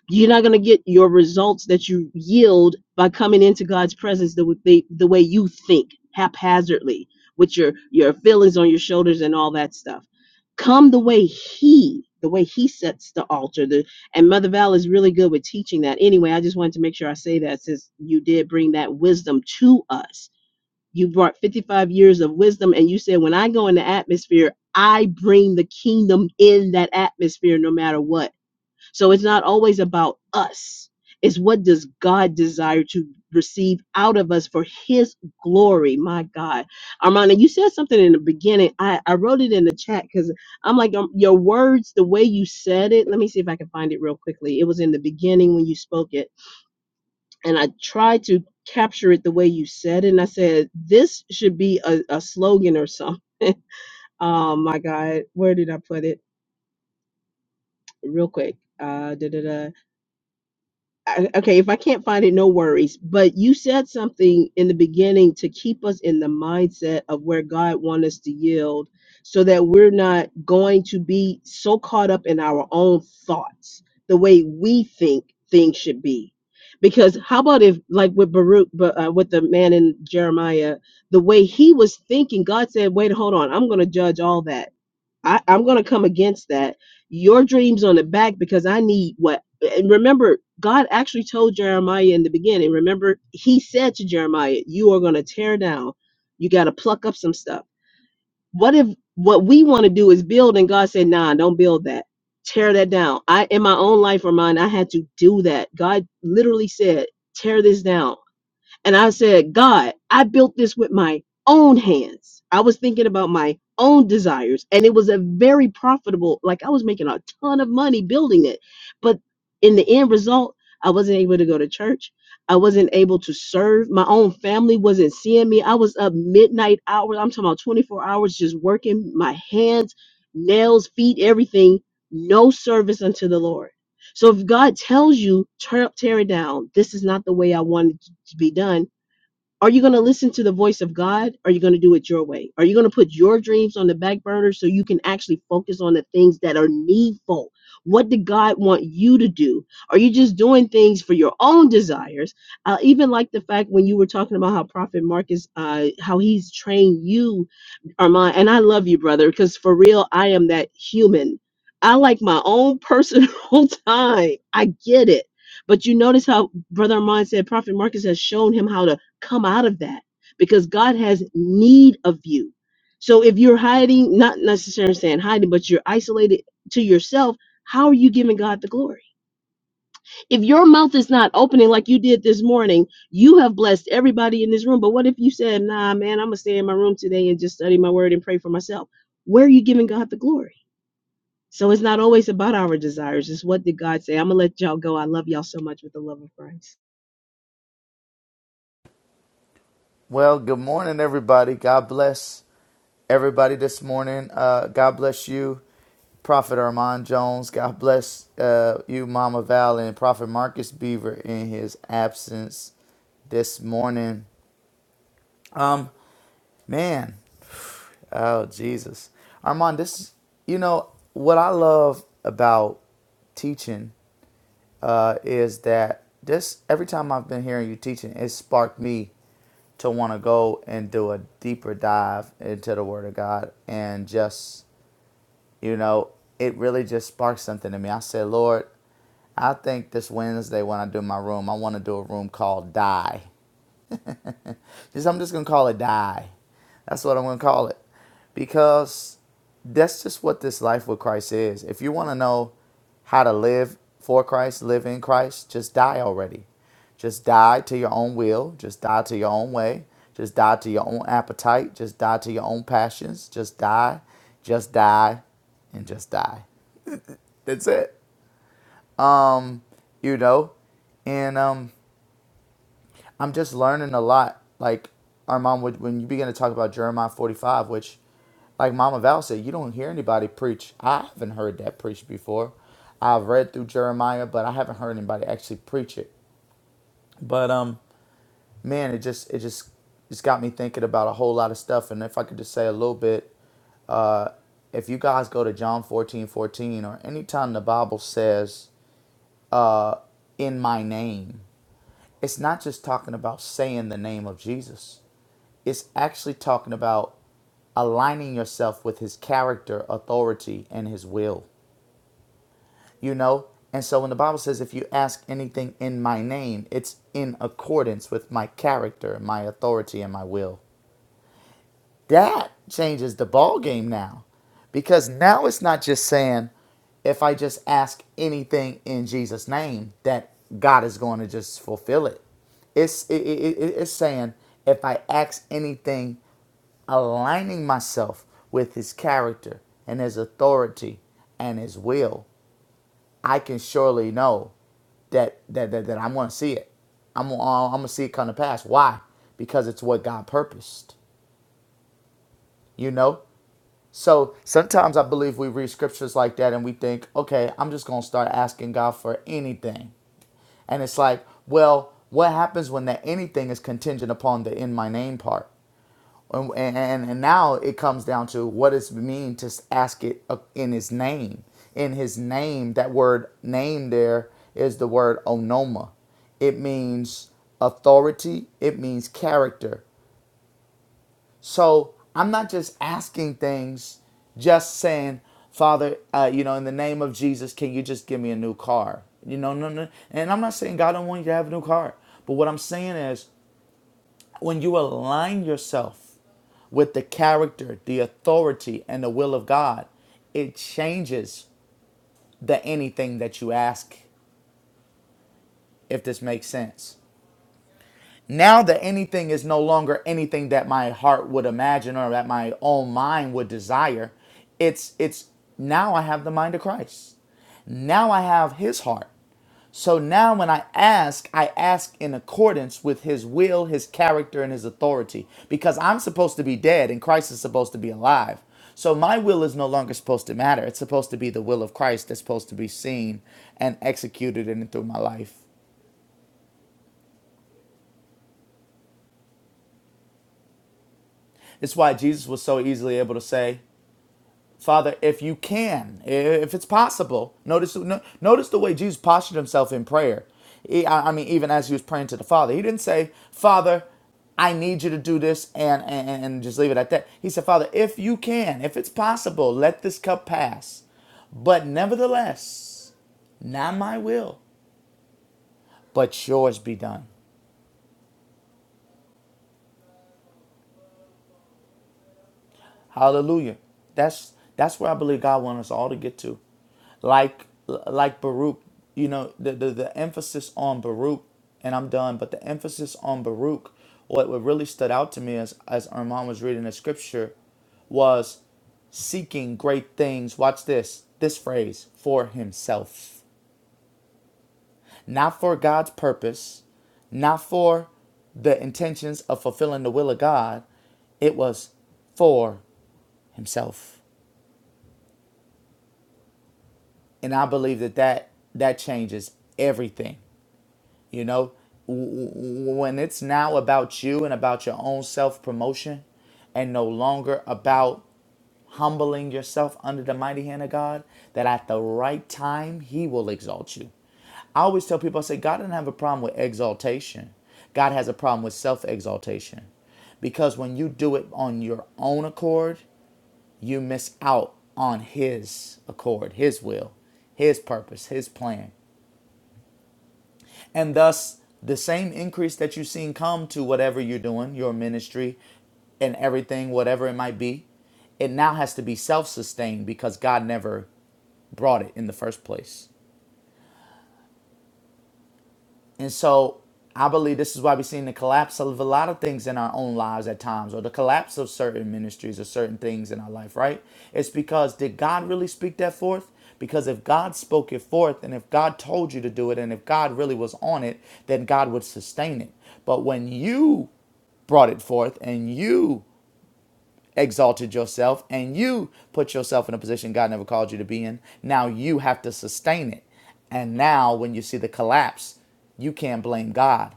Speaker 7: You're not gonna get your results that you yield by coming into God's presence the way the, the way you think haphazardly with your your feelings on your shoulders and all that stuff. Come the way He, the way He sets the altar, the and Mother Val is really good with teaching that. Anyway, I just wanted to make sure I say that since you did bring that wisdom to us. You brought 55 years of wisdom, and you said, When I go in the atmosphere, I bring the kingdom in that atmosphere no matter what so it's not always about us. It's what does God desire to receive out of us for his glory. My God. Armanda, you said something in the beginning. I, I wrote it in the chat because I'm like, um, your words, the way you said it. Let me see if I can find it real quickly. It was in the beginning when you spoke it. And I tried to capture it the way you said it. And I said, this should be a, a slogan or something. oh my God. Where did I put it? Real quick. Uh, da, da, da. I- okay, if I can't find it, no worries. But you said something in the beginning to keep us in the mindset of where God wants us to yield so that we're not going to be so caught up in our own thoughts, the way we think things should be. Because how about if, like with Baruch, but, uh, with the man in Jeremiah, the way he was thinking, God said, wait, hold on, I'm going to judge all that I, I'm going to come against that. Your dreams on the back because I need what. And remember, God actually told Jeremiah in the beginning. Remember, He said to Jeremiah, "You are going to tear down. You got to pluck up some stuff." What if what we want to do is build, and God said, "Nah, don't build that. Tear that down." I, in my own life or mine, I had to do that. God literally said, "Tear this down." And I said, God, I built this with my own hands. I was thinking about my own desires. And it was a very profitable, like I was making a ton of money building it. But in the end result, I wasn't able to go to church. I wasn't able to serve. My own family wasn't seeing me. I was up midnight hours. I'm talking about 24 hours just working my hands, nails, feet, everything. No service unto the Lord. So if God tells you, tear, tear it down, this is not the way I want it to be done are you going to listen to the voice of God? Are you going to do it your way? Are you going to put your dreams on the back burner so you can actually focus on the things that are needful? What did God want you to do? Are you just doing things for your own desires? I even like the fact when you were talking about how Prophet Marcus, uh, how he's trained you Armand, and I love you, brother, because for real, I am that human. I like my own personal time. I get it. But you notice how Brother Armand said Prophet Marcus has shown him how to come out of that because God has need of you. So if you're hiding, not necessarily saying hiding, but you're isolated to yourself, how are you giving God the glory? If your mouth is not opening like you did this morning, you have blessed everybody in this room. But what if you said, nah, man, I'm going to stay in my room today and just study my word and pray for myself? Where are you giving God the glory? So it's not always about our desires. It's what did God say? I'm going to let y'all go. I love y'all so much with the love of Christ.
Speaker 1: Well, good morning, everybody. God bless everybody this morning. Uh, God bless you, Prophet Armand Jones. God bless uh, you, Mama Val, and Prophet Marcus Beaver in his absence this morning. Um, man, oh Jesus, Armand, this you know what I love about teaching uh, is that this every time I've been hearing you teaching, it sparked me to want to go and do a deeper dive into the Word of God and just you know it really just sparked something in me. I said, Lord, I think this Wednesday when I do my room, I want to do a room called Die. Just, I'm just gonna call it die. That's what I'm gonna call it, because that's just what this life with Christ is. If you want to know how to live for Christ, live in Christ, just die already. Just die to your own will. Just die to your own way. Just die to your own appetite. Just die to your own passions. Just die. Just die, and just die. That's it. Um, you know, and um, I'm just learning a lot. Like our mom would when you begin to talk about Jeremiah 45, which like Mama Val said, you don't hear anybody preach. I haven't heard that preached before. I've read through Jeremiah, but I haven't heard anybody actually preach it. But um man, it just it just it's got me thinking about a whole lot of stuff and if I could just say a little bit uh if you guys go to John 14:14 or anytime the Bible says uh in my name, it's not just talking about saying the name of Jesus It's actually talking about aligning yourself with his character, authority, and his will. You know? And so when the Bible says, if you ask anything in my name, it's in accordance with my character, my authority, and my will. That changes the ball game now. Because now it's not just saying, if I just ask anything in Jesus' name, that God is going to just fulfill it. It's it, it, it- it's saying if I ask anything aligning myself with his character and his authority and his will, I can surely know that that that, that I'm going to see it. I'm uh, I'm going to see it come to pass. Why? Because it's what God purposed. You know? So sometimes I believe we read scriptures like that and we think, "Okay, I'm just going to start asking God for anything." And it's like, "Well, what happens when that anything is contingent upon the in my name part?" And, and, and now it comes down to what does it mean to ask it uh, in his name? In his name, that word name there is the word onoma. It means authority, it means character. So I'm not just asking things, just saying, Father, uh, you know, in the name of Jesus, can you just give me a new car? You know, no, no. And I'm not saying God don't want you to have a new car. But what I'm saying is when you align yourself with the character, the authority, and the will of God, it changes the anything that you ask, if this makes sense. Now, the anything is no longer anything that my heart would imagine or that my own mind would desire. It's, it's now I have the mind of Christ. Now I have his heart. So now when I ask, I ask in accordance with his will, his character, and his authority. Because I'm supposed to be dead and Christ is supposed to be alive. So my will is no longer supposed to matter. It's supposed to be the will of Christ that's supposed to be seen and executed in and through my life. It's why Jesus was so easily able to say, Father, if you can, if it's possible, notice no, notice the way Jesus postured himself in prayer. He- I I mean, even as he was praying to the Father, he didn't say, "Father, I need you to do this," and and, and just leave it at that. He said, "Father, if you can, if it's possible, let this cup pass, but nevertheless, not my will, but yours be done." Hallelujah. That's that's where I believe God wants us all to get to. Like like Baruch, you know, the, the, the emphasis on Baruch, and I'm done, but the emphasis on Baruch, what, what really stood out to me as as Armand was reading the scripture was seeking great things. Watch this, this phrase, for himself. Not for God's purpose, not for the intentions of fulfilling the will of God. It was for himself. and I believe that that that changes everything. You know, when it's now about you and about your own self promotion, and no longer about humbling yourself under the mighty hand of God, that at the right time He will exalt you. I always tell people, I say, God doesn't have a problem with exaltation. God has a problem with self exaltation. Because when you do it on your own accord, you miss out on His accord, His will, His purpose, His plan. And thus, the same increase that you've seen come to whatever you're doing, your ministry and everything, whatever it might be, it now has to be self sustained because God never brought it in the first place. And so I believe this is why we're seeing the collapse of a lot of things in our own lives at times, or the collapse of certain ministries or certain things in our life, right? It's because did God really speak that forth? Because if God spoke it forth, and if God told you to do it, and if God really was on it, then God would sustain it. But when you brought it forth and you exalted yourself and you put yourself in a position God never called you to be in. Now you have to sustain it. And now when you see the collapse, you can't blame God.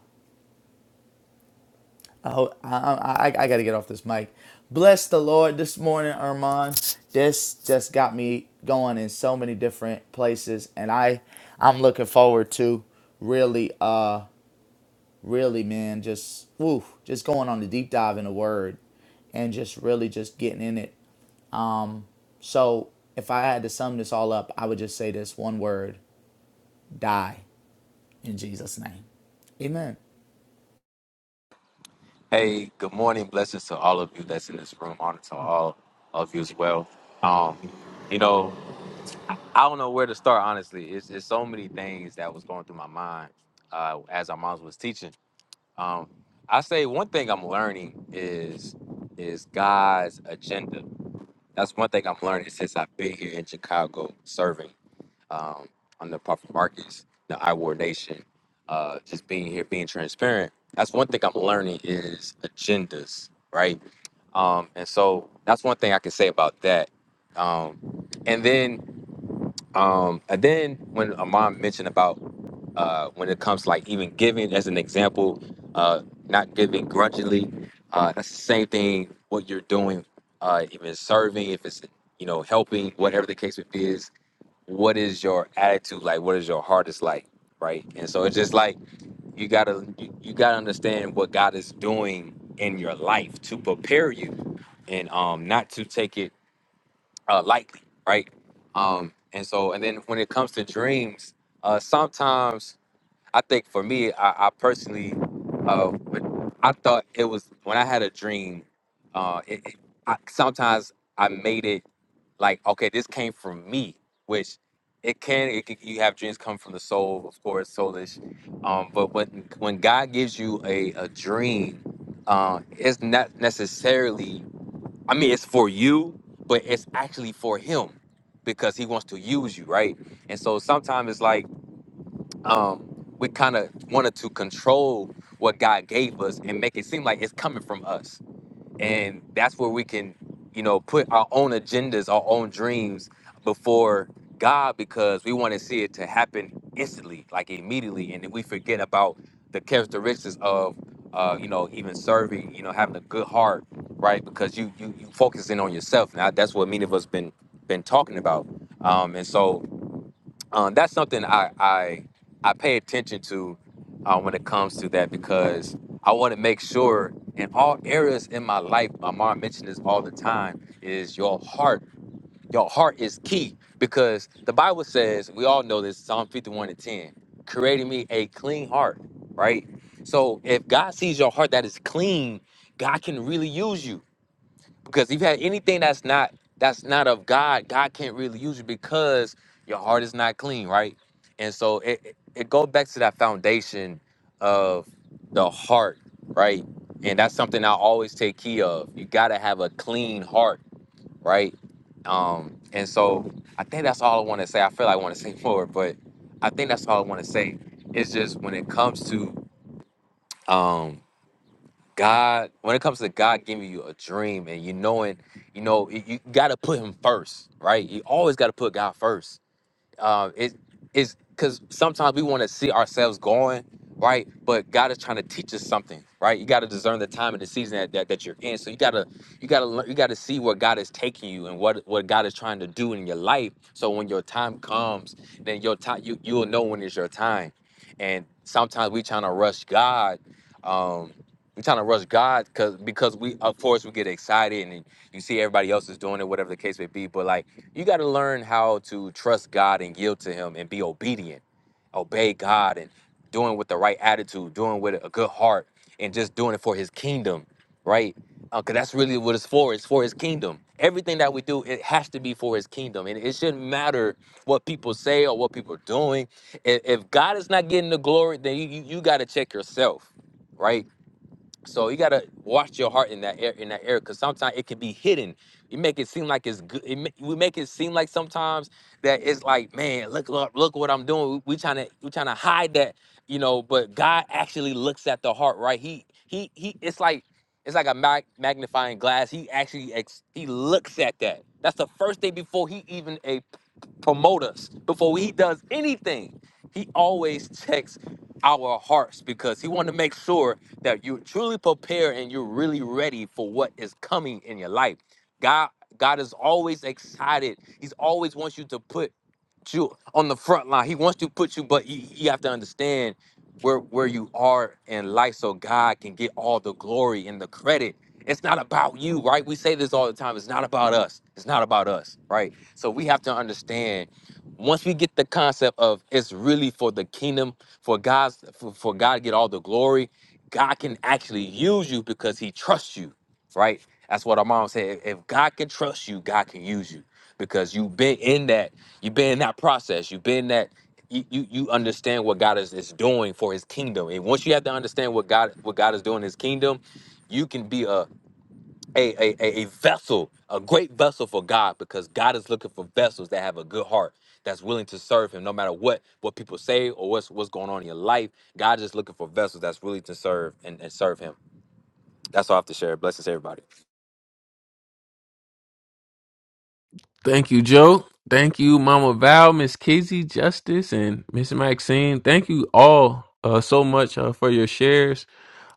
Speaker 1: Oh, I, I, I, I got to get off this mic. Bless the Lord this morning, Armand. This just got me going in so many different places, and I, I'm looking forward to really, uh, really, man, just woo, just going on the deep dive in the Word, and just really just getting in it So if I had to sum this all up, I would just say this one word die in Jesus' name. Amen.
Speaker 8: Hey, good morning. Blessings to all of you that's in this room. Honor to all of you as well. Um, you know, I don't know where to start. Honestly, it's, it's so many things that was going through my mind uh, as our moms was teaching. Um, I say one thing I'm learning is is God's agenda. That's one thing I'm learning since I've been here in Chicago serving um, on the Prophet Marcus, the Iwar Nation. Uh, just being here, being transparent. That's one thing I'm learning is agendas, right? Um, and so that's one thing I can say about that. Um, and then, um, and then when Amon mentioned about uh, when it comes to like even giving as an example, uh, not giving grudgingly, uh, that's the same thing. What you're doing, uh, even serving, if it's you know helping, whatever the case it is, what is your attitude like? What is your heart is like, right? And so it's just like you gotta you, you gotta understand what God is doing in your life to prepare you and um not to take it uh lightly, right? Um and so and then when it comes to dreams, uh sometimes I think for me I, I personally uh when- I thought it was when I had a dream, uh it, it- I sometimes I made it like okay this came from me which it can, it can you have dreams come from the soul of course soulish um but when when god gives you a a dream uh it's not necessarily i mean it's for you but it's actually for him because he wants to use you right and so sometimes it's like um we kind of wanted to control what god gave us and make it seem like it's coming from us and that's where we can you know put our own agendas our own dreams before god because we want to see it to happen instantly like immediately and then we forget about the characteristics of uh, you know even serving you know having a good heart right because you you, you focusing on yourself now that's what many of us been been talking about um, and so um, that's something I, I I pay attention to uh, when it comes to that because I want to make sure in all areas in my life. My mom mentioned this all the time: is your heart. Your heart is key because the Bible says we all know this. Psalm fifty-one and ten, creating me a clean heart. Right. So if God sees your heart that is clean, God can really use you because if you have anything that's not that's not of God, God can't really use you because your heart is not clean, right? And so it it it goes back to that foundation of the heart, right? And that's something I always take key of. You gotta have a clean heart, right? Um, and so I think that's all I want to say. I feel like I want to say more, but I think that's all I want to say. It's just when it comes to um God, when it comes to God giving you a dream and you knowing, you know, you, you got to put Him first, right? You always got to put God first uh, it is because sometimes we want to see ourselves going right but god is trying to teach us something right you got to discern the time and the season that, that, that you're in so you got to you got to you got to see where god is taking you and what what god is trying to do in your life so when your time comes then your time you, you'll know when it's your time and sometimes we trying to rush god um we trying to rush god because because we of course we get excited and you see everybody else is doing it whatever the case may be but like you got to learn how to trust God and yield to Him and be obedient, obey God and doing with the right attitude, doing with a good heart, and just doing it for His kingdom, right? Because that's really what it's for. It's for His kingdom. Everything that we do, it has to be for His kingdom, and it shouldn't matter what people say or what people are doing. If, if God is not getting the glory, then you you, you got to check yourself, right? So you gotta watch your heart in that air, in that area, because sometimes it can be hidden. You make it seem like it's good. It, ma- we make it seem like sometimes that it's like, man, look, look, look what I'm doing. We, we trying to, we trying to hide that, you know. But God actually looks at the heart, right? He, he, he. It's like, it's like a mag- magnifying glass. He actually, ex- he looks at that. That's the first day before he even a promote us. Before he does anything, he always checks our hearts because he want to make sure that you truly prepare and you're really ready for what is coming in your life. God, God is always excited. He's always wants you to put you on the front line. He wants to put you, but you, you have to understand where where you are in life, so God can get all the glory and the credit. It's not about you, right? We say this all the time. It's not about us. It's not about us, right? So we have to understand once we get the concept of it's really for the kingdom for God's for, for God to get all the glory, God can actually use you because He trusts you, right? That's what our mom said. If if God can trust you, God can use you because you've been in that, you've been in that process, you've been that. You, you, you understand what God is, is doing for his kingdom. And once you have to understand what God what God is doing in his kingdom, you can be a, a, a, a, a vessel, a great vessel for God, because God is looking for vessels that have a good heart, that's willing to serve Him, no matter what what people say or what's what's going on in your life. God is looking for vessels that's willing to serve and, and serve Him. That's all I have to share. Blessings, everybody.
Speaker 3: Thank you, Joe. Thank you, Mama Val, Miss Kizzy, Justice, and Miss Maxine. Thank you all uh, so much uh, for your shares.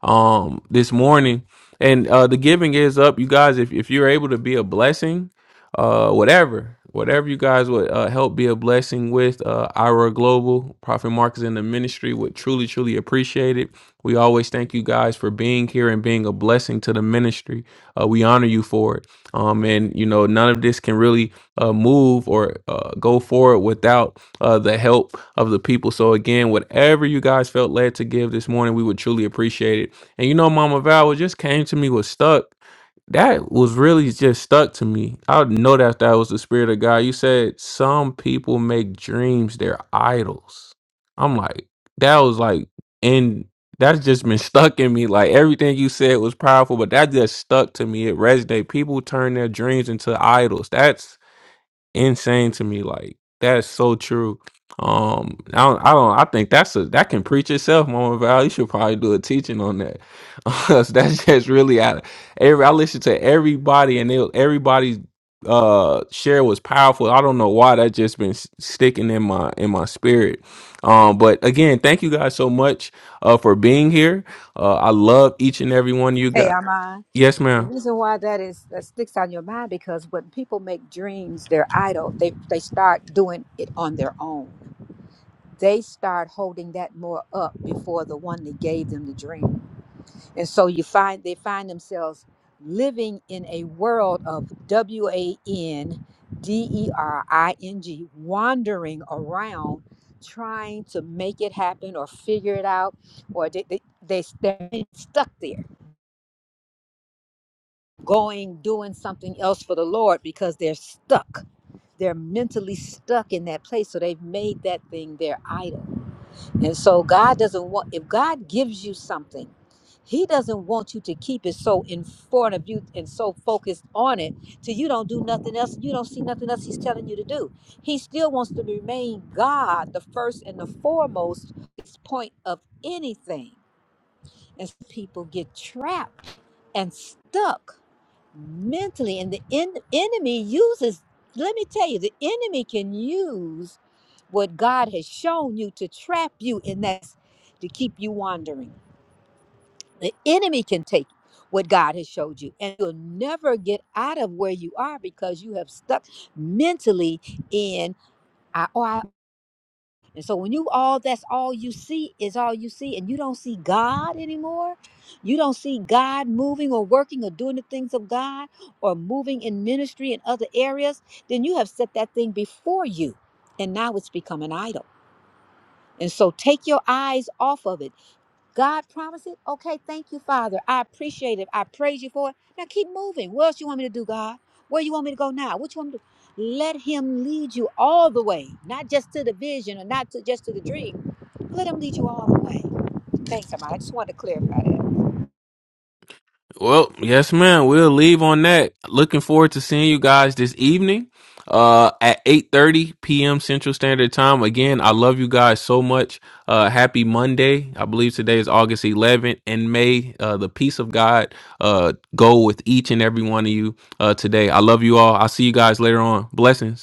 Speaker 3: um this morning and uh the giving is up you guys if, if you're able to be a blessing uh whatever whatever you guys would uh, help be a blessing with uh ira global Prophet Marcus, in the ministry would truly truly appreciate it we always thank you guys for being here and being a blessing to the ministry uh we honor you for it um and you know none of this can really uh move or uh go forward without uh the help of the people so again whatever you guys felt led to give this morning we would truly appreciate it and you know, Mama Val what just came to me was stuck. That was really just stuck to me. I know that that was the spirit of God. You said some people make dreams their idols. I'm like, that was like, and that's just been stuck in me. Like everything you said was powerful, but that just stuck to me. It resonated. People turn their dreams into idols. That's insane to me. Like that's so true. Um, I don't, I don't, I think that's a that can preach itself. Mama Val, you should probably do a teaching on that. 'Cause that's just really out. Of, every I listened to everybody, and they everybody's uh share was powerful. I don't know why that just been s- sticking in my in my spirit. Um, but again, thank you guys so much uh for being here. Uh, I love each and every one of you
Speaker 4: Hey,
Speaker 3: guys.
Speaker 4: Armand.
Speaker 3: Yes,
Speaker 4: The
Speaker 3: ma'am.
Speaker 4: reason why that is that sticks on your mind because when people make dreams their idol, they they start doing it on their own. they start holding that more up before the one that gave them the dream. And so you find they find themselves living in a world of W A N D E R I N G, wandering around trying to make it happen or figure it out, or they, they, they, they're stuck there, going, doing something else for the Lord because they're stuck. They're mentally stuck in that place. So they've made that thing their idol And so God doesn't want if God gives you something, He doesn't want you to keep it so in front of you and so focused on it till you don't do nothing else, you don't see nothing else He's telling you to do. He still wants to remain God, the first and the foremost point of anything. And so people get trapped and stuck mentally, and the en- enemy uses. Let me tell you, the enemy can use what God has shown you to trap you in that, to keep you wandering. The enemy can take what God has showed you, and you'll never get out of where you are because you have stuck mentally in I, oh, I and so when you all that's all you see is all you see, and you don't see God anymore, you don't see God moving or working or doing the things of God or moving in ministry and other areas, then you have set that thing before you, and now it's become an idol And so take your eyes off of it. God promised it. Okay, thank you, Father. I appreciate it. I praise you for it. Now keep moving. What else you want me to do, God? Where you want me to go now? What you want me to do? Let him lead you all the way, not just to the vision or not to just to the dream. Let him lead you all the way. Thanks, somebody. I just wanted to clarify that.
Speaker 3: Well, yes, ma'am. We'll leave on that. Looking forward to seeing you guys this evening uh at 8 30 p.m central standard time again i love you guys so much uh happy monday i believe today is august 11th and may uh the peace of god uh go with each and every one of you uh today i love you all i'll see you guys later on blessings